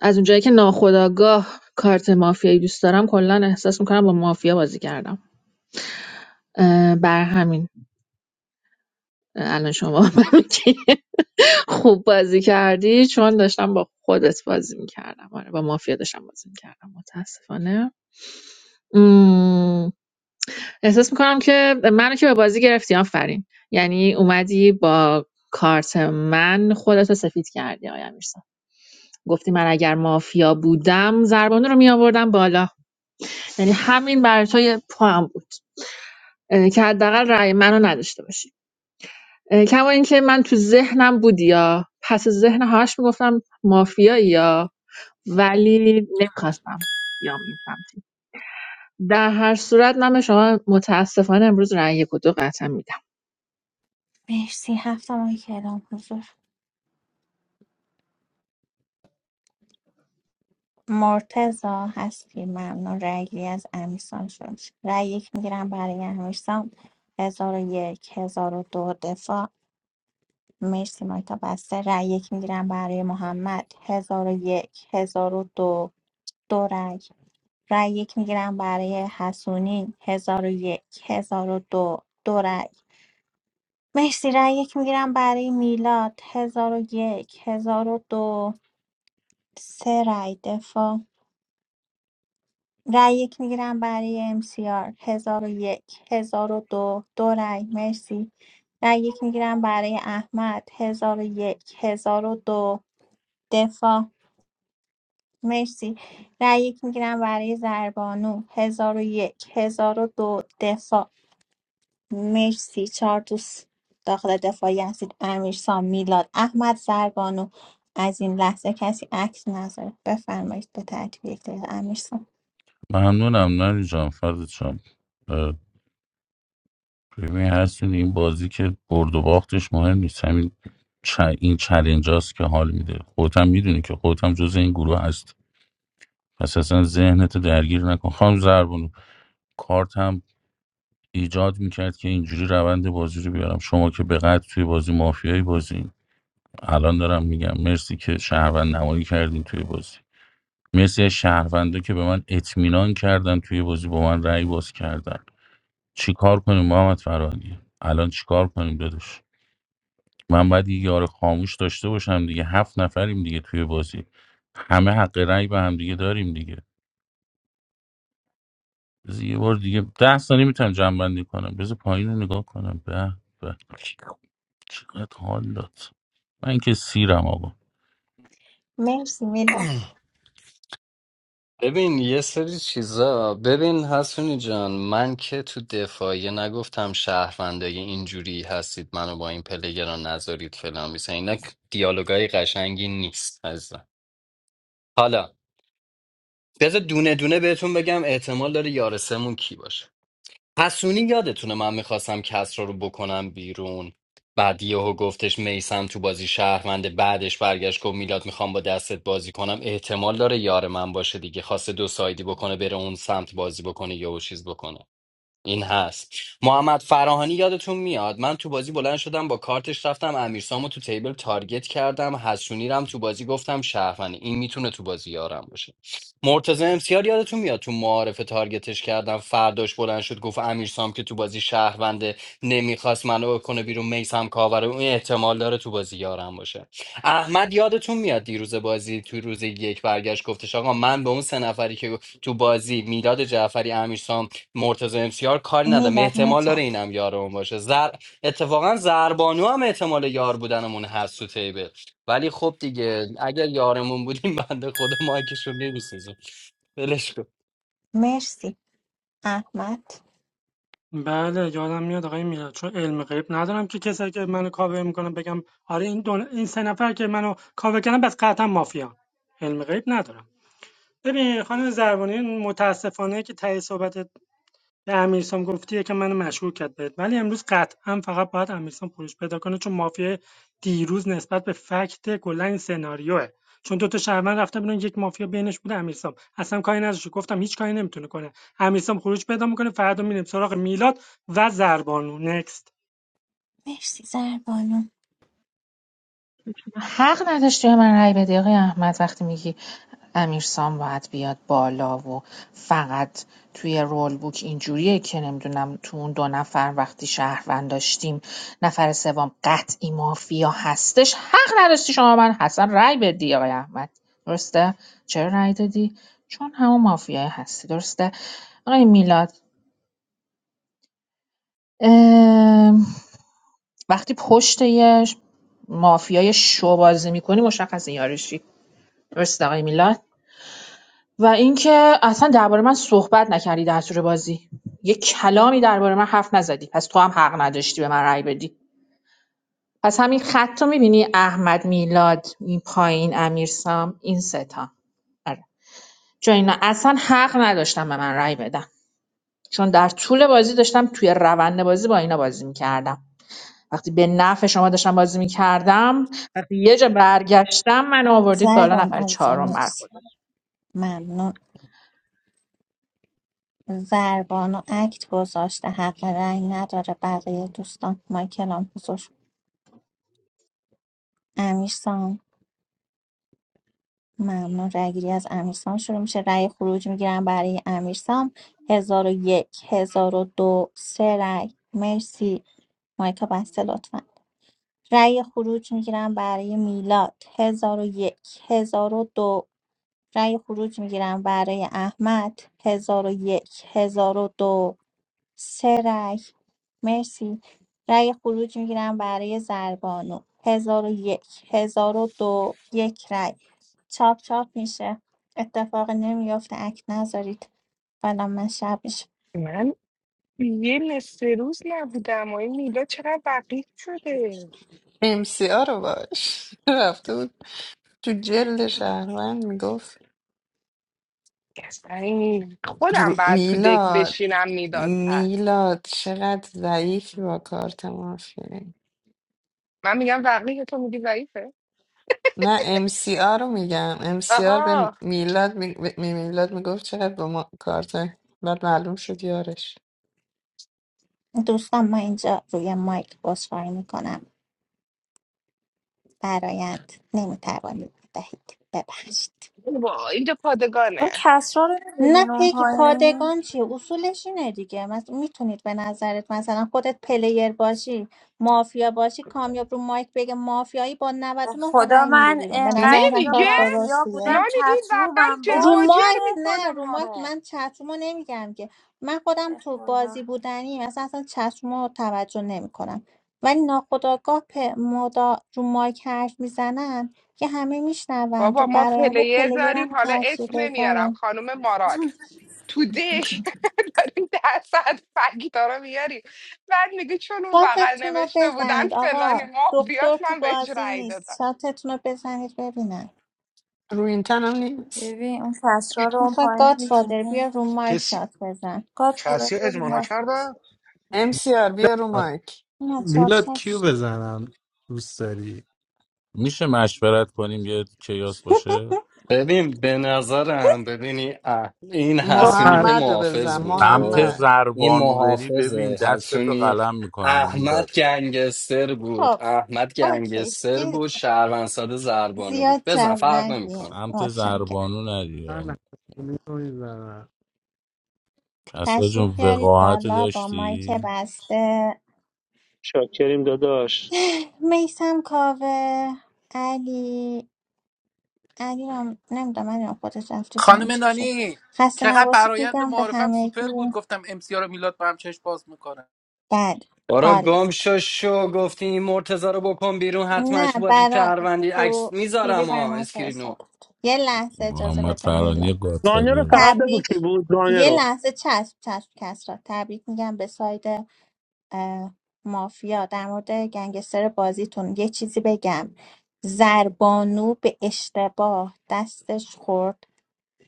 L: از اونجایی که ناخودآگاه کارت مافیایی دوست دارم کلا احساس میکنم با مافیا بازی کردم اه، بر همین الان شما برای که خوب بازی کردی چون داشتم با خودت بازی میکردم آره با مافیا داشتم بازی میکردم متاسفانه مم، احساس میکنم که منو که به بازی گرفتی آفرین یعنی اومدی با کارت من خودت رو سفید کردی آیا میرسا گفتی من اگر مافیا بودم زربانو رو می آوردم بالا یعنی همین برای تو یه پوان بود اه، که حداقل رأی منو نداشته باشی اه، کما اینکه من تو ذهنم بودی یا پس ذهن همش میگفتم مافیایی یا ولی نمیخواستم بیام این سمتی در هر صورت من به شما متاسفانه امروز رأی یک و دو قطعا میدم
A: مرسی هفتم کلام حضور مرتزا هستی ممنون رأی گیری از امیرسان شد رأی یک میگیرم برای امیرسان هزار و یک هزار و دو دفاع مرسی مایکا بسته رأی یک میگیرم برای محمد هزار و یک هزار و دو دو رأی رأی یک میگیرم برای حسونی هزار و یک هزار و دو دو رأی مرسی رأی یک میگیرم برای میلاد هزار و یک هزار و دو سه رأی دفاع رأی یک میگیرم برای امسیار هزار و یک هزار و دو دو رأی مرسی رأی یک میگیرم برای احمد هزار و یک هزار و دو دفاع مرسی رأی یک میگیرم برای زربانو هزار و یک هزار و دو دفاع مرسی چهار دوست داخل دفاعی هستید امیرسام میلاد احمد زربانو از این لحظه کسی عکس نذاره بفرمایید به ترتیب یک دقیقه امیرسام
K: ممنونم نری جان فرد جان اه، ببین هستون این بازی که برد و باختش مهم نیست همین چ- این چلنج هاست که حال میده خودت هم میدونی که خودت هم جز این گروه هستی پس اصلا ذهنتو درگیر نکن خانم زربونو کارت هم ایجاد میکرد که اینجوری روند بازی رو بیارم شما که به قد توی بازی مافیایی بازی الان دارم میگم مرسی که شهروند نمایی کردین توی بازی مرسی از شهروندا که به من اطمینان کردن توی بازی با من رأی باز کردن چیکار کنیم محمد فرانی الان چیکار کنیم داداش من باید یه یار خاموش داشته باشم دیگه هفت نفریم دیگه توی بازی همه حق رأی به هم دیگه داریم دیگه بذار یه بار دیگه ده ثانیه میتونم جمع بندی کنم بذار پایین رو نگاه کنم به به چقدر حال داد من که سیرم آقا
A: مرسی میلاد
D: ببین یه سری چیزا ببین حسونی جان من که تو دفاعیه نگفتم شهروندای اینجوری هستید منو با این پلگران نذارید فلان بیسن اینا دیالوگای قشنگی نیست عزیزم حالا بذار دونه دونه بهتون بگم احتمال داره یارسمون کی باشه حسونی یادتونه من میخواستم کسرا رو بکنم بیرون بعد یهو گفتش میسم تو بازی شهرونده بعدش برگشت گفت میلاد میخوام با دستت بازی کنم احتمال داره یار من باشه دیگه خواسته دو سایدی بکنه بره اون سمت بازی بکنه یهو چیز بکنه این هست محمد فراهانی یادتون میاد من تو بازی بلند شدم با کارتش رفتم امیرسامو تو تیبل تارگت کردم حسونی رم تو بازی گفتم شهروند این میتونه تو بازی یارم باشه مرتضی امسیار یادتون میاد تو معارف تارگتش کردم فرداش بلند شد گفت امیرسام که تو بازی شهرونده نمیخواست منو بکنه بیرون میسم کاوره اون احتمال داره تو بازی یارم باشه احمد یادتون میاد دیروز بازی تو روز یک برگشت گفتش آقا من به اون سه نفری که تو بازی میلاد جعفری امیرسام مرتضی امسیار کاری ندارم
A: میلاد
D: احتمال داره
A: متشکرم
D: اینم یارمون باشه زر... اتفاقا زربانو هم احتمال یار بودنمون هست تو تیبل ولی خب دیگه اگر یارمون بودیم بنده خدا مایکشون نمیسیزم ولش کن
A: مرسی احمد
M: بله یادم میاد آقای میلاد چون علم غیب ندارم که کسایی که منو کاور میکنم بگم آره این دون... این سه نفر که منو کاور کردن بس قطعا مافیا علم غیب ندارم ببین خانم زربانی متاسفانه که تهی صحبت به امیرسام گفتی یکم منو مشکوک کرد بهت ولی امروز قطعا فقط باید امیرسام خروج پیدا کنه چون مافیا دیروز نسبت به فکت کلا این سناریوه چون دو تا شهروند رفته بودن یک مافیا بینش بوده امیرسام اصلا کاری نداشت گفتم هیچ کاری نمیتونه کنه امیرسام خروج پیدا میکنه فردا میریم سراغ میلاد و زربانو نکست
A: مرسی زربانو
L: حق نداشتی به من رأی بدی آقای احمد وقتی میگی امیرسام باید بیاد بالا و فقط توی رول بوک اینجوریه که نمیدونم تو اون دو نفر وقتی شهروند داشتیم نفر سوم قطعی مافیا هستش حق نداشتی شما من حسن رأی بدی آقای احمد درسته چرا رأی دادی چون همون مافیای هستی درسته آقای میلاد ام، وقتی پشت یه مافیای شو بازی میکنی مشخص یارشی درسته آقای میلاد و اینکه اصلا درباره من صحبت نکردی در طول بازی یه کلامی درباره من حرف نزدی پس تو هم حق نداشتی به من رأی بدی پس همین خط رو میبینی احمد میلاد این پایین امیرسام این ستا آره چون اینا اصلا حق نداشتم به من رأی بدن چون در طول بازی داشتم توی روند بازی با اینا بازی میکردم وقتی به نفع شما داشتم بازی میکردم وقتی یه جا برگشتم من آوردید بالا
A: زربان
L: نفر
A: عزیزم
L: چهارم
A: مرسی
L: برخورد
A: ممنون زربان و اکت گذاشته حق رأی نداره بقیه دوستان مایکلام حضور امیرسام ممنون رأیگیری از امیرسام شروع میشه رأی خروج میگیرم برای امیرسام هزار و یک هزار و دو سه رأی مرسی مایکا بسته لطفا رأی خروج میگیرم برای میلاد هزار و یک هزار و دو رأی خروج میگیرم برای احمد هزار و یک هزار و دو سه رأی مرسی رأی خروج میگیرم برای زربانو هزار و یک هزار و دو یک رأی چاپ چاپ میشه اتفاق نمیافته اک نذارید فعلا من شب میشه
S: من یه نصف روز نبودم و این میلا چقدر وقیح شده
R: امسیا رو باش رفته بود تو جلد شهروند میگفت
S: اصلا این خودم
R: رو-
S: بعد تو دک
R: میلاد
S: بشینم میداد هست
R: میلاد چقدر ضعیفی با کارت مافیایی
S: من میگم وقیه تو میگی ضعیفه
R: نه امسیا رو میگم ام سی آر به
S: آها
R: میلاد می... به میلاد میگفت چقدر با ما... کارت بعد معلوم شد یارش
A: دوستان ما اینجا روی مایک بسخواهی میکنم برایند نمیتوانید بدهید ببخشید
S: با اینجا پادگانه
Q: O khasrarin din
A: نه پیگی
Q: nompay.
A: پادگان چیه اصولش اینه دیگه مثلا میتونید به نظرت مثلا خودت پلیر باشی مافیا باشی کامیاب رو مایک بگه مافیایی با
Q: به
A: 99 تا
Q: خدا
A: رأی میری
Q: من
A: بیرون به نظر
Q: انقدر
A: اصلا
Q: اینجا
A: کار
S: نمیگه
Q: مافیا
A: درستیه
Q: بودم
S: نانی این بغل
Q: چترومم
A: رو
Q: باز
S: جرواجر
A: مایک
Q: بوده
S: میکنه
A: نه رو
S: ما
A: مایک
S: رو
A: من چترومو نمیگم که من خودم
Q: به
A: تو
Q: خدا
A: بازی بودنی مثلا اصلا چترومو توجه نمیکنم ولی ناخداگاه پ... مدا رو مایک حرف میزنن که همه میشنون تو
S: بابا ما
A: برایند
S: پلیر
A: پلیرم
S: داریم حالا اسم
A: تاثیر
S: نمیارم خانم مارال تو دک داریم درصد فکتارا میاری بعد میگه چون اون بغل
A: شاتتون رو
S: نوشته بودن
A: بزنید
S: فلانی
A: آقا
S: ما بیاد
A: دکتر تو
S: من بهش
A: بازی
S: رأی
A: نیست
S: دادم
A: شاتتون رو بزنید ببینم
R: رو این تنم نیست
Q: ببین اون کسرا رو اون
A: میخواد
Q: پایین
A: گادفادر بیا
Q: میبینی
A: رو مایک
E: کسی
A: شات بزن
Q: گاد خدا
E: کسی اجماع نکرده
R: MCR بیا رو مایک
A: نه شات
B: میلاد
A: شات
B: کیو
A: شد.
B: بزنم دوست داری
K: میشه مشورت کنیم یه کیاس باشه
D: ببین به نظرم ببینی اه، این حسونی که
R: محمد رو بزن
D: محافظ بود
K: سمت
D: خب
R: محمد
D: این
K: زربانو بری ببین
D: محافظه
K: دستتو
D: حسونی
K: قلم میکنم
D: احمد
K: میلاد
D: گنگستر بود
A: خب
D: احمد
A: اوکی
D: گنگستر
A: دیگه
D: بود شهروند ساده زربانو بود
A: زیاد
D: بزن
A: جو
D: فرق
A: ندی
D: نمیکنه
K: سمت
A: متشکرم
K: زربانو نری آه. کسا جون
A: تشریف بیارید
K: وقاحت
A: بالا با مایک
K: داشتی
A: بسته
I: شاکریم داداش
A: میسم کاوه علی علی رو نمیدونم من خودش رفته پایین
P: خانم
A: چی شد
P: نانی
A: خسته
P: چقدر
A: نباشید
P: برایند
A: میگم به
P: معارفم
A: همگی
P: سوپر بود گفتم ام سی رو میلاد با هم چشم باز میکنه
A: بله
D: بارا
A: عالی
D: گم شو شو گفتی این مرتزا رو بکن بیرون حتما
A: نه
D: شو بازی
A: برا
D: شهروندی عکس
A: تو پیوی
D: میذارم
A: بر
D: ها
A: من
D: اسکرینو
A: فرستاد. یه لحظه اجازه
K: محمد
A: بده میلا
K: فرانی
I: گانه رو
K: گادفادر بود
I: فقط بگو
A: تبریک
I: کی بود گانه
A: یه
I: رو
A: لحظه چسب چسب کس را تبریک میگم به ساید اه، مافیا در مورد گنگستر بازیتون یه چیزی بگم زربانو به اشتباه دستش خورد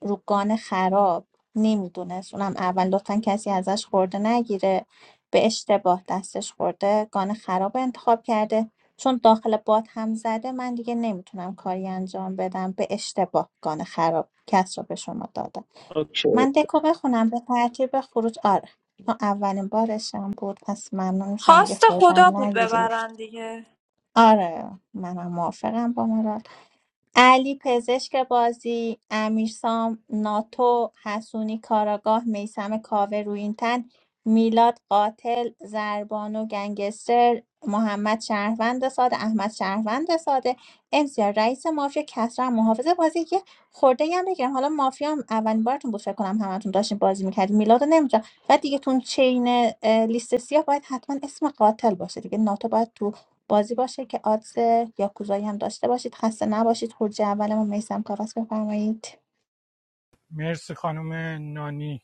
A: روگان خراب نمیدونست اونم اول لطفا کسی ازش خورده نگیره به اشتباه دستش خورده گان خراب انتخاب کرده چون داخل باد هم زده من دیگه نمیتونم کاری انجام بدم به اشتباه گان خراب کس رو به شما دادم
I: اوکی
A: من دکو بخونم به ترتیب خروج آره ما اولین بارشم بود پس ممنون میشم دیگه
Q: خواست خدا
A: خوردم
Q: بود
A: نگیرید
Q: ببرن دیگه
A: آره منم موافقم با مراد علی پزشک بازی امیرسام ناتو حسونی کاراگاه میسم کاوه روینتن میلاد قاتل زربانو گنگستر محمد شهروند ساده احمد شهروند ساده امسیار رئیس مافیا کسرا هم محافظ بازی که خورده هم بگیرم حالا مافیا هم اولین بارتون بود فکر کنم همتون داشتین بازی میکردین میلاد نمیجا و دیگه تون چین اه، لیست سیاه باید حتما اسم قاتل باشه دیگه ناتو باید تو بازی باشه که آدز یاکوزایی هم داشته باشید خسته نباشید خروج اولمون میسم کاوس بفرمایید
J: مرسی خانم نانی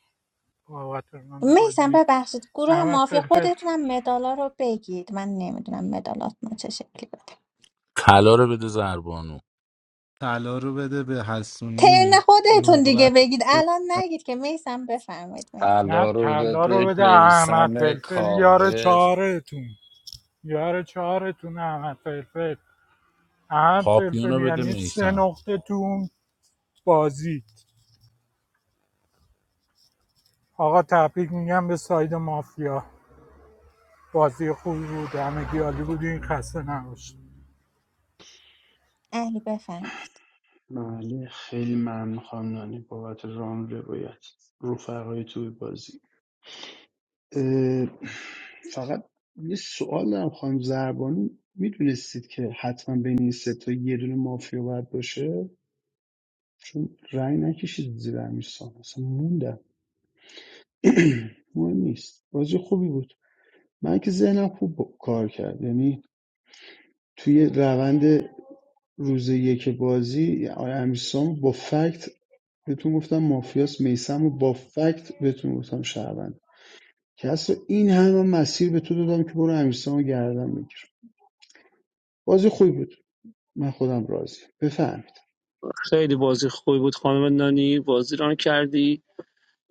J: بابت ران
A: میسم
J: بازی
A: ببخشید گروه
J: احمد
A: مافیا
J: فلفل
A: خودتونم مدالا رو بگید من نمیدونم مدالاتون چه شکلی بده
K: طلا رو بده زربانو
B: طلا رو بده به
A: ترن
B: حسونی
A: خودتون
B: نقره
A: دیگه
B: رو
A: بگید
B: بده
A: الان نگید که میسم بفرمایید میسم
J: نه
D: الا رو به-
J: طلا رو بده احمد فلفل یار چهارتون یار چهارتون احمد فلفل احمد
K: پاپیون
J: فلفل
K: رو بده
J: یعنی سه
K: میسم
J: نقطه تون بازید آقا تبریک میگم به ساید مافیا بازی خوبی بود همه گیالی عالی بودین خسته نباشید
A: علی بفرمایید
N: بله خیلی ممنون خانم نانی بابت ران روایت رفقای توی بازی اه، فقط یه سوال دارم خانم زربانی میدونستید که حتما بین این سه تا یه دونه مافیا باید باشه چون رأی نکشید زیر امیرسان اصلا موندم مهم نیست بازی خوبی بود من که ذهنم خوب با- کار کرد یعنی توی روند روز یک بازی آقای امیرسام با فکت بهتون گفتم مافیاس میسم و با فکت بهتون گفتم شهروند که اصلا این همه مسیر به تو دادم که برو امیرسام گردم بگیر بازی خوبی بود من خودم راضیم بفهمید.
I: خیلی بازی خوبی بود خانم نانی بازی ران کردی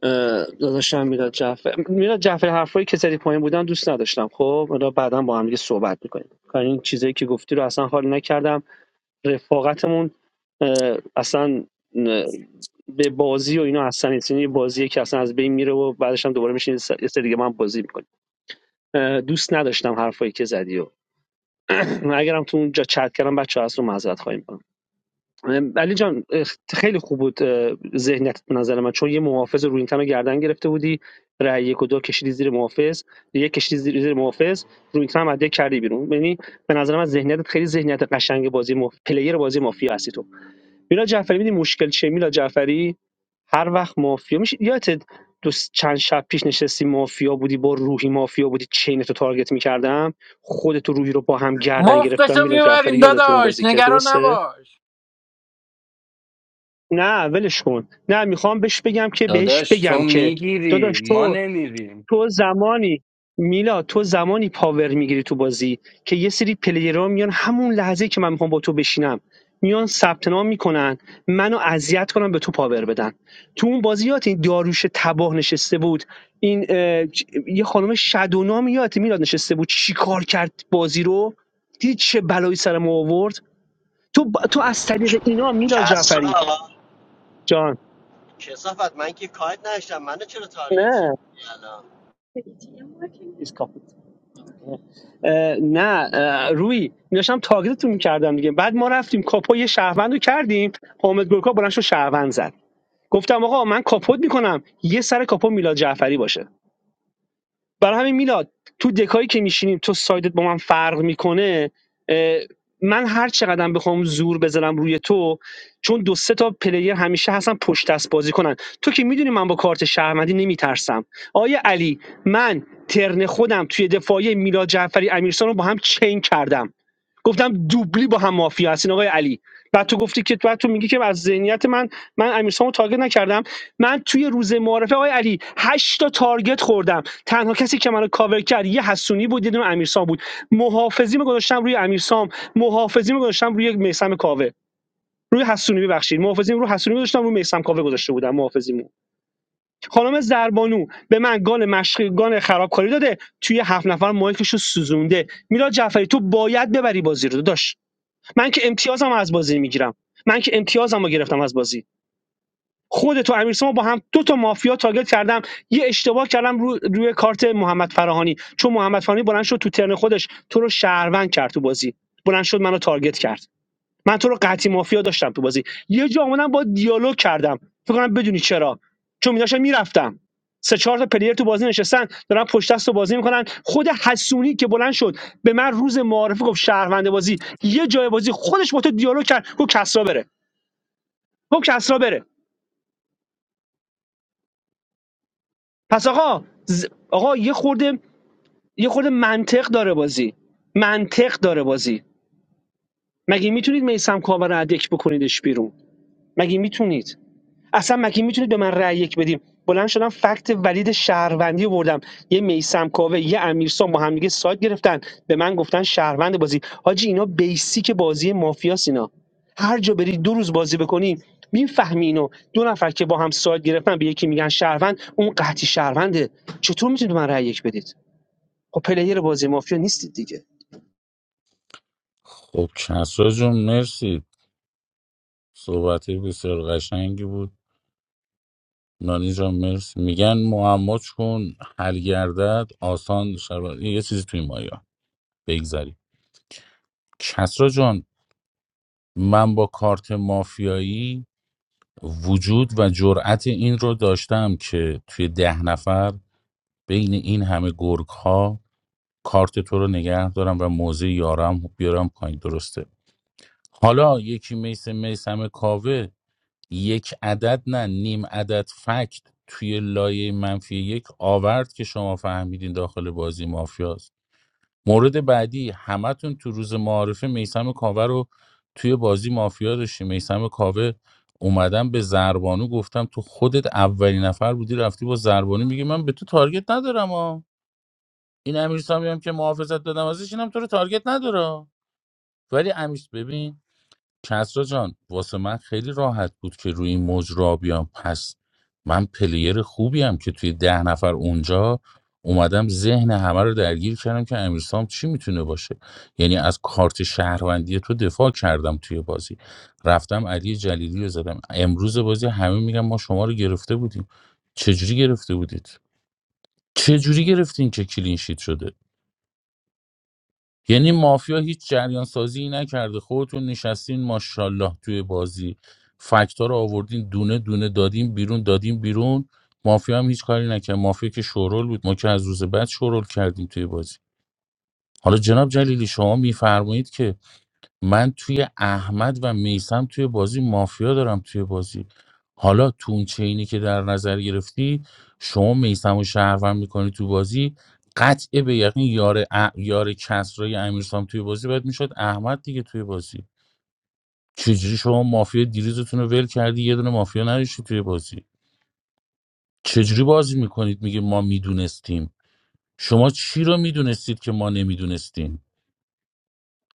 I: اه، داداشم میلاد جعفر میلاد جعفر حرفایی که سری پایین بودن دوست نداشتم خب حالا بعدا با هم دیگه صحبت میکنیم کار این چیزایی که گفتی رو اصلا حال نکردم رفاقتمون اه، اصلا به بازی و اینا اصلا نیست یعنی یه بازیه که اصلا از بین میره و بعدش هم دوباره میشین یه سری دیگه من بازی میکنیم دوست نداشتم حرفایی که زدی و اگرم تو اونجا چت کردم بچه هست رو معذرت خواهی میکنم علی جان خیلی خوب بود اه، ذهنیت نظر من چون یه محافظ رو این تن گردن گرفته بودی رأی یک و دو کشیدی زیر محافظ یک کشیدی زیر, زیر محافظ رو این تن هم کردی بیرون یعنی به نظر من ذهنیتت خیلی ذهنیت قشنگ بازی مف... پلیر بازی مافیا هستی تو میلا جعفری میدی مشکل چیه میلا جعفری هر وقت مافیا میشه یادت دو س- چند شب پیش نشستی مافیا بودی با روحی مافیا بودی چین تو تارگت میکردم خودت و روحی رو با هم گردن گرفتم
P: مفتشو
I: میلا جعفری
P: میبریم
I: یادت اون
P: داداش
I: بازی که
P: نگران
I: درسته
P: نباش
I: نه ولش کن نه میخوام بهش بگم که بهش
D: داداش تو
I: بگم که داداش
D: میگیری ما
I: تو
D: نمیریم
I: تو زمانی میلا تو زمانی پاور میگیری تو بازی که یه سری پلیرها میان همون لحظه که من میخوام با تو بشینم میان ثبت نام میکنن منو اذیت کنن به تو پاور بدن تو اون بازیات این داروش تباه نشسته بود این اه، چ- یه خانم شدونام یادت میلاد نشسته بود چیکار کرد بازی رو دیدی چه بلایی سر ما آورد تو ب- تو از طریق اینا میلاد جعفری
U: Kesava,
I: جان
U: kesavat. Man ki khat nai sham. Man ne chhelo target shi.
I: نه
U: Yala.
I: نه اه، روی داشتم تاگیدتون میکردم دیگه بعد ما رفتیم کاپو یه شهروند رو کردیم خب، حامد گلکا بلند شد شهروند زد گفتم آقا من کاپوت میکنم یه سر کاپو میلاد جعفری باشه برای همین میلاد تو دکایی که میشینیم تو سایدت با من فرق میکنه من هر چقدرم بخوام زور بزنم روی تو چون دو سه تا پلیر همیشه هستن پشت دست بازی کنن تو که میدونی من با کارت شهروندی نمیترسم آیا علی من ترن خودم توی دفاعی میلاد جعفری امیرسان رو با هم چین کردم گفتم دوبلی با هم مافیا هستین آقای علی بعد تو گفتی که بعد تو میگی که از ذهنیت من من امیرسامو تارگت نکردم من توی روز معارفه آقای علی هشت تا تارگت خوردم تنها کسی که منو کاور کرد یه حسونی بود یه دونه امیرسام بود محافظی می گذاشتم روی امیرسام محافظی می گذاشتم روی میسم کاوه روی حسونی ببخشید محافظیم رو حسونی گذاشتم رو میسم کاوه گذاشته بودم محافظیمو خانم زربانو به من گان مشقی گان خرابکاری داده توی هفت نفر مایکشو سوزونده میلاد جعفری تو باید ببری بازی رو داداش من که امتیازم از بازی میگیرم من که امتیازم رو گرفتم از بازی خودت و امیر با هم دو تا مافیا تارگت کردم یه اشتباه کردم رو روی کارت محمد فراهانی چون محمد فراهانی بلند شد تو ترن خودش تو رو شهروند کرد تو بازی بلند شد منو تارگت کرد من تو رو قطعی مافیا داشتم تو بازی یه جا اومدم با دیالوگ کردم فکر کنم بدونی چرا چون میداشم میرفتم سه چهار تا پلیر تو بازی نشستن دارن پشت دست رو بازی میکنن خود حسونی که بلند شد به من روز معارفه گفت شهروند بازی یه جای بازی خودش با تو دیالوگ کرد گفت کسرا بره گفت کسرا بره پس آقا ز- آقا یه خورده یه خورده منطق داره بازی منطق داره بازی مگه میتونید میسم کاور رو از دک بکنیدش بیرون مگه میتونید اصلا مگه میتونید به من رأی یک بدیم بلند شدم فکت ولید شهروندی بردم یه میسم کاوه یه امیرسان با همدیگه سایت گرفتن به من گفتن شهروند بازی حاجی اینا بیسیک بازی مافیاس اینا هر جا بری دو روز بازی بکنی میفهمی اینو دو نفر که با هم سایت گرفتن به یکی میگن شهروند اون قحطی شهرونده چطور میتونید به من رأی یک بدید خب پلیر بازی مافیا نیستید دیگه
K: خب کسرا جون مرسی صحبت بسیار قشنگی بود نانی جان مرسی میگن معما کن حل گردد آسان شود یه چیزی توی مایا بگذاریم کسرا جان من با کارت مافیایی وجود و جرأت این رو داشتم که توی ده نفر بین این همه گرگ ها کارت تو رو نگه دارم و موضع یارم بیارم پایین درسته حالا یکی میسه میسم کاوه یک عدد نه نیم عدد فکت توی لایه منفی یک آورد که شما فهمیدین داخل بازی مافیاست مورد بعدی همتون تو روز معارفه میسم کاوه رو توی بازی مافیا داشتی میسم کاوه اومدم به زربانو گفتم تو خودت اولین نفر بودی رفتی با زربانو میگه من به تو تارگت ندارم ها این امیر سامی هم که محافظت دادم ازش اینم تو رو تارگت نداره ولی امیر ببین کسرا جان واسه من خیلی راحت بود که روی این موج را بیام پس من پلیر خوبی هم که توی ده نفر اونجا اومدم ذهن همه رو درگیر کردم که امیرسام چی میتونه باشه یعنی از کارت شهروندی تو دفاع کردم توی بازی رفتم علی جلیلی رو زدم امروز بازی همه میگن ما شما رو گرفته بودیم چجوری گرفته بودید چجوری گرفتین که کلین شیت شده یعنی مافیا هیچ جریان سازی نکرده خودتون نشستین ماشاءالله توی بازی فکتا رو آوردین دونه دونه دادیم بیرون دادیم بیرون مافیا هم هیچ کاری نکرد مافیا که شورول بود ما که از روز بعد شورول کردیم توی بازی حالا جناب جلیلی شما میفرمایید که من توی احمد و میسم توی بازی مافیا دارم توی بازی حالا تو اون چینی که در نظر گرفتی شما میسم و شهروند میکنی تو بازی قطع به یقین یار ا... یار کسرای امیرسام توی بازی باید میشد احمد دیگه توی بازی چجوری شما مافیا دیریزتون رو ول کردی یه دونه مافیا نداشتی توی بازی چجوری بازی میکنید میگه ما میدونستیم شما چی رو میدونستید که ما نمیدونستیم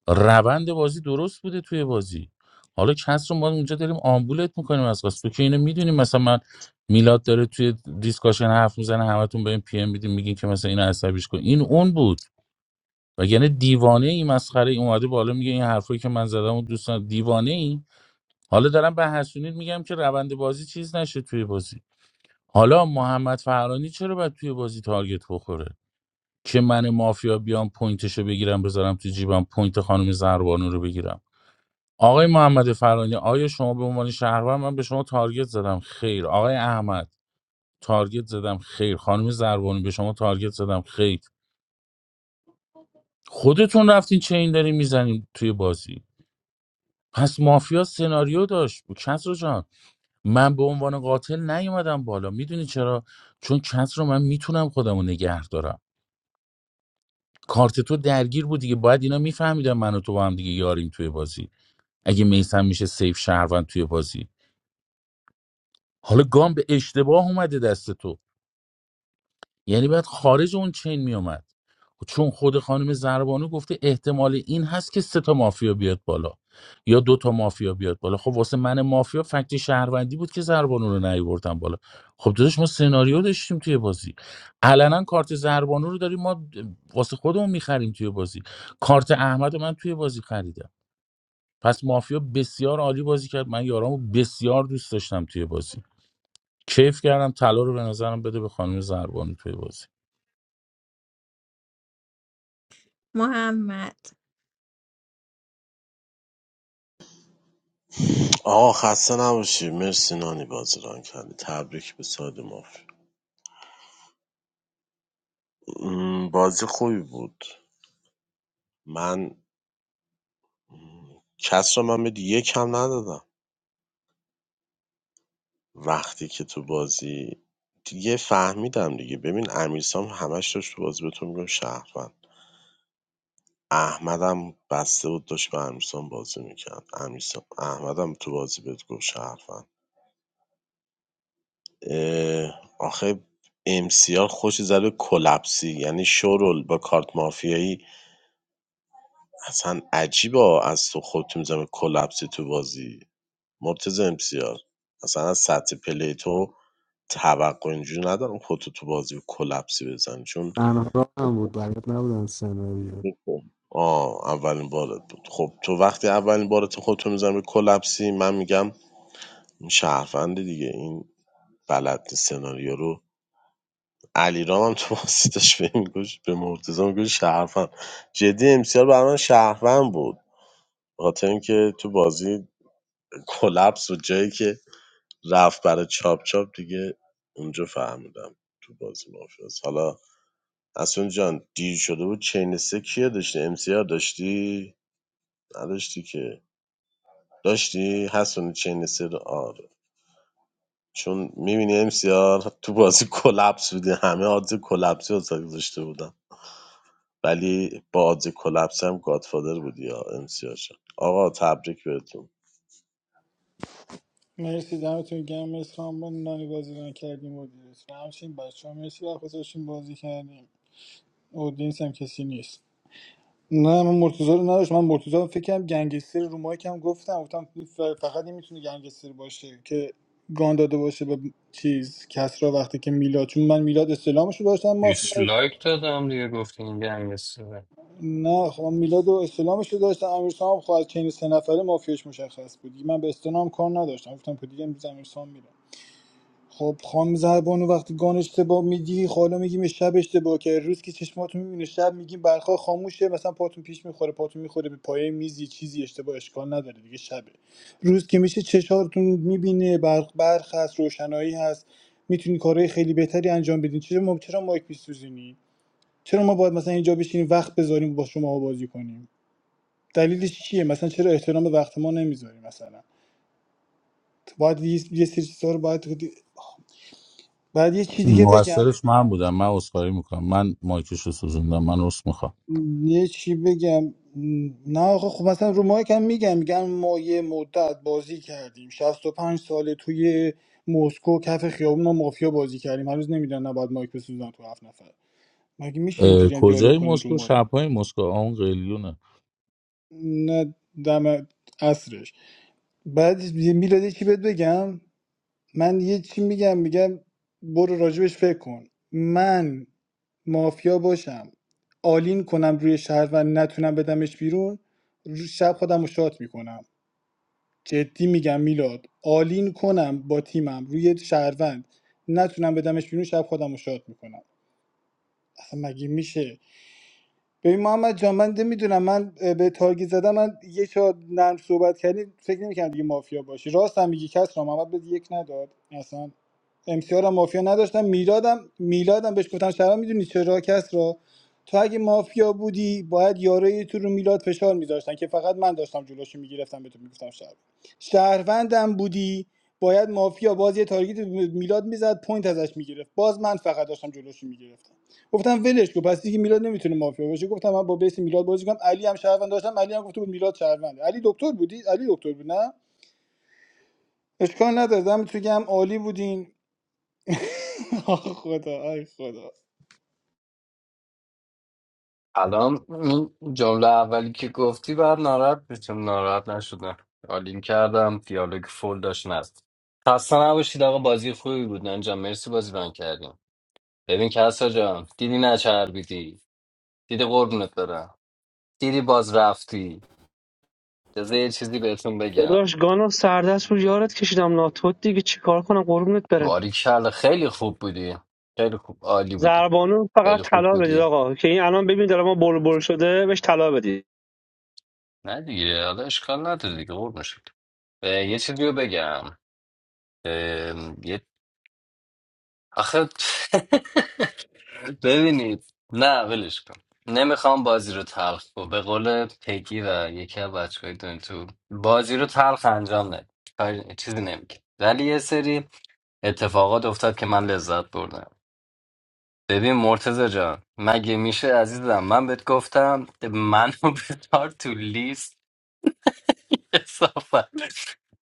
K: روند بازی درست بوده توی بازی حالا کس رو ما اونجا داریم آمبولت میکنیم از قصد تو که اینو میدونیم مثلا من میلاد داره توی دیسکاشن حرف میزنه همتون به این پی ام میدین میگین که مثلا اینو عصبیش کن این اون بود و یعنی دیوانه ای مسخره ای اومده بالا میگه این حرفایی که من زدم و دوستان دیوانه ای حالا دارم به حسونید میگم که روند بازی چیز نشه توی بازی حالا محمد فرانی چرا باید توی بازی تارگت بخوره که من مافیا بیام پوینتشو بگیرم بذارم تو جیبم پوینت خانم زهربانو رو بگیرم آقای محمد فرانی آیا شما به عنوان شهروند من به شما تارگت زدم خیر آقای احمد تارگت زدم خیر خانم زربانی به شما تارگت زدم خیر خودتون رفتین چین دارین میزنیم توی بازی پس مافیا سناریو داشت کسرو جان من به عنوان قاتل نیومدم بالا میدونی چرا چون کسرو من میتونم خودمو نگه دارم کارت تو درگیر بود دیگه باید اینا میفهمیدن من و تو با هم دیگه یاریم توی بازی اگه میسم میشه سیف شهروند توی بازی حالا گام به اشتباه اومده دست تو یعنی بعد خارج اون چین میومد چون خود خانم زربانو گفته احتمال این هست که سه تا مافیا بیاد بالا یا دو تا مافیا بیاد بالا خب واسه من مافیا فکت شهروندی بود که زربانو رو نیاوردم بالا خب داداش ما سناریو داشتیم توی بازی علنا کارت زربانو رو داریم ما واسه خودمون میخریم توی بازی کارت احمد رو من توی بازی خریدم پس مافیا بسیار عالی بازی کرد من یارامو بسیار دوست داشتم توی بازی کیف کردم طلا رو به نظرم بده به خانم زربانو توی بازی
A: ما
C: آقا خسته نباشی مرسی نانی بازی ران کردی تبریک به ساید مافیا م، بازی خوبی بود من کس رو من به یک هم ندادم وقتی که تو بازی دیگه فهمیدم دیگه ببین امیرسام همش داشت تو بازی بهتون میگم شهروند احمدم بسته بود داشت به امیرسام بازی میکرد امیرسام احمدم تو بازی بهت گفت شهروند اه، آخه امسیار خوش زده کلپسی یعنی شورل با کارت مافیایی اصلا عجیبا از تو خودت میزنه کلپسی تو بازی مرتضی امسیار مثلا از سطح پلی تو توقع اینجوری ندارم خودتو تو بازی کلپسی بزنی چون
B: تنها هم بود بلد نبودن سناریو
C: آه اولین بارت بود خب تو وقتی اولین بارت خودتو میزنی به کلپسی من میگم این دیگه این بلد سناریو رو علی هم تو واسطش به این گوش به مرتضی میگوش شهرفند جدی امسیار برای من شهرفند بود به خاطر اینکه تو بازی کلپس و جایی که رفت برای چاپ چاپ دیگه اونجا فهمیدم تو بازی مافیاس حالا اسون جان دیر شده بود چین سه کیه داشتی ام سی آر داشتی نداشتی که داشتی حسون چین سه رو آره چون میبینی ام سی آر تو بازی کلپس بودی همه آدز کلپسی رو واسه گذاشته بودم ولی با آدز کلپس هم گادفادر بودی یا ام سی آر شد. آقا تبریک بهتون
O: مرسی دمتون گرم مرسی خانم با نانی بازی رو کردیم و دیدتون همچنین بچه ها مرسی و خودشون بازی کردیم اودینس هم کسی نیست نه من مرتضی رو نداشتم من مرتضی رو فکر کنم گنگستر رو مایکم گفتم گفتم ف- فقط این میتونه گنگستر باشه که گان داده باشه به چیز کسرا وقتی که میلاد چون من میلاد استلامش رو داشتم مافیا
D: دیسلایک دادم دیگه گفتی این گنگستره
O: نه خب من میلاد و استلامش رو داشتم امیرسام هم خب از چین سه نفره مافیاش مشخص بود من به استلام کار نداشتم گفتم که دیگه امروز امیرسام میره خب خانم زربانو وقتی گان اشتباه میدی حالا میگیم شب اشتباه که روز که چشماتون میبینه شب میگیم برخا خاموشه مثلا پاتون پیش میخوره پاتون میخوره به پایه میزی چیزی اشتباه اشکال نداره دیگه شبه روز که میشه چشاتون میبینه برق برق هست روشنایی هست میتونی کارهای خیلی بهتری انجام بدین چرا ما چرا مایک میسوزونی چرا ما باید مثلا اینجا بشینیم وقت بذاریم با شما بازی کنیم دلیلش چیه مثلا چرا احترام به وقت ما نمیذاریم مثلا باید یه یه سری چیزا رو باید بعد یه چی دیگه بگم
K: مقصرش من بودم من عذرخواهی میکنم من مایکش رو سوزوندم من عذر میخوام
O: یه چی بگم نه آخه خب مثلا رو مایک هم میگم میگن ما یه مدت بازی کردیم شصت و پنج ساله توی مسکو کف خیابون ما مافیا بازی کردیم هنوز نمیدونن نباید مایک بسوزن تو هفت نفر مگه میشه اینجوری هم دیالوگ
K: کجای
O: کنین رو
K: مسکو
O: مایک
K: شبهای مسکو آن اون قلیونه
O: نه دم اصرش بعد میلادی چی بهت بگم من یه چی میگم میگم برو راجبش فکر کن من مافیا باشم آلین کنم روی شهر و نتونم بدمش بیرون رو- شب خودم رو شات میکنم جدی میگم میلاد آلین کنم با تیمم روی شهروند نتونم بدمش بیرون شب خودم رو شات میکنم اصلا مگه میشه ببین محمد جان من نمیدونم من اه، به تارگت زدم من یه شاد نرم صحبت کردی فکر نمیکنم دیگه مافیا باشی راست هم میگی کس را محمد بهت یک نداد اصلا امسیار هم مافیا نداشتم میلادم میلادم بهش گفتم شرم میدونی چرا کس را تو اگه مافیا بودی باید یارای تو رو میلاد فشار میذاشتن که فقط من داشتم جلوشو میگرفتم به تو میگفتم شهر شهروندم بودی باید مافیا باز یه تارگت به میلاد میزد پوینت ازش میگرفت باز من فقط داشتم جلوشو میگرفتم گفتم ولش کن پس دیگه میلاد نمیتونه مافیا باشه گفتم من با بیس میلاد بازی کنم علی هم شهروند داشتم علی هم گفته بود میلاد شهرونده علی دکتر بودی علی دکتر بود نه اشکال نداره دمتون گرم عالی بودین آه خدا آی خدا
D: الان اون جمله اولی که گفتی بعد ناراحت بشم ناراحت نشدم آلین کردم دیالوگ فول داشت نست خسته نباشید آقا بازی خوبی بود انجام مرسی بازی ران کردیم ببین کسا جان دیدی نچربیدی دیدی قربونت برم دیدی باز رفتی بذار یه چیزی بهتون بگم
I: داداش گانو سردست رو یارت کشیدم ناتوت دیگه چیکار کنم قربونت برم
D: باریکلا خیلی خوب بودی خیلی خوب عالی بودی
I: زربانو
D: خیلی
I: فقط
D: خوب
I: طلا بدید
D: بودی
I: آقا که این الان ببین داره ما بول بول شده بهش طلا بدید
D: نه دیگه حالا اشکال نداره دیگه قربون شد اه، یه چیزی رو بگم ام، یه آخه ببینید نه ولش کن نمیخوام بازی رو تلخ کنم به قول پگی و یکی از بچه‌های دنیا تو بازی رو تلخ انجام ندید کاری- چیزی نمیگه ولی یه سری اتفاقات افتاد که من لذت بردم ببین مرتزا جان مگه میشه عزیزم من بهت گفتم منو بذار تو لیست کثافت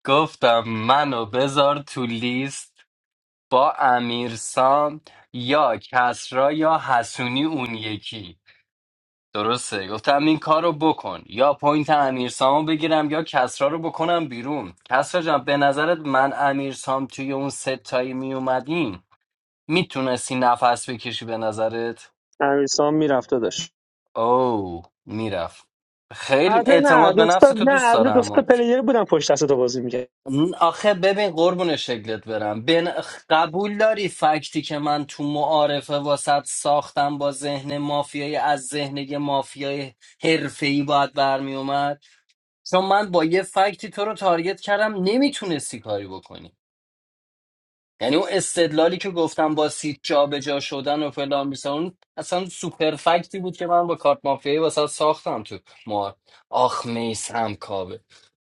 D: گفتم منو بذار تو لیست با امیرسام یا کسرا یا حسونی اون یکی درسته گفتم این کار رو بکن یا پوینت امیرسامو بگیرم یا کسرا رو بکنم بیرون کسرا جان به نظرت من امیرسام توی اون ستایی میومدیم میتونستی نفس بکشی به نظرت
I: امیرسام میرفت داداش
D: او میرفت خیلی
I: البته نه
D: اعتماد به نفس
I: دوستا
D: تو
I: نه
D: دوست
I: البته
D: دارم
I: دوستا
D: اما
I: پلیر بودن پشت دست تو بازی میکرد
D: آخه ببین قربون شکلت برم بن... قبول داری فکتی که من تو معارفه واسط ساختم با ذهن مافیایی از ذهن یه مافیای حرفه‌ای باید برمی اومد چون من با یه فکتی تو رو تارگت کردم نمیتونستی کاری بکنی یعنی اون استدلالی که گفتم با سیت جابجا شدن و فلان بیسان اصلا سوپر فکتی بود که من با کارت مافیایی واسه ساختم تو مار آخ میسم کابه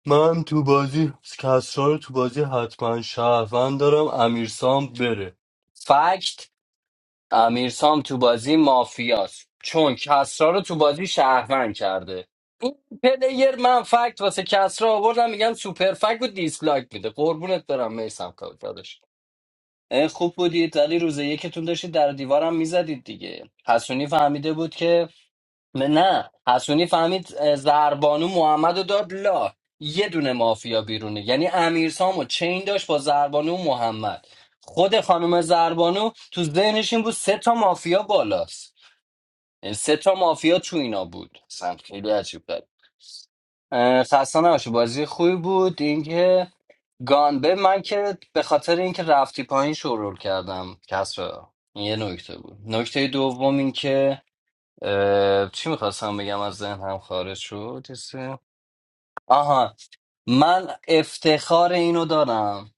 D: من تو بازی کسرا رو تو بازی حتما شهروند دارم امیرسام بره فکت امیرسام تو بازی مافیاست چون کسرا رو تو بازی شهروند کرده این پلیر من فکت واسه کسرا آوردم میگن سوپر فکت و دیسلایک میده قربونت برم میسم کابه اه، خوب بودید ولی روز یکتون داشتید در دیوارم میزدید دیگه حسونی فهمیده بود که نه نه. حسونی فهمید اه، زربانو محمد رو داد لا یه دونه مافیا بیرونه یعنی امیرسامو و چین داشت با زربانو و محمد خود خانم زربانو تو ذهنش این بود سه تا مافیا بالاست سه تا مافیا تو اینا بود اصلا خیلی عجیب بود خسته نباشی بازی خوبی بود اینکه گانبه من که به خاطر اینکه رفتی پایین شروع کردم کس این یه نکته بود نکته دوم اینکه اه، چی میخواستم بگم از ذهن هم خارج شد یه سه. آها من افتخار اینو دارم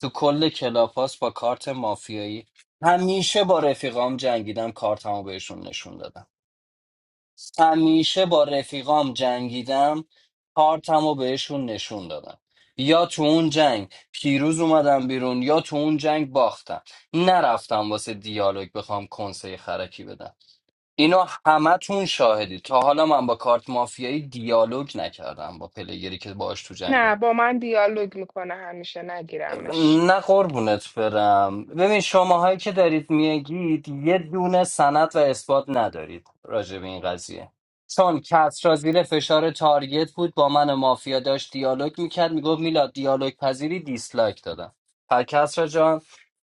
D: تو کل کلاپاس با کارت مافیایی همیشه با رفیقام جنگیدم کارتمو بهشون نشون دادم همیشه با رفیقام جنگیدم کارتم و بهشون نشون دادم یا تو اون جنگ پیروز اومدم بیرون یا تو اون جنگ باختم نرفتم واسه دیالوگ بخوام کنسه خرکی بدم اینا همه تون شاهدی تا حالا من با کارت مافیایی دیالوگ نکردم با پلیگری که باش تو جنگ.
S: نه با من دیالوگ میکنه همیشه نگیرمش
D: نه قربونت برم ببین شماهایی که دارید میگید یه دونه سند و اثبات ندارید راجع به این قضیه چون کس را زیر فشار تارگت بود با من مافیا داشت دیالوگ میکرد میگفت میلاد دیالوگ پذیری دیسلایک دادم پر کس را جان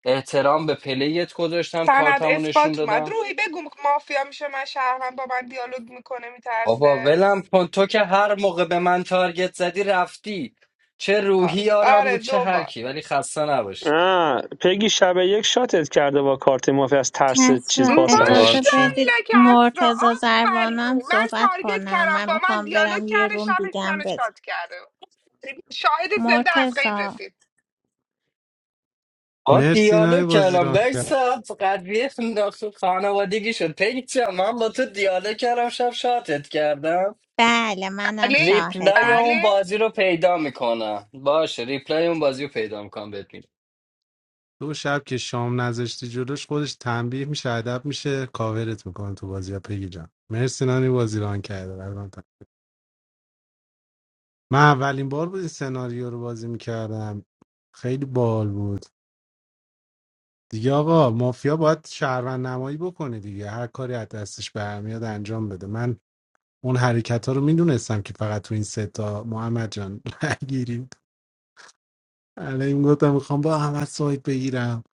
D: احترام به پلیت گذاشتم
S: سند
D: کارتمو نشون
S: اثبات اومد
D: دادم
S: روحی بگو مافیا میشه من شهرم با من دیالوگ میکنه
D: بابا
S: میترسه
D: ولم کن تو که هر موقع به من تارگت زدی رفتی چه روحی آرام
S: آره
D: بود چه
S: دوبار
D: هرکی ولی خسته نباشید
I: نه پگی شب یک شاتت کرده با کارت مافی از ترس
A: کس
I: چیز
A: را
I: باستنش
D: یار
A: اجازه
D: چه؟
A: بدید
S: ماشالله که اصرا
A: مرتزا
S: آفرین
A: زربانم
S: من
A: صحبت
S: تارگت
A: کنم
S: کردم
A: من
S: با من
A: میخوام
S: دیالوگ
A: برم یه
S: کرده
A: روم
S: شبش
A: دیگه هم
S: منو
A: بزن
S: شاد کرده شاهد زنده از غیب
A: مرتزا
S: رسید
D: با
B: مرسی نانی
D: دیالوگ
B: بازی
D: کردم
B: ران کرد
D: ویسا قدریه انداخت خانوادگی شد پیچه من با تو دیالوگ کردم شب شاتت کردم
A: بله منم
S: بله
D: ریپلای
A: شاهدم
D: اون
S: بله
D: بازی رو پیدا میکنم باشه ریپلای اون بازی رو پیدا میکنم بهت می‌دم.
B: دو شب که شام نذاشتی جلوش خودش تنبیه میشه ادب میشه کاورت میکنه تو بازی ها پگی جان مرسی نانی بازی ران کرده قربان من اولین بار بود این سناریو رو بازی میکردم خیلی بال بود دیگه آقا مافیا باید شهروند نمایی بکنه دیگه هر کاری از دستش برمیاد انجام بده من اون حرکت ها رو میدونستم که فقط تو این سه تا محمد جان نگیریم الان گفتم میخوام با احمد سایت بگیرم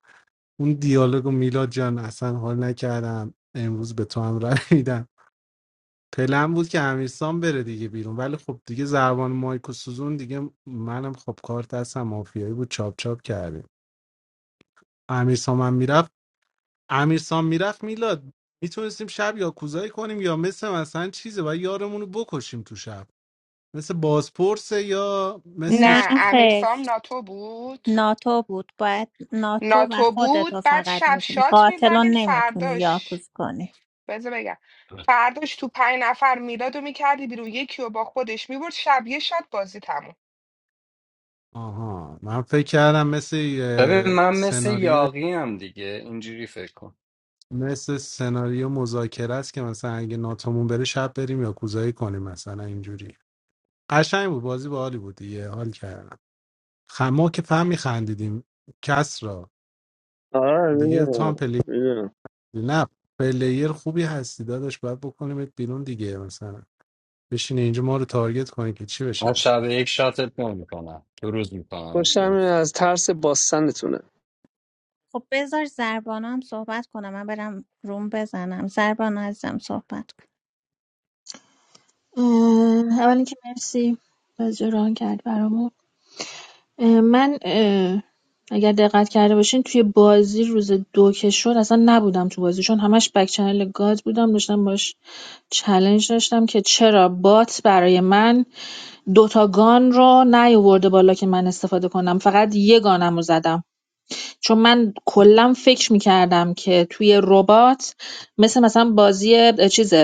B: اون دیالوگ و میلاد جان اصلا حال نکردم امروز به تو هم رای میدم پلن بود که امیرسان بره دیگه بیرون ولی خب دیگه زربان مایک و سوزون دیگه منم خب کارت دستم مافیایی بود چاپ چاپ کردیم امیرسان من میرفت امیرسان میرفت میلاد میتونستیم شب یا کوزایی کنیم یا مثل مثلا چیزه و یارمون رو بکشیم تو شب مثل بازپرس یا مثل
A: نه
S: نه
A: خیر
S: امیرسام ناتو بود
A: ناتو بود باید ناتو و
S: ناتو
A: خودتو
S: بود بعد
A: فقط
S: شب
A: میتونی
S: شات
A: قاتلون
S: میزدین
A: نمیتونی
S: فرداش
A: یاکوز کنی
S: بذار بگم فرداش تو پنج نفر میلاد رو میکردی بیرون یکی رو با خودش میبرد شب یه شات بازی تموم
B: آها من فکر کردم مثل
D: ببین
B: یه
D: من مثل
B: سناریو
D: یاقی هم دیگه اینجوری فکر کن
B: مثل سناریو مذاکره است که مثلا اگه ناتومون بره شب بریم یا کوزایی کنیم مثلا اینجوری قشنگ بود بازی باحالی بود دیگه حال کردم خ... ما که فهم میخندیدیم کس را
I: آره
B: دیگه تو
I: میدونم
B: هم پلیر
I: میدونم
B: نه پلیر خوبی هستی داداش باید بکنیمت بیرون دیگه مثلا بشین اینجا ما رو تارگت کنی که چی
D: من
B: بشه
D: شب یک شاتت نمیکنم دو روز میکنم
I: خوشم
D: بیرون
I: میاد از ترس باستنتونه
A: خب بذار زربانو هم صحبت کنم من برم روم بزنم زربانو عزیزم صحبت کن
L: اه، اول که مرسی بازی رو ران کرد برامون اه، من اه، اگر دقت کرده باشین توی بازی روز دو که شد اصلا نبودم تو بازی چون همش بک چنل گاد بودم داشتم باش چلنج داشتم که چرا بات برای من دوتا گان رو نیاورده بالا که من استفاده کنم فقط یه گانم رو زدم چون من کلا فکر می‌کردم که توی ربات مثل مثلا بازی چیز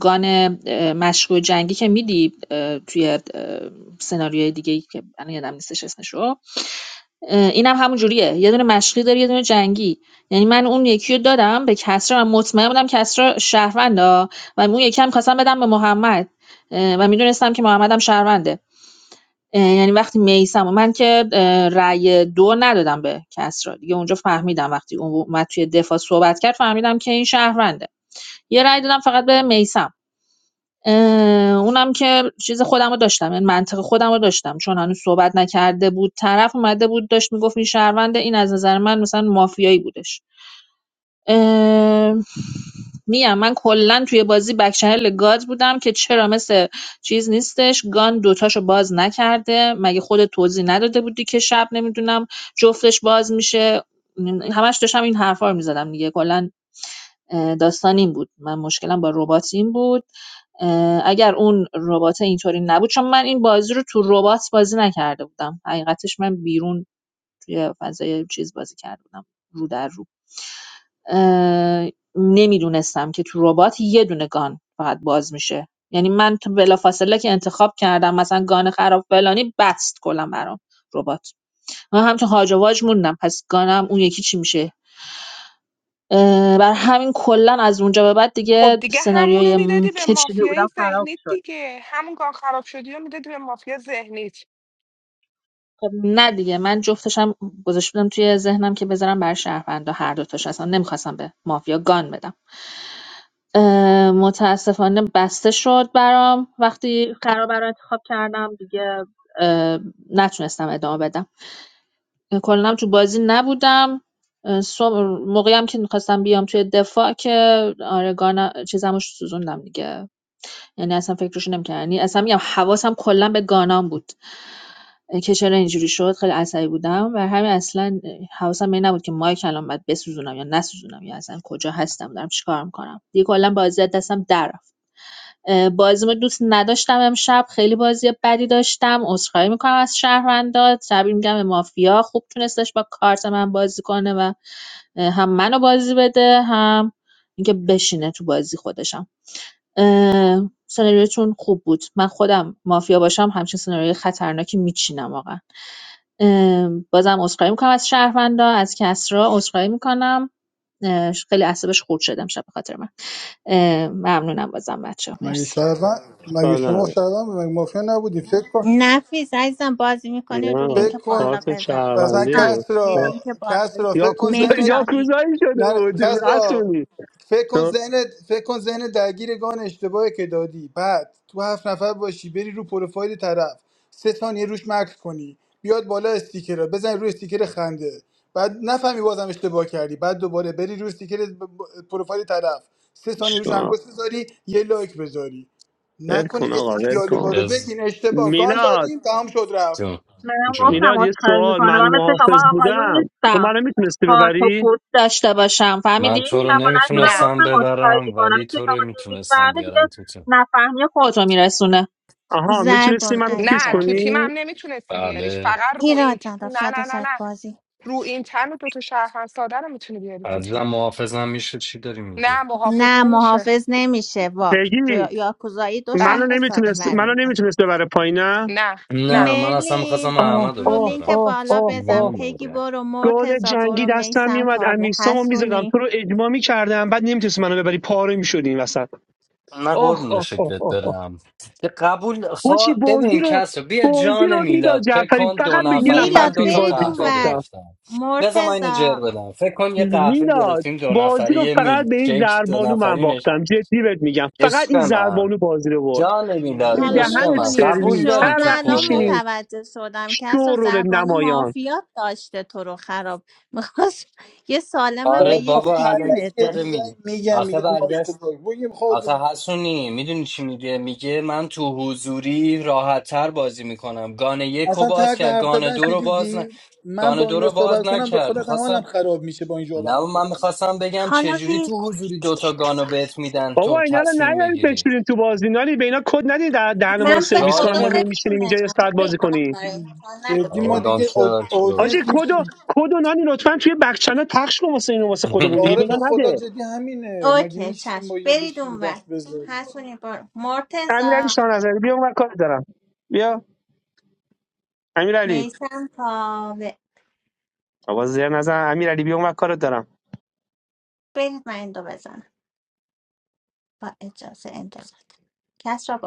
L: گان اه، مشکوک جنگی که میدی توی اه، سناریوی دیگه ای که الان یادم نیستش اسمش رو اه، اینم همون جوریه یه دونه مشقی داری یه دونه جنگی یعنی من اون یکی رو دادم به کسرا من مطمئن بودم کسرا شهروندا و اون یکی هم خواستم بدم به محمد اه، و میدونستم که محمد هم شهرونده یعنی وقتی میسم من که اه، رأی دو ندادم به کسرا دیگه اونجا فهمیدم وقتی اون اومد توی دفاع صحبت کرد فهمیدم که این شهرونده یه رأی دادم فقط به میسم اونم که چیز خودم رو داشتم این منطق خودم رو داشتم چون هنوز صحبت نکرده بود طرف اومده بود داشت میگفت این شهرونده این از نظر من مثلا مافیایی بودش اه، میگم من کلا توی بازی بک چنل گاد بودم که چرا مثل چیز نیستش گان دوتاشو باز نکرده مگه خود توضیح نداده بودی که شب نمیدونم جفتش باز میشه همش داشتم این حرفا رو میزدم دیگه کلا اه، داستان این بود من مشکلم با ربات این بود اه، اگر اون ربات اینطوری نبود چون من این بازی رو تو ربات بازی نکرده بودم حقیقتش من بیرون توی فضای چیز بازی کرده بودم رو در رو. نمیدونستم که تو ربات یه دونه گان فقط باز میشه یعنی من تو بلافاصله که انتخاب کردم مثلا گان خراب فلانی بست کلا برام ربات من همچون هاج و واج موندم پس گانم اون یکی چی میشه بر همین کلا از اونجا به بعد
S: خب
L: دیگه
S: دیگه همونو
L: سناریوی
S: میدادی به
L: که چیده
S: مافیای
L: بودم خراب
S: ذهنیت
L: شد
S: دیگه همون گاه خراب شدی رو میدادی به مافیا ذهنیت
L: خب نه دیگه من جفتشم گذاشته بودم توی ذهنم که بذارم بر شهروندا هر دوتاش اصلا نمیخواستم به مافیا گان بدم اه، متاسفانه بسته شد برام وقتی قرار برای انتخاب کردم دیگه اه، نتونستم ادامه بدم کلا تو بازی نبودم اه، صبح- موقعی هم که میخواستم بیام توی دفاع که آره گانا چیزمو سوزوندم دیگه یعنی اصلا فکرشو نمی‌کردم یعنی اصلا میگم حواسم کلا به گانام بود که چرا اینجوری شد خیلی عصبی بودم و همین اصلا حواسم به این نبود که مایک الان باید بسوزونم یا نسوزونم یا اصلا کجا هستم دارم چیکار میکنم دیگه کلا بازی از دستم در رفت اه، دوست نداشتم امشب خیلی بازی بدی داشتم عذرخواهی میکنم از شهروندات تبریک میگم به مافیا خوب تونستش با کارت من بازی کنه و هم منو بازی بده هم اینکه بشینه تو بازی خودشم سناریوتون خوب بود من خودم مافیا باشم همچین سناریوی خطرناکی میچینم واقعا بازم عذرخواهی میکنم از شهروندا از کسرا عذرخواهی میکنم خیلی اعصابش خورد شدم شب به خاطر من ممنونم بازم بچه
O: مگه
L: مرسی
O: شهروند مگه
I: چیکار
O: شما
I: نه
O: شهروند بود؟ مگه مافیا نبودی فکر کن
A: نفیس عزیزم بازی میکنی رو
I: نه
A: لینک
O: فکر کن
A: بالا
I: کارت
A: بزن
O: مثلا
I: شهروندی
A: دوستان
O: کس
I: بود
A: یه
O: را
A: لینک بالا
O: کس
A: بزن
O: را
I: یا
O: فکر کن
I: کوزا
A: مهدی
O: ذهنت
I: یا
A: جان
I: کوزایی شده
O: من
I: بود
O: کس را
I: اسونی
O: فکر کن ذهن فکر کن ذهن درگیر گان اشتباهی که دادی بعد تو هفت نفر باشی بری رو پروفایل طرف سه ثانیه روش مکس کنی بیاد بالا استیکر رو بزنی روی استیکر خنده بعد نفهمی بازم اشتباه کردی بعد دوباره بری روی استیکر ب- ب- پروفایل طرف سه ثانیه روش انگشت بذاری یه لایک بذاری
I: ول
O: نکنی
I: کن
O: یه
I: آقا
O: سری
I: ول
O: دیالوگا
I: کن
O: رو
D: از
O: بگین اشتباه گان
I: میلاد
O: دادیم تمام شد رفت
D: جون
L: منم
D: جون
L: گفتم
I: میلاد یه
L: عذرخواهی
I: سوال
L: میکنم
I: من
L: من مثل شما
I: محافظ
L: آقایون
I: بودم تو
L: نیستم
I: منو میتونستی
L: پارت و
I: ببری
L: پورت داشته باشم فهمیدی
D: من تو رو
L: من بلند شدم
S: نه
D: نمیتونستم
L: گفتم عذرخواهی
D: ببرم
L: میکنم
D: ولی
L: مثل
D: تو رو
L: شما
D: میتونستم
L: نمیفهمه دیگه
D: بیارم تو تیم
L: نفهمی خودت رو میرسونه.
I: آها میتونستی
A: زربون
I: منو چیز
S: نه
A: عزیزم
S: تو تیمم
A: دیگه
I: کنی
S: نمیتونستی بیاریش
D: بله
S: فقط رو
A: ایراد
S: این تن
A: نداره
S: نه
A: فدا
S: نه نه
A: سرت
S: نه
A: بازی
S: رو این تن و دوتا شهروند ساده رو میتونی بیاری تو
D: عزیزم
S: تیم
D: محافظم میشه چی داری میگی
S: نه محافظ
A: نه
S: نمیشه
A: محافظ نمیشه وا
I: پیگی
A: رو- یاکوزایی دو
S: Bye.
I: منو
A: شهر ساده
I: نمیتونست منو
A: برمیده
I: نمیتونست ببره پایین نه
S: Nah, nah.
D: نه من اصلا میخواستم
A: مرلین
I: آه
D: احمد
A: رو
D: رو
I: آه
A: لینک
D: ببرم
I: آه
A: بالا
I: آه
A: بزن
I: آه
D: دیوونم
A: پگی
D: مگه
A: برو
I: گل
A: مرتزا
I: جنگی
A: برو
I: دستم
A: میسم
I: میومد
A: کاوه
I: امیسامو میزدم
A: حسونی
I: تو رو اجماع میکردم بعد نمیتونستی منو ببری پاره میشدی این وسط
D: نه
I: آه
D: قربون
I: آه آه
D: شکلت
I: آه آه
D: برم که قبول
I: حاجی،
D: خوا...
I: بازی
D: ببین
I: رو
D: کس رو بیا
I: بازی
D: جان
I: رو میداد
D: میلاد فکر
I: جعفری
D: کن دو
I: فقط به یه
D: نفری
I: نفر
D: من
A: میلاد
I: تو
D: دو
I: این
D: تا
A: برید
I: بازی
D: قهوه
I: باختم
A: اونور
D: گرفتم بذار من اینو جر
A: مرتزا
D: بدم فکر کن یه قهوه
I: میلاد
D: گرفتیم دو
I: بازی
D: نفری
I: رو
D: یه
I: فقط
D: میلک
I: به این
D: شیک دو
I: زربانو من
D: نفرینش
I: باختم جدی بهت میگم فقط
D: عشق
I: این
D: من
I: زربانو بازی رو برد
D: جان میلاد
I: یعنی
A: حالا
D: عشق
I: دهنت
D: من
A: میدونی چی
D: قبول
I: سرویس
A: شد
D: داری
I: هر
D: تو
A: من
I: وقت
A: الان
D: کله
I: میشینی
A: متوجه شدم که اصلا
I: شورول
A: زربانو
I: نمایان
A: مافیات داشته تو رو خراب میخواست یه سالمم به
D: آره
O: بابا
A: یکی
O: خب
D: بابا
A: دیگه
O: الکی
D: الکس
O: یه
A: بده
D: داره
O: چیزایی
D: میگه
O: میگم
D: آخه
O: میگم ما
D: برگشت
O: اشتباه بگیم
D: آخه حسونی میدونی چی میگه میگه من تو حضوری راحتتر بازی میکنم گانه یک رو
O: اصلا
D: باز
O: طرز
D: کرد
O: حرف
D: گانه
O: زدنش
D: دو
O: رو
D: رو باز نه
O: دیدی من
D: گانه
O: با
D: دو
O: اینا
D: رو باز
O: صحبت کنم به
D: نکرد
O: خود اصلا حالم
D: میخواستم
O: خراب میشه با اینجور
D: نه
O: آدم
D: من
O: صحبت میکنم
D: میخواستم بگم
A: حالا
D: چجوری
A: ویل
D: تو
A: کنید
D: حضوری
A: دیگه
D: دوتا گانو
A: اتفاقی
D: بهت
A: افتاد
D: میدن تو
I: بابا اینا رو
D: تصمیم
I: نیارید
D: بگیری
I: بچورین تو بازی نالی به اینا کد ندید در دهن ما رو
A: من به
I: سرویس کنن
A: خدا
I: ما
D: جالبه
I: میشینیم اینجا یه
A: نمیتونستم
I: ساعت
A: اوکی
I: بازی
A: خودم
I: کنیم
A: برای انسان نگو
O: جدی
A: دیگه
D: آقا
O: ما
A: بابا
D: گام
O: دیگه آد-
D: شد
O: آدینس
I: حاجی کدو
O: میشیم
I: کدو نانی لطفا توی بک چنل پخش کن واسه اینو واسه خودمون دیگه
O: آره به
I: بگن
O: خدا
I: نده
O: جدی همینه مگه
A: اوکی
O: میشه ما
A: چشم
O: اینا
A: برید
O: بشیم
A: اونور
O: وقت بذاریم
A: حسونی برو
I: امیرعلی
A: مرتزا
I: شاه نظری بیا اون کار دارم بیا امیرعلی
A: میسم کاوه
I: آقا زیر نظر امیرعلی بیا اون کار دارم
A: برید من این دو بزنم با اجازه انتظار کس را